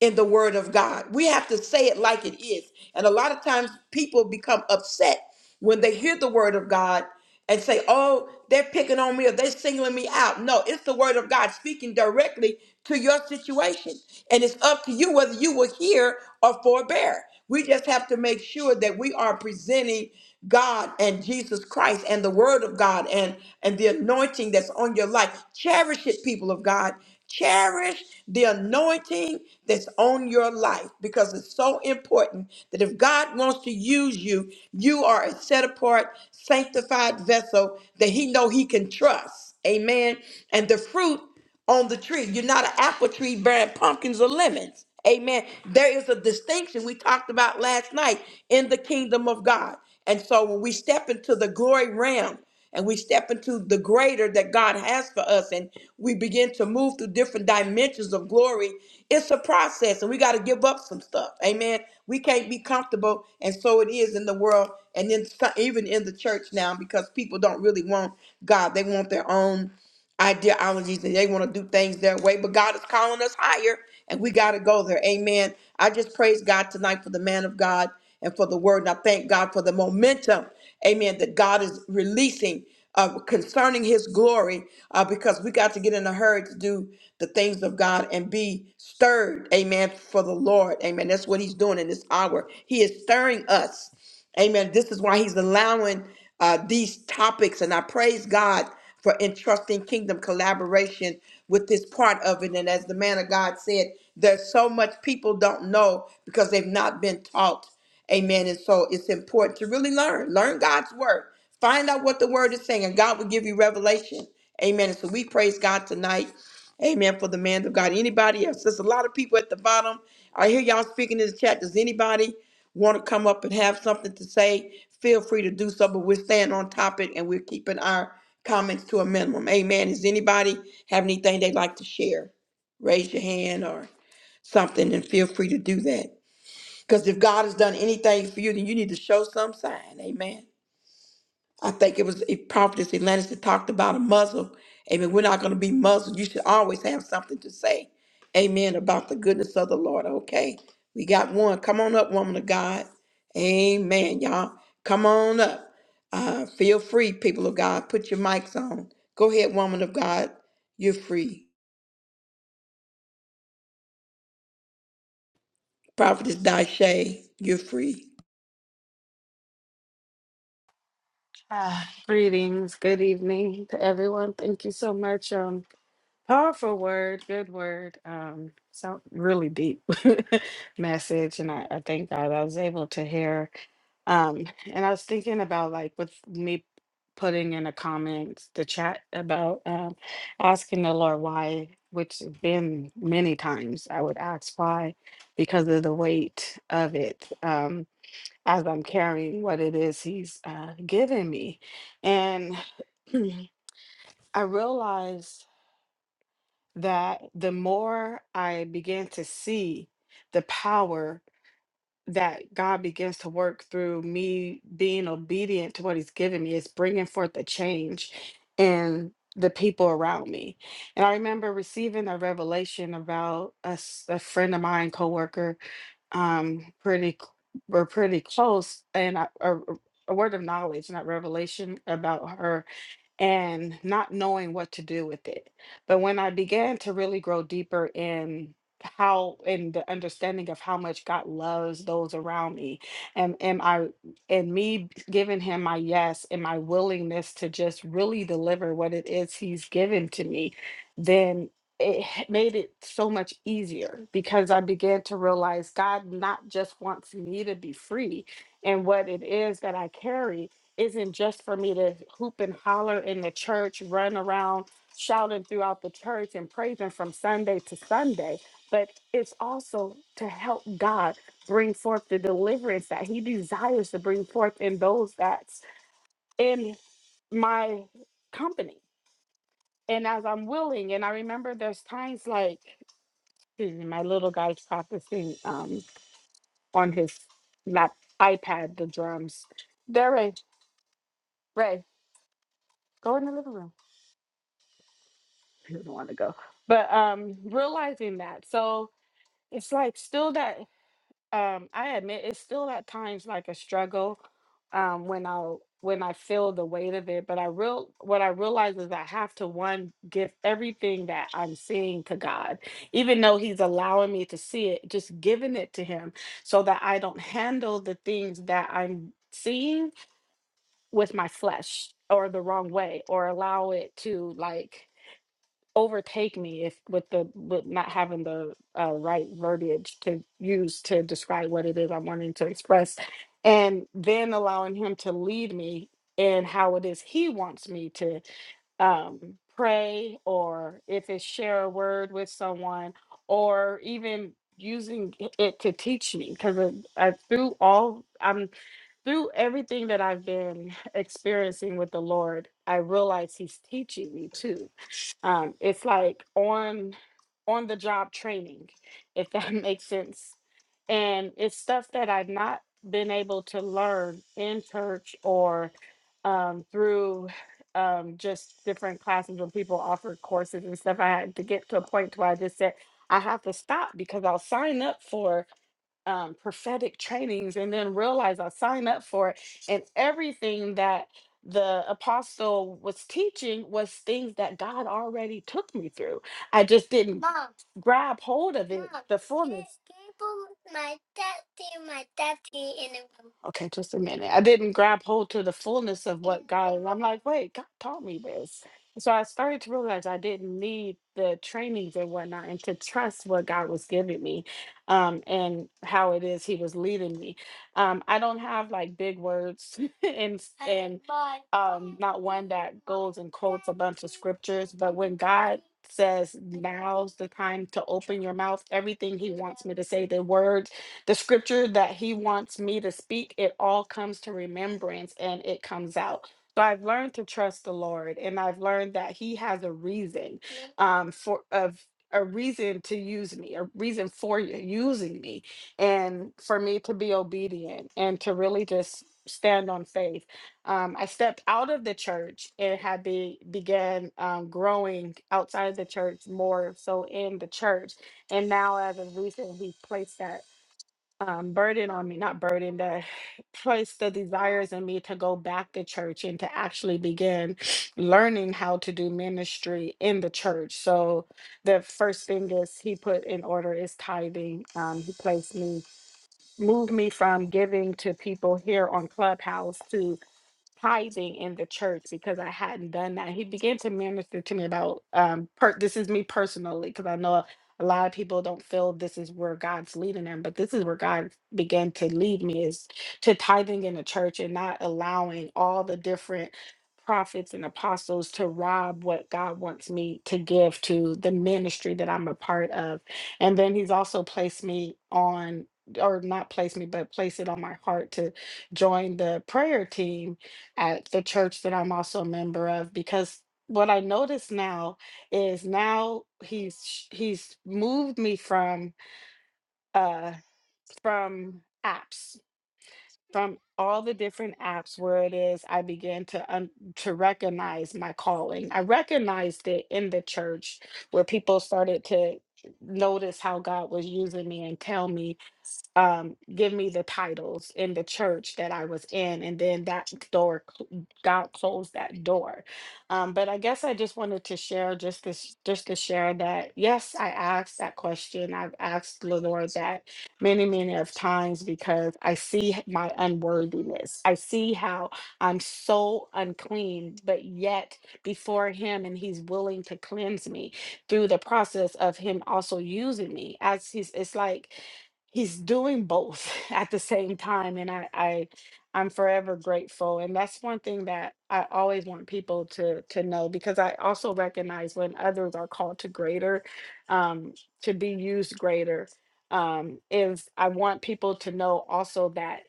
[SPEAKER 1] in the word of God. We have to say it like it is. And a lot of times people become upset when they hear the word of God and say, oh, they're picking on me or they're singling me out. No, it's the word of God speaking directly to your situation. And it's up to you whether you will hear or forbear. We just have to make sure that we are presenting. God and Jesus Christ and the word of God and and the anointing that's on your life. Cherish it, people of God. Cherish the anointing that's on your life because it's so important that if God wants to use you, you are a set apart, sanctified vessel that he know he can trust. Amen. And the fruit on the tree. You're not an apple tree bearing pumpkins or lemons. Amen. There is a distinction we talked about last night in the kingdom of God. And so when we step into the glory realm and we step into the greater that God has for us and we begin to move through different dimensions of glory, it's a process and we got to give up some stuff. Amen. We can't be comfortable. And so it is in the world and then so- even in the church now because people don't really want God, they want their own ideologies and they want to do things their way, but God is calling us higher and we got to go there. Amen. I just praise God tonight for the man of God and for the word. And I thank God for the momentum, amen, that God is releasing uh, concerning his glory uh, because we got to get in a hurry to do the things of God and be stirred, amen, for the Lord. Amen. That's what he's doing in this hour. He is stirring us. Amen. This is why he's allowing uh, these topics, and I praise God for entrusting kingdom collaboration with this part of it. And as the man of God said, there's so much people don't know because they've not been taught. Amen. And so it's important to really learn, learn God's word, find out what the word is saying, and God will give you revelation. Amen. And so we praise God tonight. Amen. For the man of God. Anybody else? There's a lot of people at the bottom. I hear y'all speaking in the chat. Does anybody want to come up and have something to say? Feel free to do so, but we're staying on topic and we're keeping our comments to a minimum. Amen. Does anybody have anything they'd like to share? Raise your hand or something and feel free to do that. Because if God has done anything for you, then you need to show some sign. Amen. I think it was if Prophetess Atlantis that talked about a muzzle. Amen. We're not going to be muzzled. You should always have something to say. Amen. About the goodness of the Lord. Okay. We got one. Come on up, woman of God. Amen, y'all. Come on up. Uh, feel free, people of God. Put your mics on. Go ahead, woman of God. You're free. Prophetess Dashe, you're free.
[SPEAKER 9] Ah, greetings. Good evening to everyone. Thank you so much. Um, powerful word, good word. Um, so really deep message, and I, I thank God I was able to hear. Um, and I was thinking about like with me putting in the comments, the chat about um, asking the Lord why, which has been many times. I would ask why because of the weight of it. Um, as I'm carrying what it is He's uh, given me. And I realized that the more I began to see the power that God begins to work through me being obedient to what He's given me, is bringing forth a change in the people around me. And I remember receiving a revelation about a, s- a friend of mine, coworker, um pretty c- we're pretty close and I- a, a word of knowledge not revelation about her and not knowing what to do with it. But when I began to really grow deeper in how in the understanding of how much God loves those around me and am I and me giving him my yes and my willingness to just really deliver what it is he's given to me, then it h- made it so much easier because I began to realize God not just wants me to be free and what it is that I carry, isn't just for me to hoop and holler in the church, run around shouting throughout the church and praising from Sunday to Sunday, but it's also to help God bring forth the deliverance that He desires to bring forth in those that's in my company. And as I'm willing, and I remember there's times like excuse me, my little guy's practicing um, on his lap iPad the drums. There, Ray, Ray, go in the living room I don't want to go. But um realizing that. So it's like still that um I admit it's still at times like a struggle um when I'll when I feel the weight of it. But I real what I realize is I have to one give everything that I'm seeing to God. Even though He's allowing me to see it, just giving it to Him so that I don't handle the things that I'm seeing with my flesh or the wrong way or allow it to like overtake me if with the with not having the uh, right verbiage to use to describe what it is I'm wanting to express, and then allowing him to lead me in how it is he wants me to um, pray, or if it's share a word with someone, or even using i- it to teach me because I, through all I'm through everything that I've been experiencing with the Lord, I realize He's teaching me too um, it's like on on the job training, if that makes sense. And it's stuff that I've not been able to learn in church or um, through um, just different classes when people offered courses and stuff. I had to get to a point to where I just said, I have to stop because I'll sign up for um, prophetic trainings and then realize I signed up for it. And everything that the apostle was teaching was things that God already took me through. I just didn't Mom, grab hold of it, Mom, the fullness. can- you put my daddy, my daddy in the room? Okay, just a minute. I didn't grab hold to the fullness of what God, I'm like, wait, God taught me this. And So I started to realize I didn't need the trainings and whatnot and to trust what God was giving me um, and how it is he was leading me. Um, I don't have like big words and s- and um, not one that goes and quotes a bunch of scriptures, but when God says now's the time to open your mouth, everything he wants me to say, the words, the scripture that he wants me to speak, it all comes to remembrance and it comes out. So I've learned to trust the Lord and I've learned that he has a reason um, for of a reason to use me, a reason for you using me, and for me to be obedient and to really just stand on faith. Um, I stepped out of the church and had be, began um, growing outside of the church more so in the church. And now, as of recently, we placed that um, burden on me, not burden, that placed the desires in me to go back to church and to actually begin learning how to do ministry in the church. So the first thing is he put in order is tithing. Um, he placed me, moved me from giving to people here on Clubhouse to tithing in the church because I hadn't done that. He began to minister to me about um per- this is me personally because I know a lot of people don't feel this is where God's leading them, but this is where God began to lead me is to tithing in the church and not allowing all the different prophets and apostles to rob what God wants me to give to the ministry that I'm a part of. And then he's also placed me on or not placed me, but placed it on my heart to join the prayer team at the church that I'm also a member of because what I notice now is now he's sh- he's moved me from uh from apps from all the different apps where it is I began to un- to recognize my calling. I recognized it in the church where people started to notice how God was using me and tell me um, give me the titles in the church that I was in, and then that door, cl- God closed that door. Um, but I guess I just wanted to share just this, just to share that yes, I asked that question. I've asked the Lord that many, many of times because I see h- my unworthiness. I see how I'm so unclean, but yet before Him, and He's willing to cleanse me through the process of Him also using me as He's. It's like he's doing both at the same time and I, I i'm forever grateful and that's one thing that i always want people to to know because i also recognize when others are called to greater um to be used greater um is i want people to know also that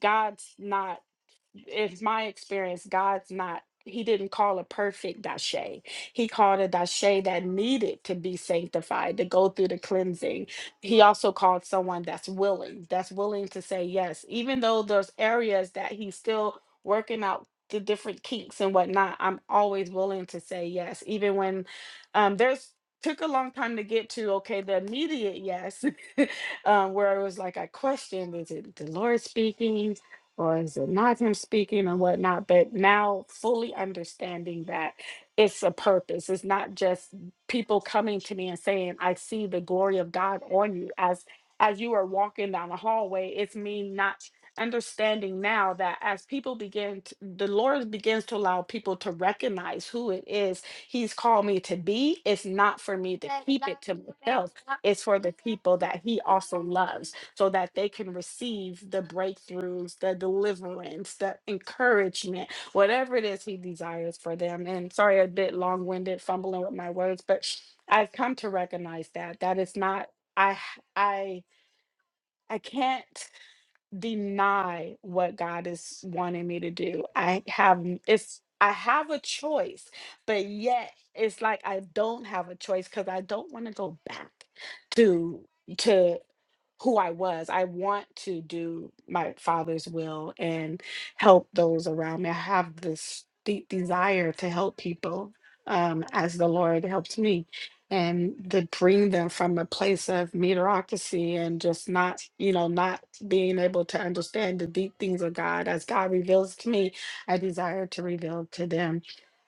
[SPEAKER 9] god's not it's my experience, God's not, He didn't call a perfect dashe. He called a dashe that needed to be sanctified, to go through the cleansing. He also called someone that's willing, that's willing to say yes, even though there's areas that He's still working out the different kinks and whatnot. I'm always willing to say yes, even when um, there's took a long time to get to okay the immediate yes um, where it was like i questioned is it the lord speaking or is it not him speaking and whatnot? But now fully understanding that it's a purpose. It's not just people coming to me and saying, I see the glory of God on you as as you are walking down the hallway. It's me not understanding now that as people begin to, the lord begins to allow people to recognize who it is he's called me to be it's not for me to keep it to myself it's for the people that he also loves so that they can receive the breakthroughs, the deliverance, the encouragement, whatever it is He desires for them. And sorry, a bit long winded, fumbling with my words, but I've come to recognize that that is not. I I I can't deny what God is wanting me to do. I have n- it's I have a choice, but yet it's like I don't have a choice because I don't want to go back to to who I was. I want to do my father's will and help those around me. I have this deep desire to help people um, as the Lord helps me and to bring them from a place of mediocrity and just not, you know, not being able to understand the deep things of God. As God reveals to me, I desire to reveal to them.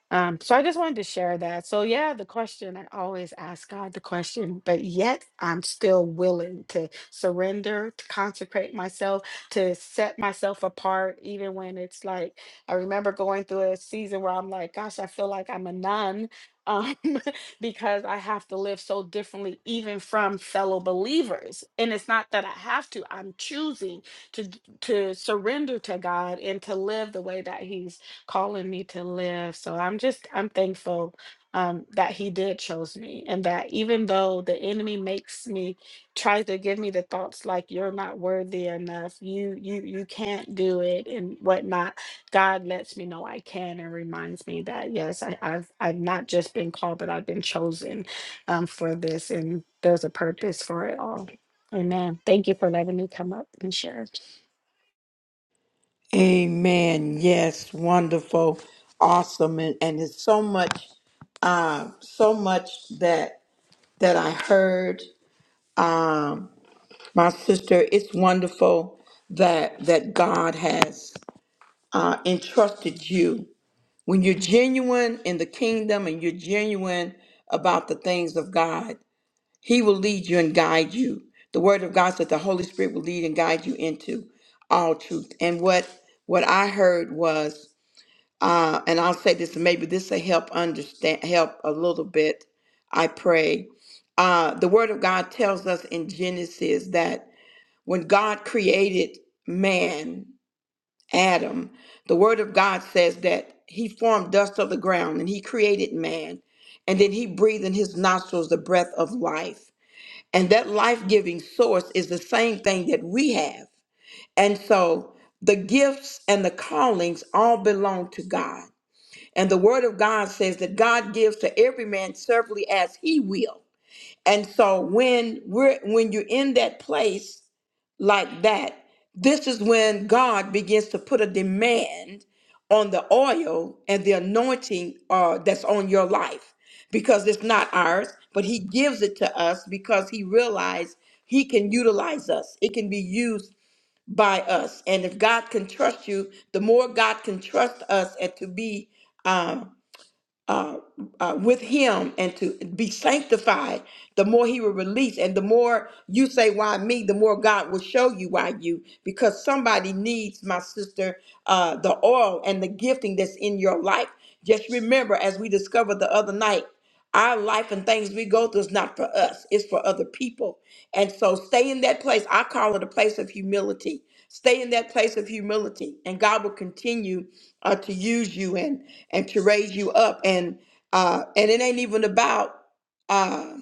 [SPEAKER 9] Um, so I just wanted to share that. So yeah, the question I always ask God the question, but yet I'm still willing to surrender, to consecrate myself, to set myself apart, even when it's like I remember going through a season where I'm like, gosh, I feel like I'm a nun. Um, because I have to live so differently, even from fellow believers. And it's not that I have to, I'm choosing to to surrender to God and to live the way that He's calling me to live. So I'm just I'm thankful um, that He did chose me, and that even though the enemy makes me tries to give me the thoughts like you're not worthy enough, you you you can't do it, and whatnot, God lets me know I can and reminds me that yes, I, I've I've not just been called, but I've been chosen um, for this, and there's a purpose for it all. Amen. Thank you for letting me come up and share.
[SPEAKER 1] Amen. Yes. Wonderful. Awesome. And, and it's so much uh, so much that that I heard. Um, my sister, it's wonderful that that God has uh, entrusted you. When you're genuine in the kingdom and you're genuine about the things of God, He will lead you and guide you. The Word of God said the Holy Spirit will lead and guide you into all truth. And what what I heard was uh, and I'll say this, maybe this will help understand, help a little bit. I pray. Uh, the Word of God tells us in Genesis that when God created man, Adam, the Word of God says that He formed dust of the ground and He created man, and then He breathed in His nostrils the breath of life, and that life-giving source is the same thing that we have. And so, the gifts and the callings all belong to God. And the word of God says that God gives to every man severally as he will. And so when we're when you're in that place like that, this is when God begins to put a demand on the oil and the anointing uh, that's on your life because it's not ours, but He gives it to us because He realized He can utilize us. It can be used by us. And if God can trust you, the more God can trust us and to be um, uh, uh, with him and to be sanctified, the more he will release. And the more you say, Why me? the more God will show you why you. Because somebody needs, my sister, uh, the oil and the gifting that's in your life. Just remember, as we discovered the other night, our life and things we go through is not for us, it's for other people. And so stay in that place. I call it a place of humility. Stay in that place of humility, and God will continue uh, to use you and and to raise you up. And uh, and it ain't even about. uh,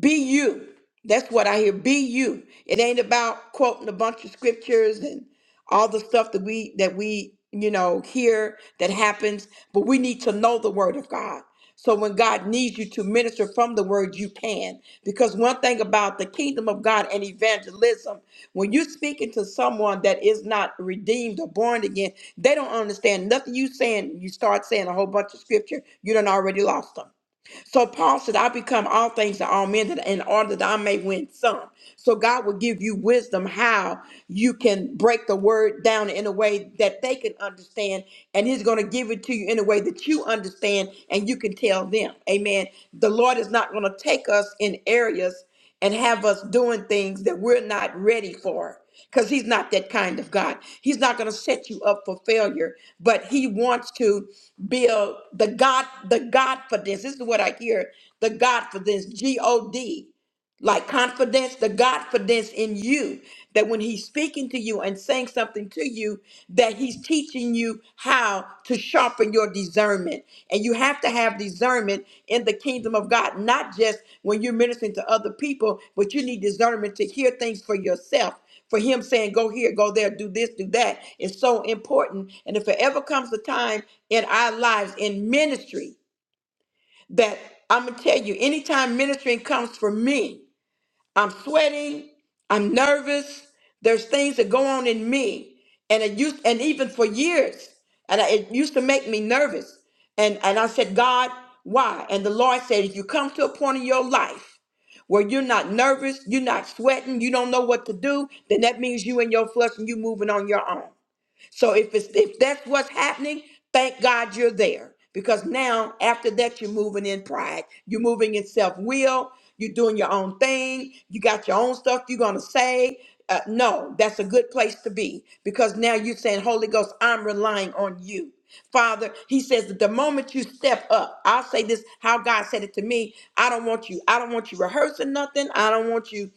[SPEAKER 1] be you. That's what I hear. Be you. It ain't about quoting a bunch of scriptures and all the stuff that we that we you know hear that happens, but we need to know the word of God. So when God needs you to minister from the word, you can. Because one thing about the kingdom of God and evangelism, when you're speaking to someone that is not redeemed or born again, they don't understand nothing you saying. You start saying a whole bunch of scripture, you done already lost them. So Paul said, I become all things to all men that in order that I may win some. So God will give you wisdom how you can break the word down in a way that they can understand. And He's going to give it to you in a way that you understand and you can tell them. Amen. The Lord is not going to take us in areas and have us doing things that we're not ready for because he's not that kind of God. He's not going to set you up for failure, but he wants to build the God, the God for this. This is what I hear, the God for this, G-O-D like confidence, the confidence in you that when he's speaking to you and saying something to you, that he's teaching you how to sharpen your discernment. And you have to have discernment in the kingdom of God, not just when you're ministering to other people, but you need discernment to hear things for yourself. For him saying, go here, go there, do this, do that is so important. And if it ever comes a time in our lives in ministry that I'm gonna tell you, anytime ministering comes for me, I'm sweating. I'm nervous. There's things that go on in me, and it used, and even for years, and I, it used to make me nervous. And and I said, God, why? And the Lord said, if you come to a point in your life where you're not nervous, you're not sweating, you don't know what to do, then that means you in your flesh and you moving on your own. So if it's if that's what's happening, thank God you're there. Because now after that you're moving in pride. You're moving in self-will. You're doing your own thing. You got your own stuff you're gonna say. Uh, no, that's a good place to be because now you're saying, Holy Ghost, I'm relying on you. Father, he says that the moment you step up, I'll say this how God said it to me. I don't want you, I don't want you rehearsing nothing. I don't want you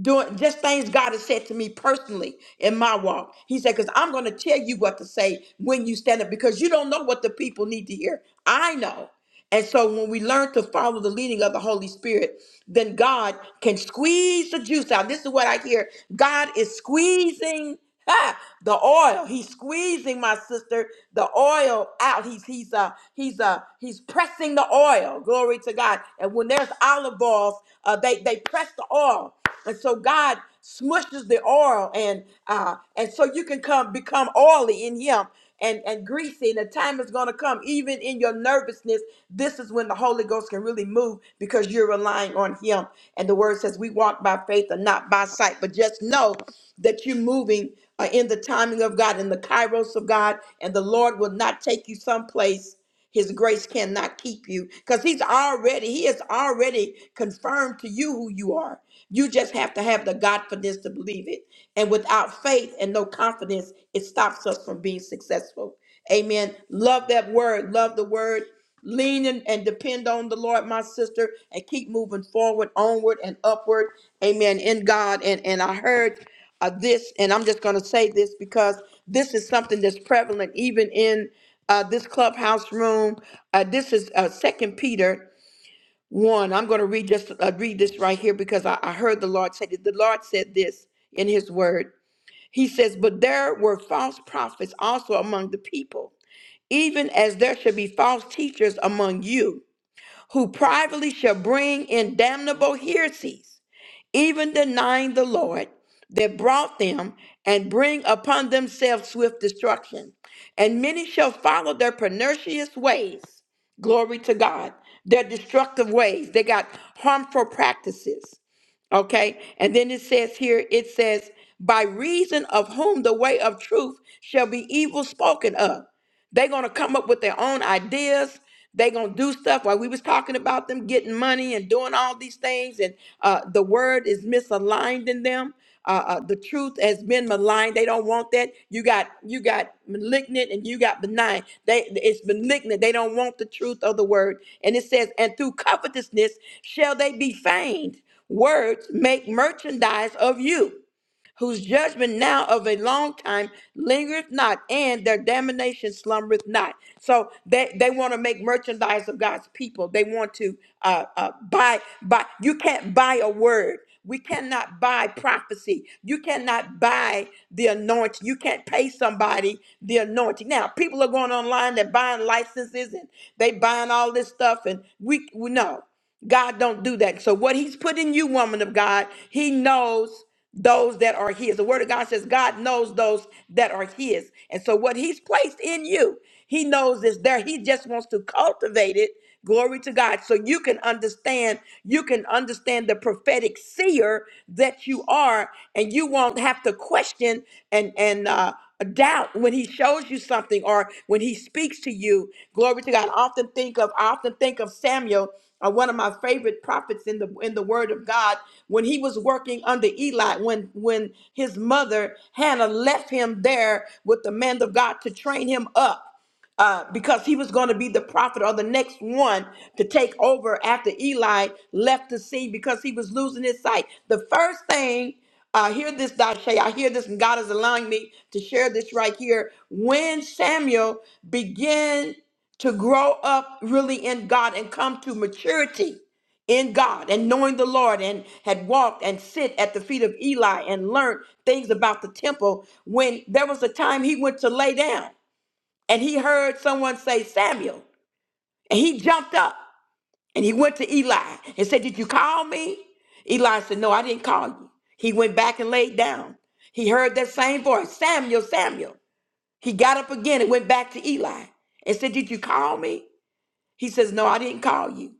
[SPEAKER 1] doing just things God has said to me personally in my walk. He said, because I'm going to tell you what to say when you stand up because you don't know what the people need to hear. I know. And so when we learn to follow the leading of the Holy Spirit, then God can squeeze the juice out. This is what I hear God is squeezing. Ha! the oil. He's squeezing my sister the oil out. He's he's uh he's uh he's pressing the oil. Glory to God. And when there's olive oils, uh, they they press the oil, and so God smushes the oil, and uh and so you can come become oily in Him and, and greasy, and the time is going to come, even in your nervousness, this is when the Holy Ghost can really move because you're relying on Him. And the Word says, We walk by faith and not by sight. But just know that you're moving uh, in the timing of God, in the kairos of God, and the Lord will not take you someplace. His grace cannot keep you because he's already, he has already confirmed to you who you are. You just have to have the confidence to believe it. And without faith and no confidence, it stops us from being successful. Amen. Love that word. Love the word. Lean in and depend on the Lord, my sister, and keep moving forward, onward, and upward. Amen. In God. And and I heard uh, this, and I'm just going to say this because this is something that's prevalent even in uh, this clubhouse room. Uh, this is uh, Second Peter one. I'm going to read just uh, read this right here because I, I heard the Lord say that the Lord said this in His Word. He says, "But there were false prophets also among the people, even as there shall be false teachers among you, who privately shall bring in damnable heresies." even denying the Lord that brought them, and bring upon themselves swift destruction. And many shall follow their pernicious ways. Glory to God. Their destructive ways. They got harmful practices. Okay. And then it says here, it says, by reason of whom the way of truth shall be evil spoken of. They're gonna come up with their own ideas. They're gonna do stuff while we was talking about them getting money and doing all these things, and uh, the word is misaligned in them. Uh, uh, the truth has been maligned. They don't want that. You got you got malignant and you got benign. They it's malignant. They don't want the truth of the word. And it says, and through covetousness shall they be feigned. Words make merchandise of you whose judgment now of a long time lingereth not, and their damnation slumbereth not. So they, they want to make merchandise of God's people. They want to uh, uh, buy, buy. You can't buy a word. We cannot buy prophecy. You cannot buy the anointing. You can't pay somebody the anointing. Now, people are going online, they're buying licenses and they buying all this stuff, and we, we know. God don't do that. So what he's put in you, woman of God, he knows those that are his. The word of God says God knows those that are his. And so what he's placed in you, he knows is there. He just wants to cultivate it. Glory to God. So you can understand, you can understand the prophetic seer that you are, and you won't have to question and and uh doubt when he shows you something or when he speaks to you glory to god I often think of i often think of samuel uh, one of my favorite prophets in the in the Word of God, when he was working under Eli, when when his mother Hannah left him there with the man of God to train him up. Uh, because he was going to be the prophet or the next one to take over after Eli left the scene because he was losing his sight. The first thing uh, I hear this, Dashay. I hear this, and God is allowing me to share this right here. When Samuel began to grow up really in God and come to maturity in God and knowing the Lord and had walked and sit at the feet of Eli and learned things about the temple when there was a time he went to lay down and he heard someone say Samuel and he jumped up and he went to Eli and said did you call me Eli said no I didn't call you he went back and laid down he heard that same voice Samuel Samuel he got up again and went back to Eli and said did you call me he says, No, I didn't call you.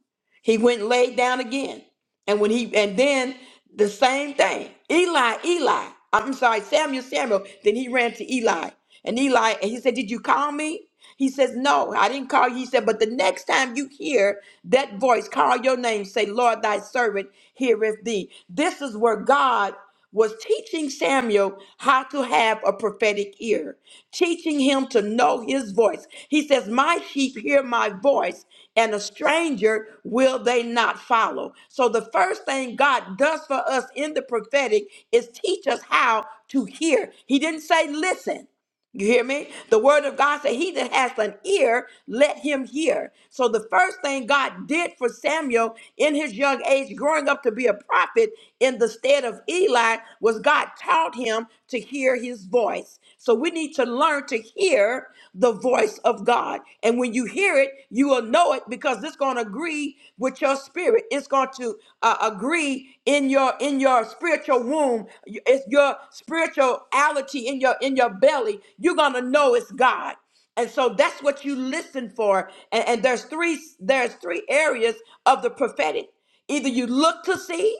[SPEAKER 1] He went and laid down again. And when he and then the same thing. Eli, Eli. I'm sorry, Samuel, Samuel. Then he ran to Eli. And Eli, and he said, Did you call me? He says, No, I didn't call you. He said, But the next time you hear that voice, call your name, say, Lord, thy servant heareth thee. This is where God was teaching Samuel how to have a prophetic ear, teaching him to know his voice. He says, My sheep hear my voice, and a stranger will they not follow. So, the first thing God does for us in the prophetic is teach us how to hear. He didn't say listen, you hear me? The word of God said, He that has an ear, let him hear. So, the first thing God did for Samuel in his young age, growing up to be a prophet in the stead of Eli, was God taught him to hear his voice. So, we need to learn to hear the voice of God. And when you hear it, you will know know it because it's going to agree with your spirit. It's going to uh, agree in your in your spiritual womb. It's your spirituality in your in your belly. You're going to know it's God. And so that's what you listen for. And, and there's three there's three areas of the prophetic. Either you look to see,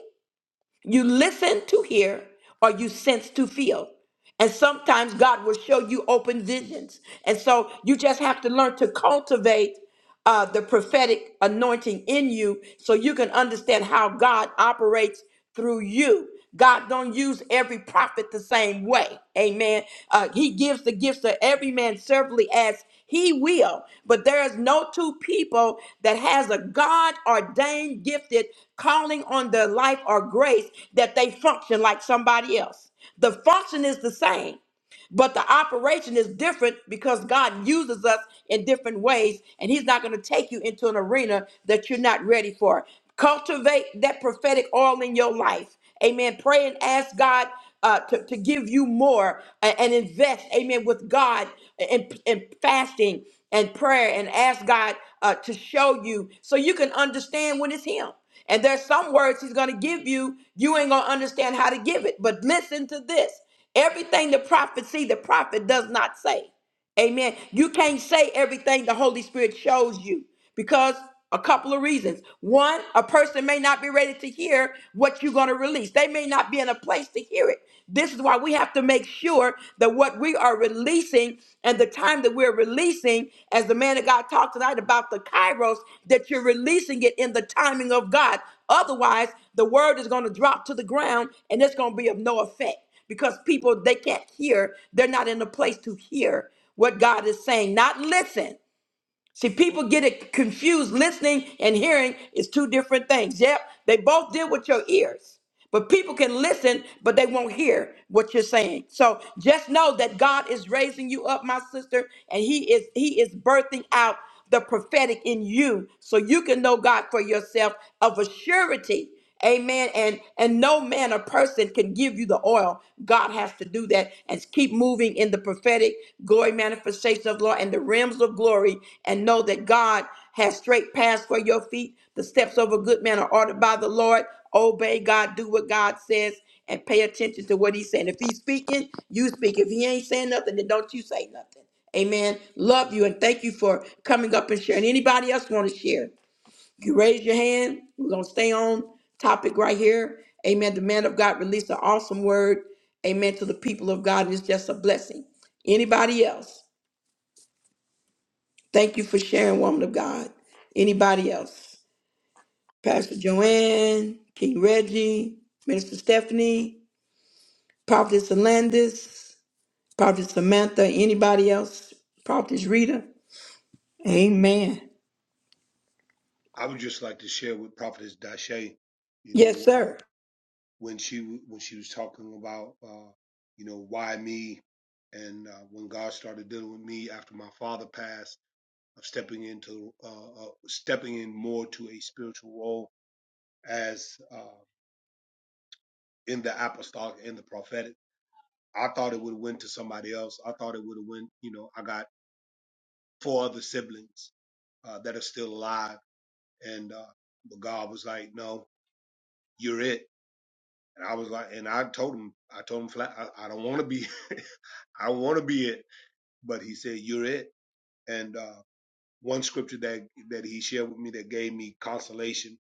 [SPEAKER 1] you listen to hear or you sense to feel. And sometimes God will show you open visions. And so you just have to learn to cultivate uh, the prophetic anointing in you so you can understand how God operates through you. God don't use every prophet the same way. Amen. Uh, he gives the gifts to every man severally as he will. But there is no two people that has a God ordained gifted calling on their life or grace that they function like somebody else. The function is the same. But the operation is different because God uses us in different ways, and He's not going to take you into an arena that you're not ready for. Cultivate that prophetic oil in your life. Amen. Pray and ask God uh, to, to give you more a- and invest, amen, with God in, in fasting and prayer and ask God uh, to show you so you can understand when it's Him. And there's some words He's going to give you, you ain't going to understand how to give it. But listen to this. Everything the prophet see, the prophet does not say. Amen. You can't say everything the Holy Spirit shows you because a couple of reasons. One, a person may not be ready to hear what you're going to release, they may not be in a place to hear it. This is why we have to make sure that what we are releasing and the time that we're releasing, as the man of God talked tonight about the kairos, that you're releasing it in the timing of God. Otherwise, the word is going to drop to the ground and it's going to be of no effect because people they can't hear they're not in a place to hear what God is saying, not listen. See, people get it confused. Listening and hearing is two different things. Yep, they both deal with your ears. But people can listen, but they won't hear what you're saying. So just know that God is raising you up, my sister, and He is He is birthing out the prophetic in you so you can know God for yourself of a surety. Amen. And and no man or person can give you the oil. God has to do that and keep moving in the prophetic glory manifestation of law and the realms of glory and know that God has straight paths for your feet. The steps of a good man are ordered by the Lord. Obey God, do what God says, and pay attention to what He's saying. If He's speaking, you speak. If He ain't saying nothing, then don't you say nothing. Amen. Love you and thank you for coming up and sharing. Anybody else want to share? You raise your hand. We're going to stay on topic right here. Amen. The man of God released an awesome word. Amen. To the people of God. It's just a blessing. Anybody else? Thank you for sharing, woman of God. Anybody else? Pastor Joanne, King Reggie, Minister Stephanie, Prophetess Alandis, Prophetess Samantha, anybody else? Prophetess Rita. Amen.
[SPEAKER 3] I would just like to share with Prophetess Dashe. You
[SPEAKER 1] Yes,
[SPEAKER 3] know, uh,
[SPEAKER 1] sir.
[SPEAKER 3] when she when she was talking about uh, you know why me, and uh, when God started dealing with me after my father passed, of stepping into uh, uh, stepping in more to a spiritual role as uh, in the apostolic and the prophetic. I thought it would have went to somebody else. I thought it would have went. You know, I got four other siblings uh, that are still alive, and uh, but God was like, no, you're it. And I was like, and I told him, I told him flat, I, I don't want to be I want to be it. but he said you're it and uh, one scripture that that he shared with me that gave me consolation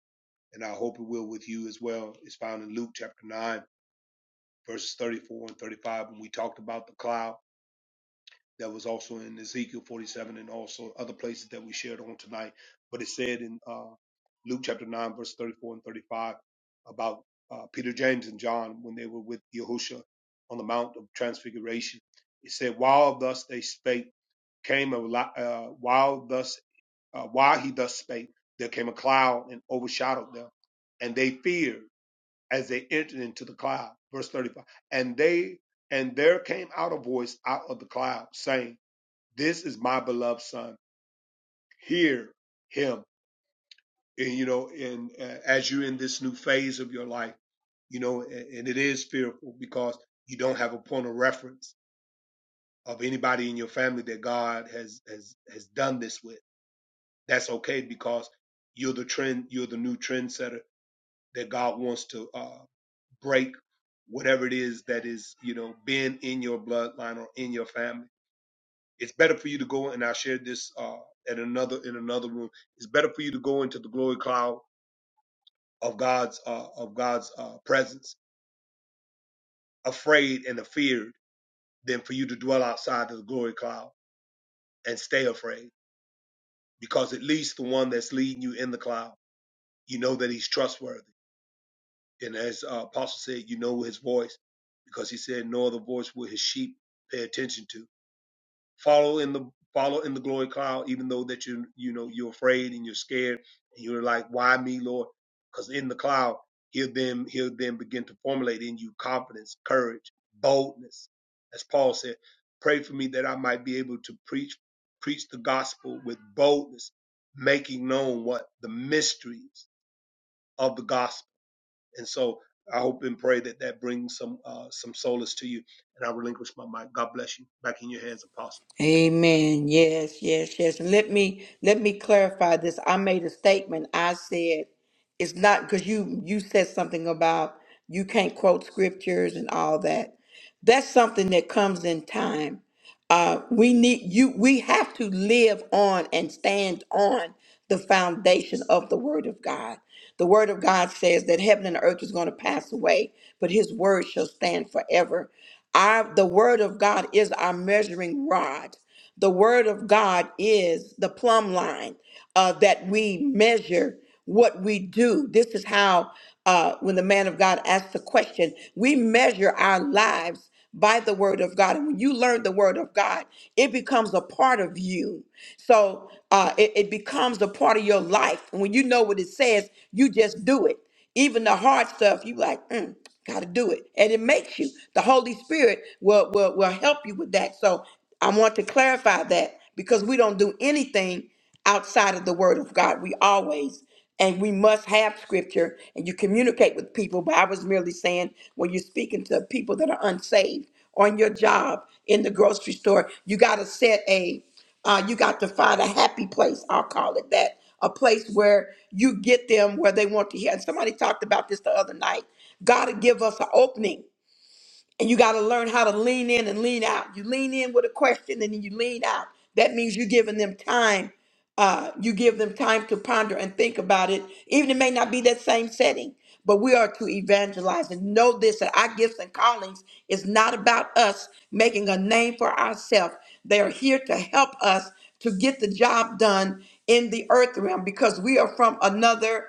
[SPEAKER 3] and i hope it will with you as well is found in luke chapter 9 verses 34 and 35 when we talked about the cloud that was also in ezekiel 47 and also other places that we shared on tonight but it said in uh, luke chapter 9 verse 34 and 35 about uh, peter james and john when they were with Yahushua on the mount of transfiguration it said while thus they spake came a uh, while thus uh, while he thus spake, there came a cloud and overshadowed them, and they feared as they entered into the cloud. Verse thirty-five. And they and there came out a voice out of the cloud saying, "This is my beloved son. Hear him." And you know, and uh, as you're in this new phase of your life, you know, and, and it is fearful because you don't have a point of reference of anybody in your family that God has has has done this with that's okay because you're the trend, you're the new trendsetter that God wants to uh, break whatever it is that is, you know, being in your bloodline or in your family. It's better for you to go, and I shared this uh, at another in another room. It's better for you to go into the glory cloud of God's uh, of God's uh, presence, afraid and afeared, than for you to dwell outside of the glory cloud and stay afraid, because at least the one that's leading you in the cloud, you know that He's trustworthy And as uh, Apostle said, you know his voice because he said, no other voice will his sheep pay attention to. Follow in the follow in the glory cloud, even though that you you know you're afraid and you're scared and you're like, why me, Lord? Because in the cloud, he'll then he'll then begin to formulate in you confidence, courage, boldness. As Paul said, pray for me that I might be able to preach preach the gospel with boldness, making known what the mysteries of the gospel and so I hope and pray that that brings some uh, some solace to you. And I relinquish my mic. God bless you. Back in your hands, Apostle.
[SPEAKER 1] Amen. Yes, yes, yes. And let me let me clarify this. I made a statement. I said it's not because you you said something about you can't quote scriptures and all that. That's something that comes in time. Uh, we need you. We have to live on and stand on the foundation of the Word of God. The Word of God says that heaven and earth is going to pass away, but His Word shall stand forever. Our the Word of God is our measuring rod. The Word of God is the plumb line uh, that we measure what we do. This is how, uh, when the man of God asks the question, we measure our lives by the Word of God. And when you learn the Word of God, it becomes a part of you. So uh, it, it becomes a part of your life. And when you know what it says, you just do it. Even the hard stuff, you like, mm, gotta do it. And it makes you. The Holy Spirit will, will will help you with that. So I want to clarify that because we don't do anything outside of the word of God. We always and we must have scripture and you communicate with people. But I was merely saying when you're speaking to people that are unsaved on your job in the grocery store, you gotta set a uh, you got to find a happy place, I'll call it that, a place where you get them where they want to hear. And somebody talked about this the other night. God will give us an opening and you got to learn how to lean in and lean out. You lean in with a question and then you lean out. That means you're giving them time. Uh, you give them time to ponder and think about it. Even it may not be that same setting, but we are to evangelize and know this that our gifts and callings is not about us making a name for ourselves. They are here to help us to get the job done in the earth realm because we are from another.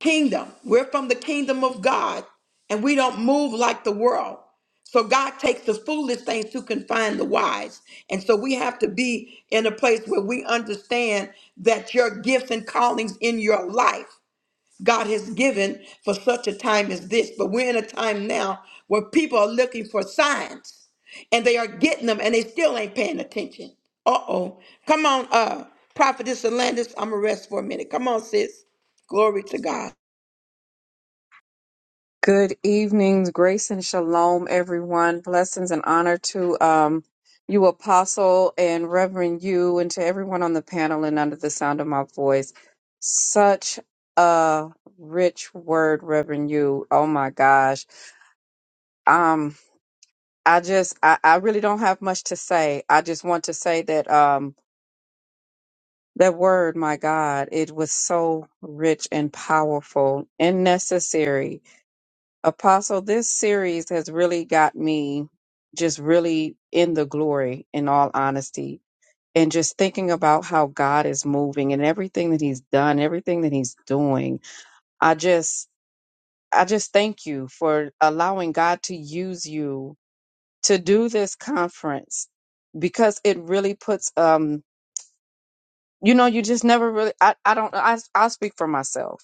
[SPEAKER 1] Kingdom. We're from the kingdom of God and we don't move like the world. So God takes the foolish things to confine the wise. And so we have to be in a place where we understand that your gifts and callings in your life God has given for such a time as this. But we're in a time now where people are looking for signs and they are getting them and they still ain't paying attention. Uh oh. Come on, uh, Prophetess Alandis, I'm gonna rest for a minute. Come on, sis. Glory to God.
[SPEAKER 10] Good evenings, grace and shalom, everyone. Blessings and honor to um, you, Apostle and Reverend you, and to everyone on the panel and under the sound of my voice. Such a rich word, Reverend you. Oh my gosh. Um, I just, I, I really don't have much to say. I just want to say that um, that word, my God, it was so rich and powerful and necessary Apostle, this series has really got me just really in the glory, in all honesty, and just thinking about how God is moving and everything that He's done, everything that He's doing. I just, I just thank you for allowing God to use you to do this conference because it really puts, um, you know, you just never really, I, I don't, I, I'll speak for myself.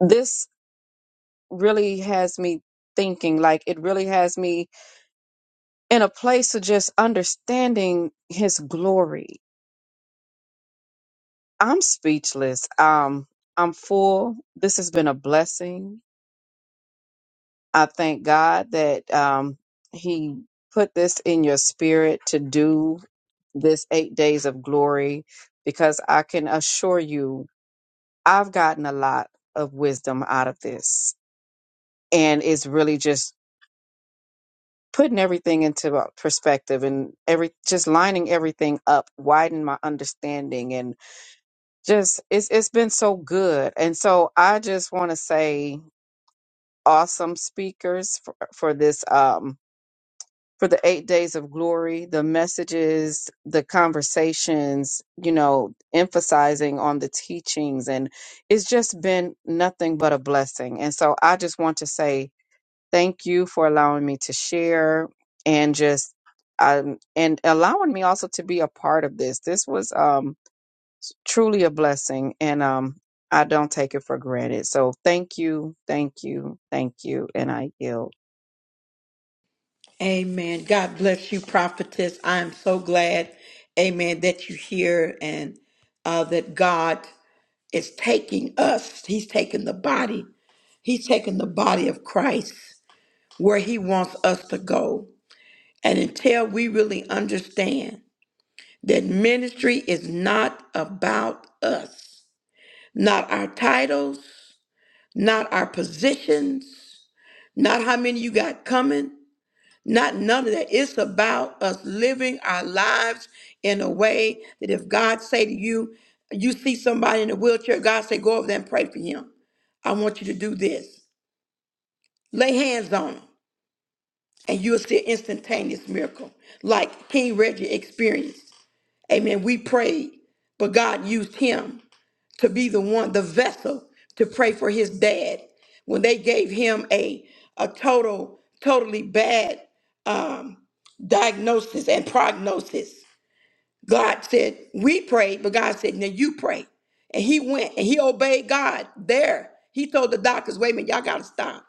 [SPEAKER 10] This really has me thinking, like, it really has me in a place of just understanding his glory. I'm speechless. Um, I'm full. This has been a blessing. I thank God that um, He put this in your spirit to do this eight days of glory because I can assure you, I've gotten a lot of wisdom out of this. And it's really just putting everything into a perspective and every just lining everything up, widen my understanding and just it's it's been so good and so i just want to say awesome speakers for, for this um for the eight days of glory the messages the conversations you know emphasizing on the teachings and it's just been nothing but a blessing and so i just want to say thank you for allowing me to share and just um, and allowing me also to be a part of this this was um truly a blessing and um I don't take it for granted. So thank you, thank you, thank you, and I yield.
[SPEAKER 1] Amen. God bless you, prophetess. I am so glad, amen, that you're here and uh, that God is taking us. He's taking the body. He's taking the body of Christ where he wants us to go. And until we really understand that ministry is not about us, not our titles, not our positions, not how many you got coming, Not none of that. It's about us living our lives in a way that if God say to you, you see somebody in a wheelchair, God say, go over there and pray for him. I want you to do this. Lay hands on him, and you'll see an instantaneous miracle, like King Reggie experienced. Amen. We prayed, but God used him to be the one, the vessel to pray for his dad when they gave him a a total, totally bad um, diagnosis and prognosis. God said, "We prayed," but God said, "Now you pray." And he went and he obeyed God there. He told the doctors, "Wait a minute, y'all got to stop."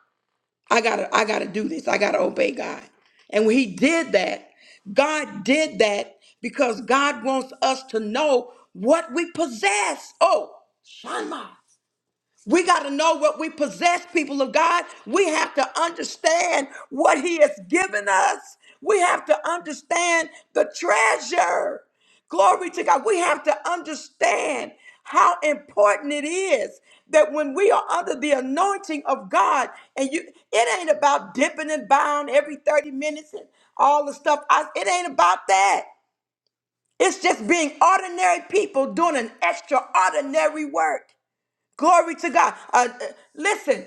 [SPEAKER 1] I gotta, I gotta do this. I gotta obey God. And when he did that, God did that because God wants us to know what we possess. Oh, Shanma. We got to know what we possess, people of God. We have to understand what He has given us. We have to understand the treasure. Glory to God. We have to understand how important it is that when we are under the anointing of God, and you, it ain't about dipping and bound every 30 minutes and all the stuff. I, it ain't about that. It's just being ordinary people doing an extraordinary work. Glory to God. Uh, uh, listen,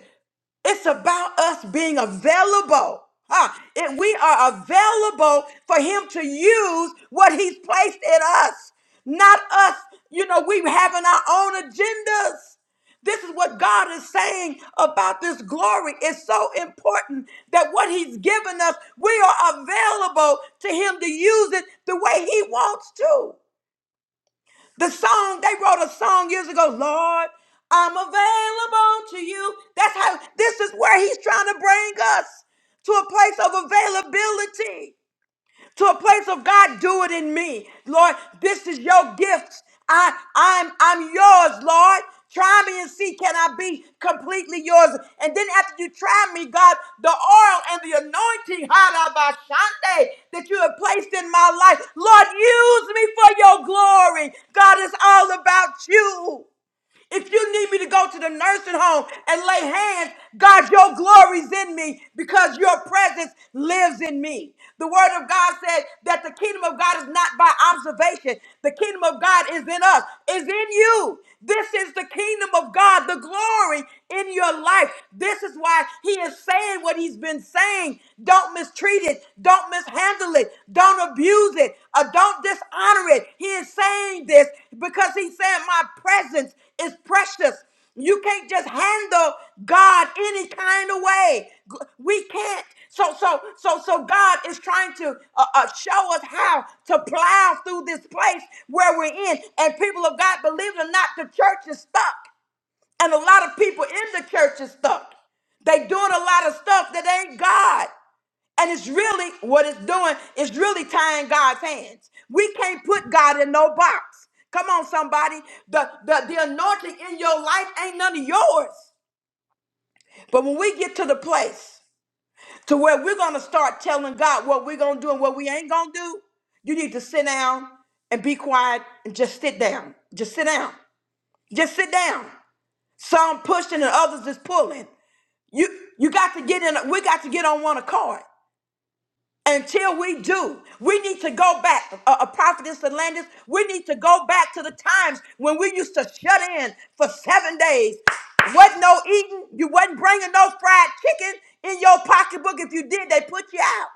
[SPEAKER 1] it's about us being available. Huh? It, we are available for Him to use what He's placed in us, not us, you know, we having our own agendas. This is what God is saying about this glory. It's so important that what He's given us, we are available to Him to use it the way He wants to. The song, they wrote a song years ago, Lord, I'm available to you. That's how, this is where he's trying to bring us to a place of availability to a place of God, do it in me. Lord, this is your gift. I I'm I'm yours, Lord. Try me and see can I be completely yours. And then after you try me, God, the oil and the anointing, halabashante, that you have placed in my life, Lord, use me for your glory. God, it's all about you. If you need me to go to the nursing home and lay hands, God, your glory's in me because your presence lives in me. The word of God said that the kingdom of God is not by observation. The kingdom of God is in us, is in you. This is the kingdom of God, the glory in your life. This is why he is saying what he's been saying. Don't mistreat it. Don't mishandle it. Don't abuse it. Or don't dishonor it. He is saying this because he's saying, My presence is precious. You can't just handle God any kind of way. G- We can't. So, so, so, so God is trying to uh, uh, show us how to plow through this place where we're in. And people of God, believe it or not, the church is stuck. And a lot of people in the church is stuck. They doing a lot of stuff that ain't God. And it's really what it's doing is really tying God's hands. We can't put God in no box. Come on, somebody. The, the, the anointing in your life ain't none of yours. But when we get to the place to where we're going to start telling God what we're going to do and what we ain't going to do, you need to sit down and be quiet and just sit down. Just sit down. Just sit down. Some pushing and others is pulling. You you got to get in. We got to get on one accord. until we do, we need to go back. A, a prophetess and Landis, we need to go back to the times when we used to shut in for seven days. Wasn't no eating. You wasn't bringing no fried chicken in your pocketbook. If you did, they put you out.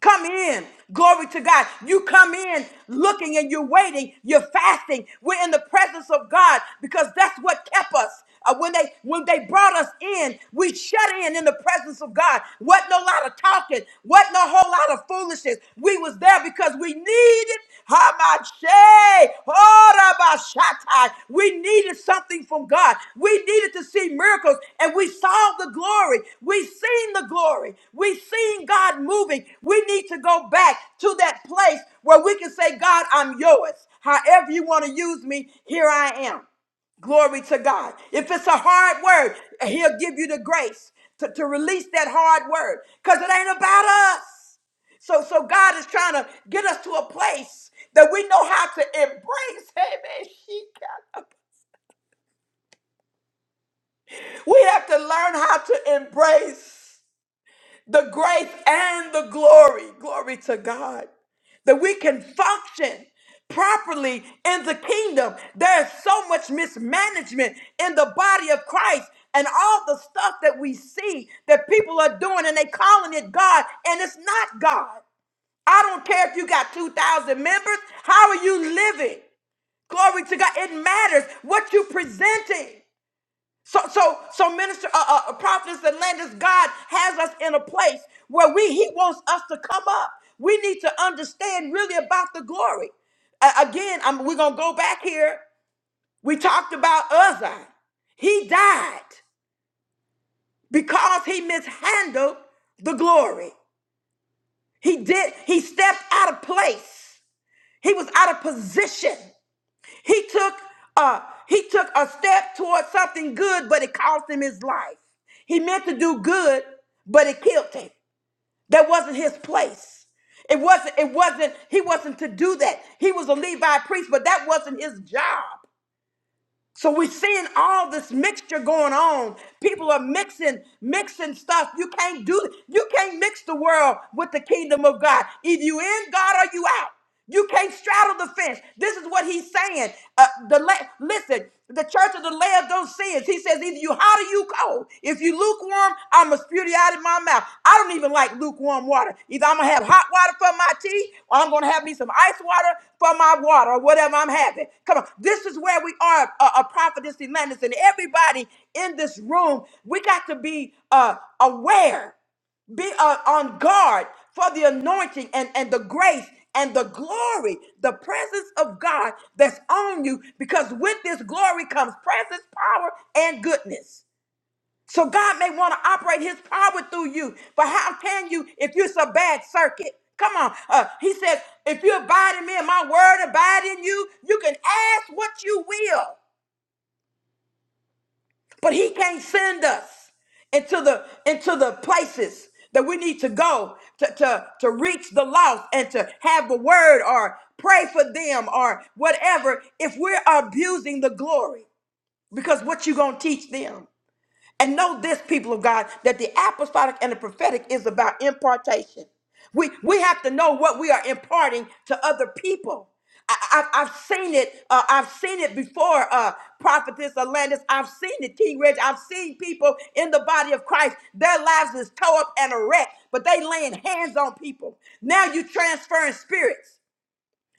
[SPEAKER 1] Come in. Glory to God. You come in looking and you're waiting. You're fasting. We're in the presence of God because that's what kept us. Uh, when they when they brought us in, we shut in in the presence of God. Wasn't no lot of talking. Wasn't a whole lot of foolishness. We was there because we needed oh, We needed something from God. We needed to see miracles, and we saw the glory. We seen the glory. We seen God moving. We need to go back to that place where we can say, God, I'm yours. However you want to use me, here I am. Glory to God. If it's a hard word, He'll give you the grace to, to release that hard word because it ain't about us. So, so God is trying to get us to a place that we know how to embrace. Amen. She got up. We have to learn how to embrace the grace and the glory. Glory to God. That we can function properly in the kingdom. There's so much mismanagement in the body of Christ. And all the stuff that we see that people are doing and they calling it God, and it's not God. I don't care if you got 2,000 members. How are you living? Glory to God. It matters what you presenting. So, so, so, minister, uh, uh, prophets and landers, God has us in a place where we, He wants us to come up. We need to understand really about the glory. A- again, I'm, we're gonna go back here. We talked about Uzziah. He died because he mishandled the glory. He did. He stepped out of place. He was out of position. He took a he took a step towards something good, but it cost him his life. He meant to do good, but it killed him. That wasn't his place. It wasn't, it wasn't, he wasn't to do that. He was a Levi priest, but that wasn't his job. So we're seeing all this mixture going on. People are mixing, mixing stuff. You can't do you can't mix the world with the kingdom of God. Either you in God or you out. You can't straddle the fence. This is what he's saying. Uh, the la- listen, the church of the Laodiceans. He says either you hot or you luke oh if you lukewarm i'm gonna spew you out of my mouth i don't even like lukewarm water either i'm gonna have hot water for my tea or i'm gonna have me some ice water for my water or whatever i'm having come on this is where we are a, a prophetess Atlantis, and everybody in this room we got to be uh aware be uh, on guard for the anointing and, and the grace and the glory, the presence of God that's on you, because with this glory comes presence, power, and goodness. So God may want to operate his power through you, but how can you if it's a bad circuit? Come on. Uh, he says, if you abide in me and my word abide in you, you can ask what you will, but he can't send us into the into the places that we need to go to, to, to reach the lost and to have the word or pray for them or whatever if we're abusing the glory because what you gonna teach them And know this, people of God, that the apostolic and the prophetic is about impartation. We, we have to know what we are imparting to other people. I, I, I've seen it. Uh, I've seen it before, uh, Prophetess Alandis. I've seen it, King Reg. I've seen people in the body of Christ. Their lives is toe up and a wreck, but they laying hands on people. Now you transferring spirits.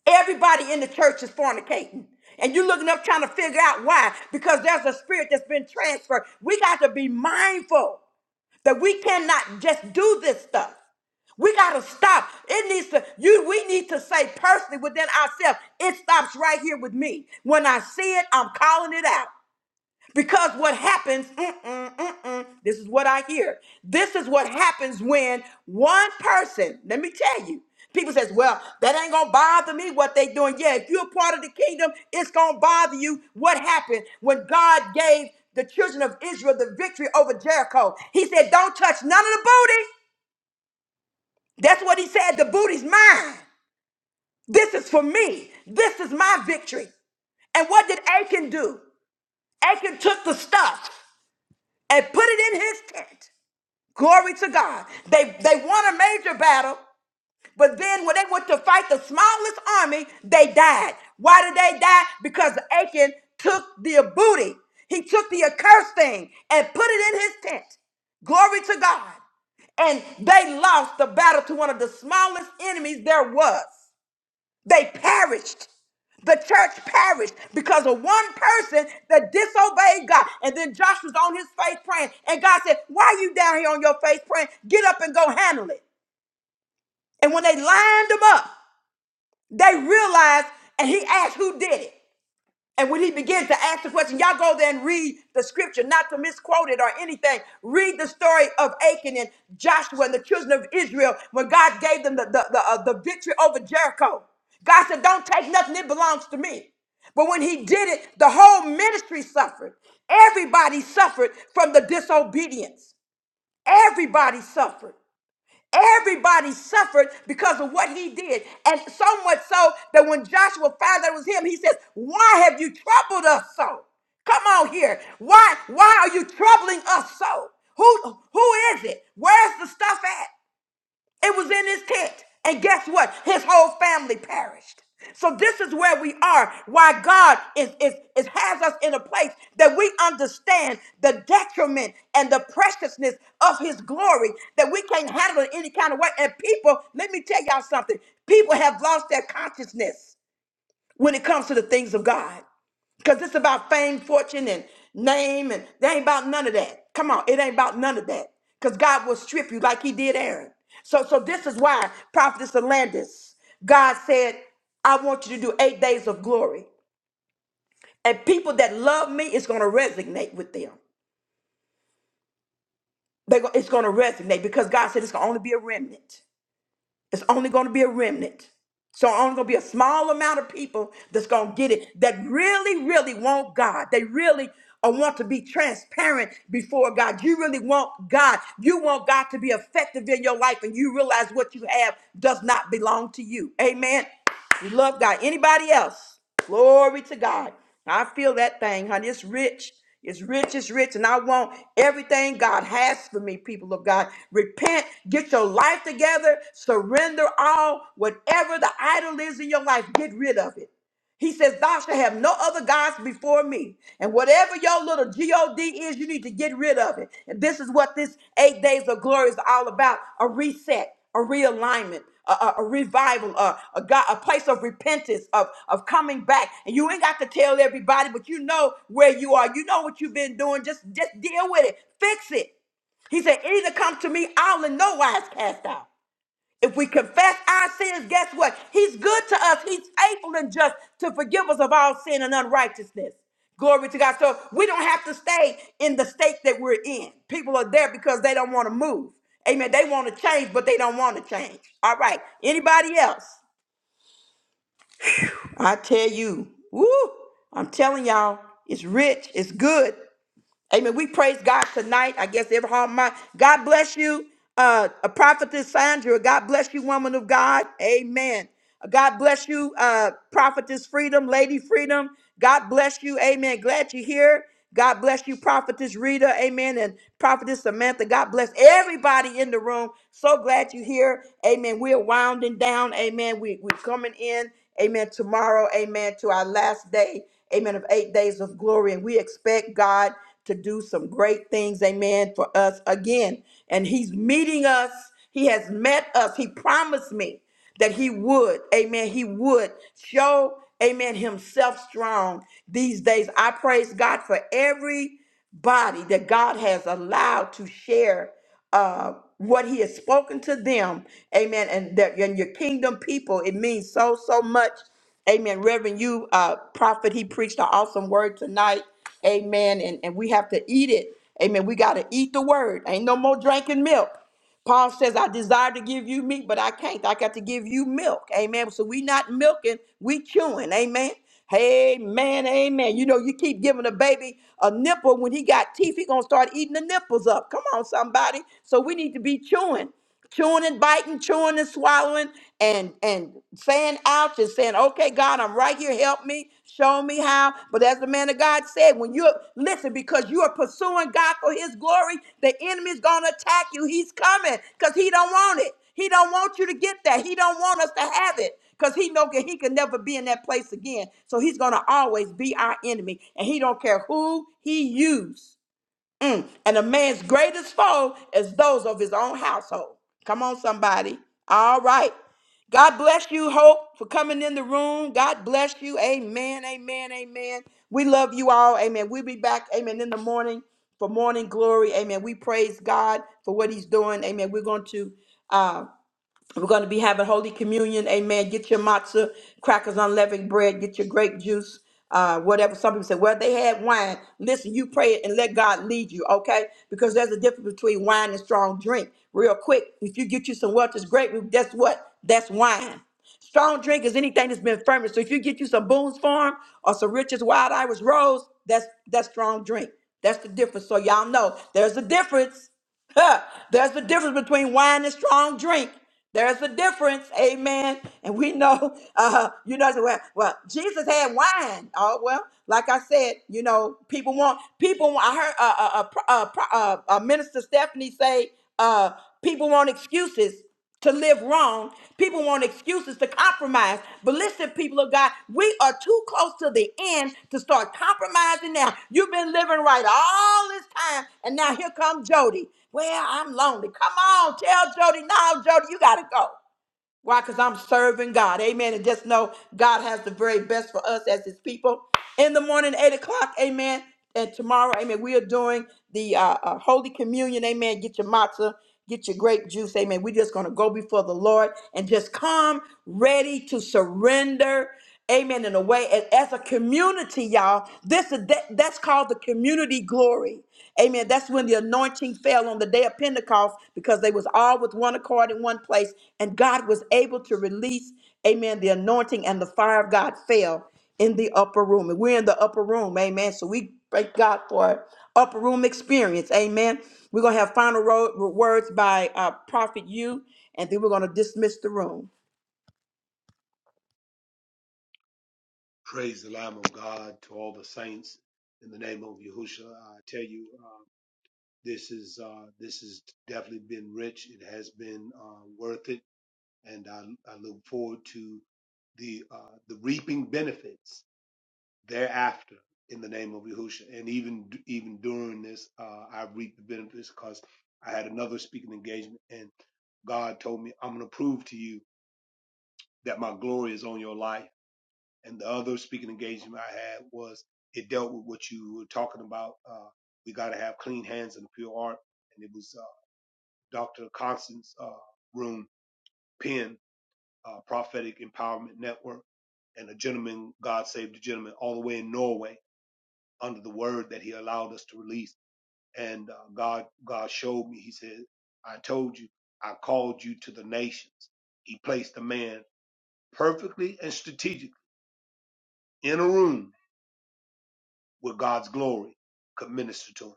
[SPEAKER 1] Everybody in the church is fornicating. And you're looking up trying to figure out why. Because there's a spirit that's been transferred. We got to be mindful that we cannot just do this stuff. We got to stop. It needs to, you, we need to say personally within ourselves, it stops right here with me. When I see it, I'm calling it out. Because what happens, mm-mm, mm-mm, this is what I hear. This is what happens when one person, let me tell you, people says, well, that ain't going to bother me what they doing. Yeah, if you're a part of the kingdom, it's going to bother you what happened when God gave the children of Israel the victory over Jericho. He said, don't touch none of the booty. That's what he said. The booty's mine. This is for me. This is my victory. And what did Achan do? Achan took the stuff. and put it in his tent. Glory to God. They they won a major battle, but then when they went to fight the smallest army, they died. Why did they die? Because Achan took the booty. He took the accursed thing and put it in his tent. Glory to God. And they lost the battle to one of the smallest enemies there was. They perished. The church perished because of one person that disobeyed God. And then Joshua's on his face praying. And God said, Why are you down here on your face praying? Get up and go handle it. And when they lined them up, they realized, and he asked who did it. And when he begins to ask the question, y'all go there and read the scripture, not to misquote it or anything. Read the story of Achan and Joshua and the children of Israel when God gave them the, the, the, uh, the victory over Jericho. God said, Don't take nothing, it belongs to me. But when he did it, the whole ministry suffered. Everybody suffered from the disobedience. Everybody suffered. Everybody suffered because of what he did. And so much so that when Joshua found that it was him, he says, Why have you troubled us so? Come on here. Why why are you troubling us so? Who who is it? Where's the stuff at? It was in his tent. And guess what? His whole family perished. So this is where we are, why God is, is, is has us in a place that we understand the detriment and the preciousness of his glory, that we can't handle it any kind of way. And people, let me tell y'all something, people have lost their consciousness when it comes to the things of God. Because it's about fame, fortune, and name, and they ain't about none of that. Come on, it ain't about none of that. Because God will strip you like he did Aaron. So, so this is why Prophetess Landis, God said, I want you to do eight days of glory. And people that love me, it's going to resonate with them. They go, it's going to resonate because God said it's going to only be a remnant. It's only going to be a remnant. So only going to be a small amount of people that's going to get it that really, really want God. They really uh, want to be transparent before God. You really want God. You want God to be effective in your life, and you realize what you have does not belong to you. Amen. We love God. Anybody else? Glory to God. I feel that thing, honey. It's rich. It's rich. It's rich. And I want everything God has for me, people of God. Repent. Get your life together. Surrender all. Whatever the idol is in your life, get rid of it. He says, Thou shalt have no other gods before me. And whatever your little God is, you need to get rid of it. And this is what this eight days of glory is all about a reset, a realignment. A, a- a revival, a, a, God, a place of repentance, of, of coming back. And you ain't got to tell everybody, but you know where you are. You know what you've been doing. Just, just deal with it. Fix it. He said, either come to me, I'll in no wise cast out. If we confess our sins, guess what? He's good to us. He's faithful and just to forgive us of all sin and unrighteousness. Glory to God. So we don't have to stay in the state that we're in. People are there because they don't want to move. Amen. They want to change, but they don't want to change. All right. Anybody else? I tell you, woo, I'm telling y'all, it's rich, it's good. Amen. We praise God tonight. I guess every heart mind. God bless you, uh, a prophetess Sandra. God bless you, woman of God. Amen. God bless you, uh, prophetess Freedom, Lady Freedom. God bless you. Amen. Glad you're here. God bless you, prophetess Rita. Amen. And prophetess Samantha. God bless everybody in the room. So glad you're here. Amen. We're winding down. Amen. We, we're coming in. Amen. Tomorrow. Amen. To our last day. Amen. Of eight days of glory. And we expect God to do some great things, amen, for us again. And He's meeting us, He has met us. He promised me that He would, amen, He would show, amen, Himself strong these days. I praise God for every body that God has allowed to share uh, what He has spoken to them. Amen. And that and your kingdom people, it means so so much. Amen. Reverend, you uh, prophet, he preached an awesome word tonight. Amen. And and we have to eat it. Amen. We got to eat the word. Ain't no more drinking milk. Paul says, I desire to give you meat, but I can't. I got to give you milk. Amen. So we not milking, we chewing. Amen. Amen. Amen. You know, you keep giving a baby a nipple when he got teeth, he gonna start eating the nipples up. Come on, somebody. So we need to be chewing chewing and biting, chewing and swallowing, and and saying ouch and saying, okay, God, I'm right here. Help me, show me how. But as the man of God said, when you listen, because you are pursuing God for his glory, the enemy's gonna attack you. He's coming because he don't want it. He don't want you to get that. He don't want us to have it. Because he know he can never be in that place again. So he's gonna always be our enemy. And he don't care who he used. Mm. And a man's greatest foe is those of his own household. Come on, somebody. All right. God bless you, Hope, for coming in the room. God bless you. Amen. Amen. Amen. We love you all. Amen. We'll be back. Amen. In the morning for morning glory. Amen. We praise God for what he's doing. Amen. We're going to. uh, we're going to be having Holy Communion. Amen. Get your matzah, crackers, unleavened bread, get your grape juice, uh, whatever. Some people say, well, they had wine. Listen, you pray and let God lead you, okay? Because there's a difference between wine and strong drink. Real quick, if you get you some Welch's grape, guess what? That's wine. Strong drink is anything that's been fermented. So if you get you some Boone's Farm or some Richard's Wild Irish Rose, that's that's strong drink. That's the difference. So y'all know there's a difference. Huh, There's a difference between wine and strong drink. There's a difference, amen. And we know, uh, you know, well, well, Jesus had wine. Oh well, like I said, you know, people want people. want- I heard uh, uh, uh, pro- uh, uh, uh, Minister Stephanie say, uh, people want excuses to live wrong. People want excuses to compromise. But listen, people of God, we are too close to the end to start compromising now. You've been living right all this time, and now here comes Jody. Well, I'm lonely. Come on, tell Jody, no, Jody, you got to go. Why? Because I'm serving God. Amen. And just know God has the very best for us as his people. In the morning, 8 o'clock, amen. And tomorrow, amen, we are doing the uh, uh, Holy Communion. Amen. Get your matzah, get your grape juice. Amen. We're just going to go before the Lord and just come ready to surrender. Amen. In a way, and as a community, y'all, this is that, that's called the community glory. Amen. That's when the anointing fell on the day of Pentecost because they was all with one accord in one place, and God was able to release, Amen, the anointing and the fire of God fell in the upper room. And we're in the upper room, amen. So we thank God for upper room experience, amen. We're gonna have final ro- words by uh, Prophet You, and then we're gonna dismiss the room.
[SPEAKER 3] Praise the Lamb of God to all the saints in the name of Yahushua. I tell you, uh, this is uh, this has definitely been rich. It has been uh, worth it, and I, I look forward to the uh, the reaping benefits thereafter in the name of Yahusha. And even even during this, uh, I reaped the benefits because I had another speaking engagement, and God told me, "I'm going to prove to you that my glory is on your life." And the other speaking engagement I had was it dealt with what you were talking about. Uh, we got to have clean hands and pure heart, and it was uh, Dr. Constance uh, Room Penn, uh, Prophetic Empowerment Network, and a gentleman, God saved the gentleman, all the way in Norway under the word that he allowed us to release. And uh, God, God showed me, he said, I told you, I called you to the nations. He placed a man perfectly and strategically in a room where God's glory could minister to him.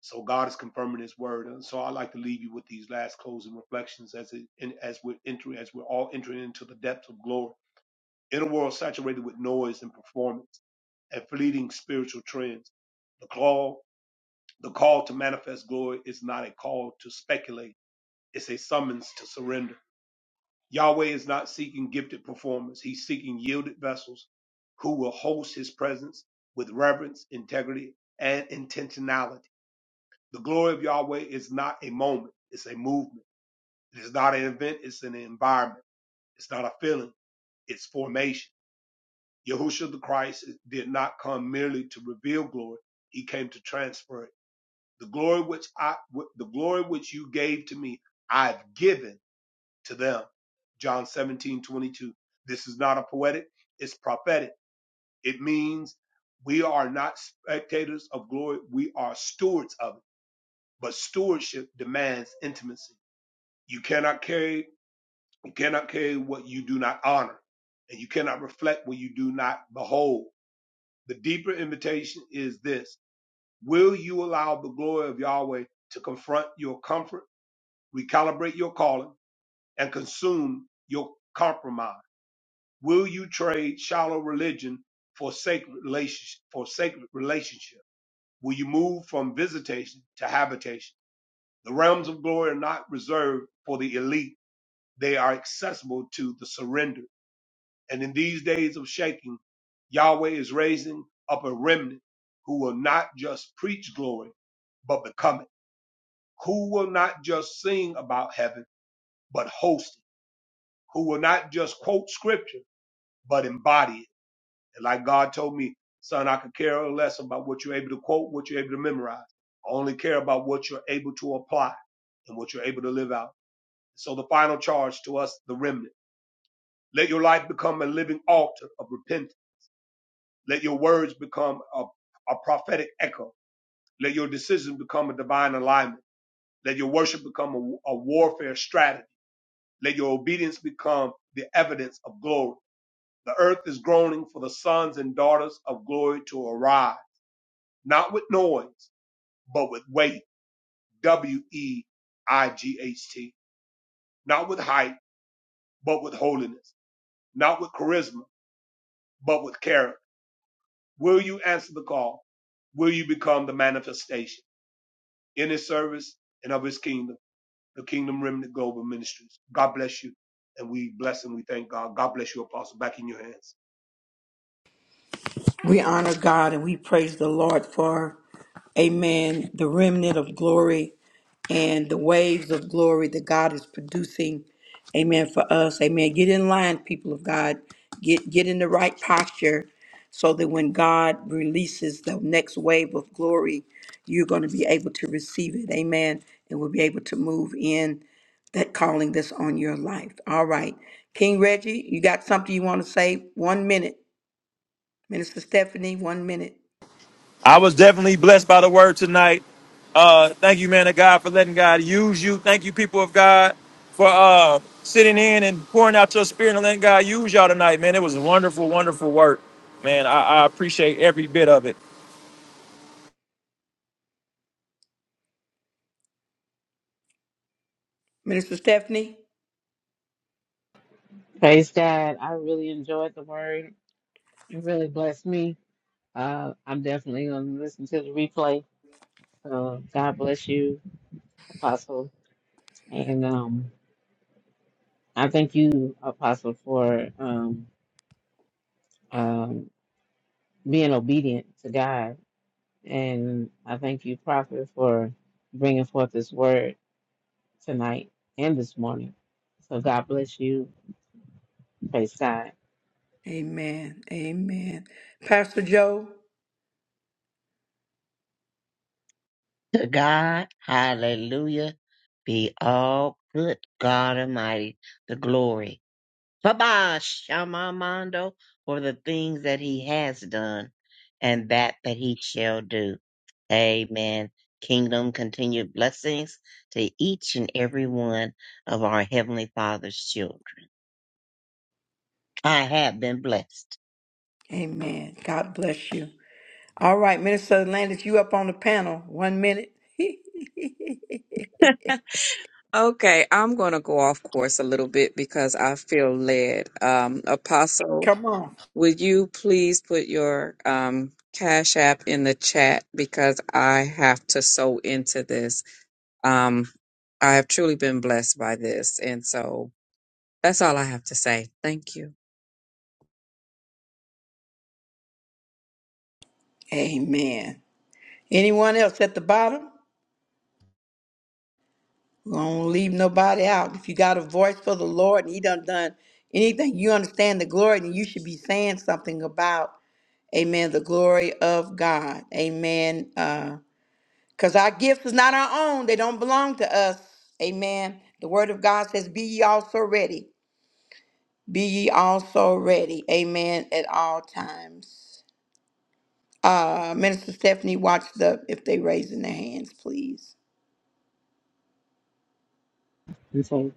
[SPEAKER 3] So God is confirming his word. And so I like to leave you with these last closing reflections as it, in, as we're entering, as we're all entering into the depths of glory in a world saturated with noise and performance and fleeting spiritual trends. The call. The call to manifest glory is not a call to speculate, it's a summons to surrender. Yahweh is not seeking gifted performers, he's seeking yielded vessels who will host his presence with reverence, integrity, and intentionality. The glory of Yahweh is not a moment, it's a movement. It is not an event, it's an environment. It's not a feeling, it's formation. Yahushua the Christ did not come merely to reveal glory, he came to transfer it The glory which I the glory which you gave to me, I've given to them. John 17 22. This is not a poetic, it's prophetic. It means we are not spectators of glory, we are stewards of it. But stewardship demands intimacy. You cannot carry you cannot carry what you do not honor, and you cannot reflect what you do not behold. The deeper invitation is this. Will you allow the glory of Yahweh to confront your comfort? recalibrate your calling, and consume your compromise? Will you trade shallow religion for sacred relationship? For sacred relationship, will you move from visitation to habitation? The realms of glory are not reserved for the elite; they are accessible to the surrendered. And in these days of shaking, Yahweh is raising up a remnant who will not just preach glory, but become it. Who will not just sing about heaven, but host it who will not just quote scripture, but embody it. And like God told me, son, I could care less about what you're able to quote, what you're able to memorize. I only care about what you're able to apply and what you're able to live out. So the final charge to us, the remnant, let your life become a living altar of repentance. Let your words become a, a prophetic echo. Let your decisions become a divine alignment. Let your worship become a a warfare strategy. Let your obedience become the evidence of glory. The earth is groaning for the sons and daughters of glory to arrive, not with noise, but with weight. W E I G H T. Not with height, but with holiness. Not with charisma, but with character. Will you answer the call? Will you become the manifestation in his service and of his kingdom, the Kingdom Remnant Global Ministries? God bless you. And we bless and we thank God. God bless you, Apostle. Back in your hands.
[SPEAKER 1] We honor God and we praise the Lord for, amen, the remnant of glory and the waves of glory that God is producing, amen, for us. Amen. Get in line, people of God. Get, get in the right posture so that when God releases the next wave of glory, you're going to be able to receive it. Amen. And we'll be able to move in that calling that's on your life. All right. King Reggie, you got something you want to say? One minute. Minister Stephanie, one minute.
[SPEAKER 8] I was definitely blessed by the word tonight. Uh, thank you, man of God, for letting God use you. Thank you, people of God, for uh, sitting in and pouring out your spirit and letting God use y'all tonight, man. It was wonderful, wonderful work, man. I, I appreciate every bit of it.
[SPEAKER 1] Minister Stephanie,
[SPEAKER 4] Praise God. I really enjoyed the word. It really blessed me. Uh, I'm definitely going to listen to the replay. So God bless you, Apostle. And um, I thank you, Apostle, for um, um, being obedient to God. And I thank you, Prophet, for bringing forth this word tonight and this morning. So God bless you. Praise God.
[SPEAKER 1] amen, amen. Pastor Joe,
[SPEAKER 2] To God, hallelujah, be all good God Almighty, the glory. Baba Shamamando for the things that he has done and that that he shall do. Amen. Kingdom continued blessings to each and every one of our Heavenly Father's children. I have been blessed.
[SPEAKER 1] amen. God bless you. All right, Minister Landis, you up on the panel. One minute.
[SPEAKER 10] Okay, I'm going to go off course a little bit because I feel led. Um, Apostle,
[SPEAKER 1] Come on.
[SPEAKER 10] would you please put your um, Cash App in the chat because I have to sew into this. Um, I have truly been blessed by this. And so that's all I have to say. Thank you.
[SPEAKER 1] Amen. Anyone else at the bottom? We do not leave nobody out. If you got a voice for the Lord and He done done anything, you understand the glory, then you should be saying something about Amen. The glory of God. Amen. Uh, Because our gifts is not our own, they don't belong to us. Amen. The word of God says, Be ye also ready. Be ye also ready. Amen. At all times. Uh, Minister Stephanie, watch the if they raising their hands, please.
[SPEAKER 4] And so,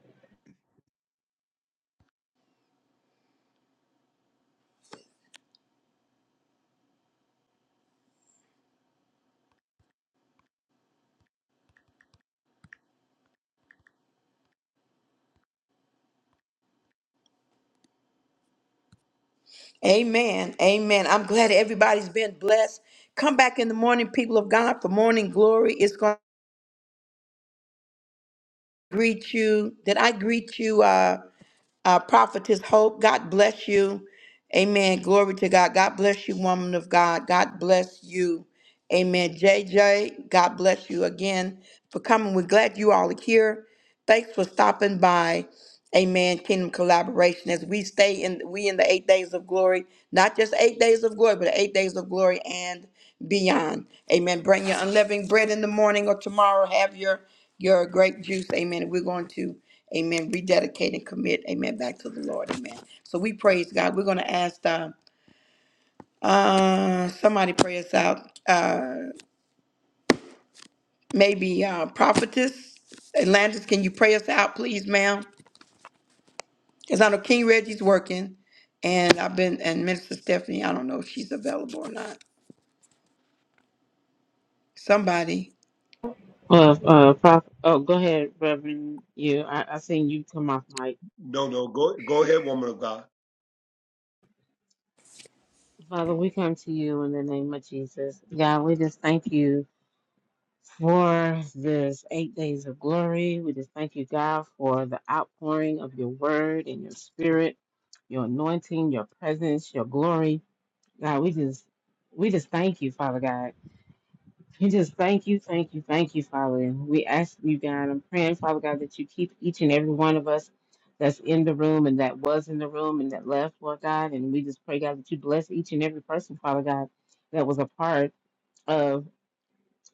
[SPEAKER 1] Amen. Amen. I'm glad everybody's been blessed. Come back in the morning, people of God, for morning glory. It's gonna greet you. Did I greet you? Uh, uh, prophetess hope god bless you amen glory to god god bless you woman of god god bless you amen J J. god bless you again for coming we're glad you all are here thanks for stopping by Amen. Kingdom collaboration as we stay in we in the eight days of glory, not just eight days of glory, but eight days of glory and beyond. Amen. Bring your unleavened bread in the morning or tomorrow. Have your your grape juice. Amen. We're going to Amen. Rededicate and commit. Amen. Back to the Lord. Amen. So we praise God. We're going to ask uh, uh somebody pray us out. Uh maybe uh prophetess. Atlantis, can you pray us out, please, ma'am? Because I know King Reggie's working, and I've been, and Minister Stephanie, I don't know if she's available or not. Somebody.
[SPEAKER 4] uh, uh, Prophet, oh, go ahead, Reverend. You, I, I seen you come off mic.
[SPEAKER 3] No, no, go go ahead, woman of God.
[SPEAKER 4] Father, we come to you in the name of Jesus. God, we just thank you. for this eight days of glory. We just thank you, God, for the outpouring of your word and your spirit, your anointing, your presence, your glory. God, we just we just thank you, Father God. We just thank you, thank you, thank you, Father. And we ask you, God, I'm praying, Father God, that you keep each and every one of us that's in the room and that was in the room and that left, Lord God. And we just pray, God, that you bless each and every person, Father God, that was a part of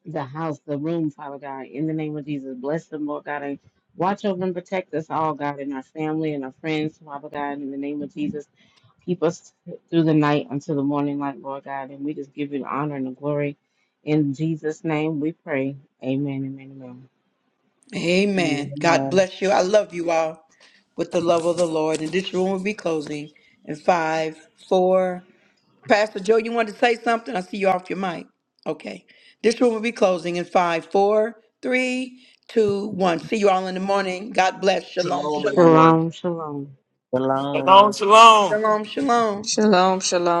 [SPEAKER 4] the house, the room, Father God, in the name of Jesus. Bless them, Lord God, and watch over and protect us all, God, and our family and our friends, Father God, in the name of Jesus. Keep us through the night until the morning light, Lord God, and we just give you the honor and the glory. In Jesus' name we pray. Amen, amen, amen.
[SPEAKER 1] Amen. God
[SPEAKER 2] Shalom.
[SPEAKER 1] bless you. I love you all with the love of the Lord. And this room will be closing in five, four. Pastor Joe, you wanted to say something? I see you off your mic. Okay. This room will be closing in five, four, three, two, one. See you all in the morning. God bless. Shalom,
[SPEAKER 3] Shalom,
[SPEAKER 1] shalom.
[SPEAKER 3] everyone.
[SPEAKER 4] Shalom, shalom.
[SPEAKER 8] Shalom, shalom.
[SPEAKER 1] Shalom, shalom.
[SPEAKER 10] Shalom, shalom.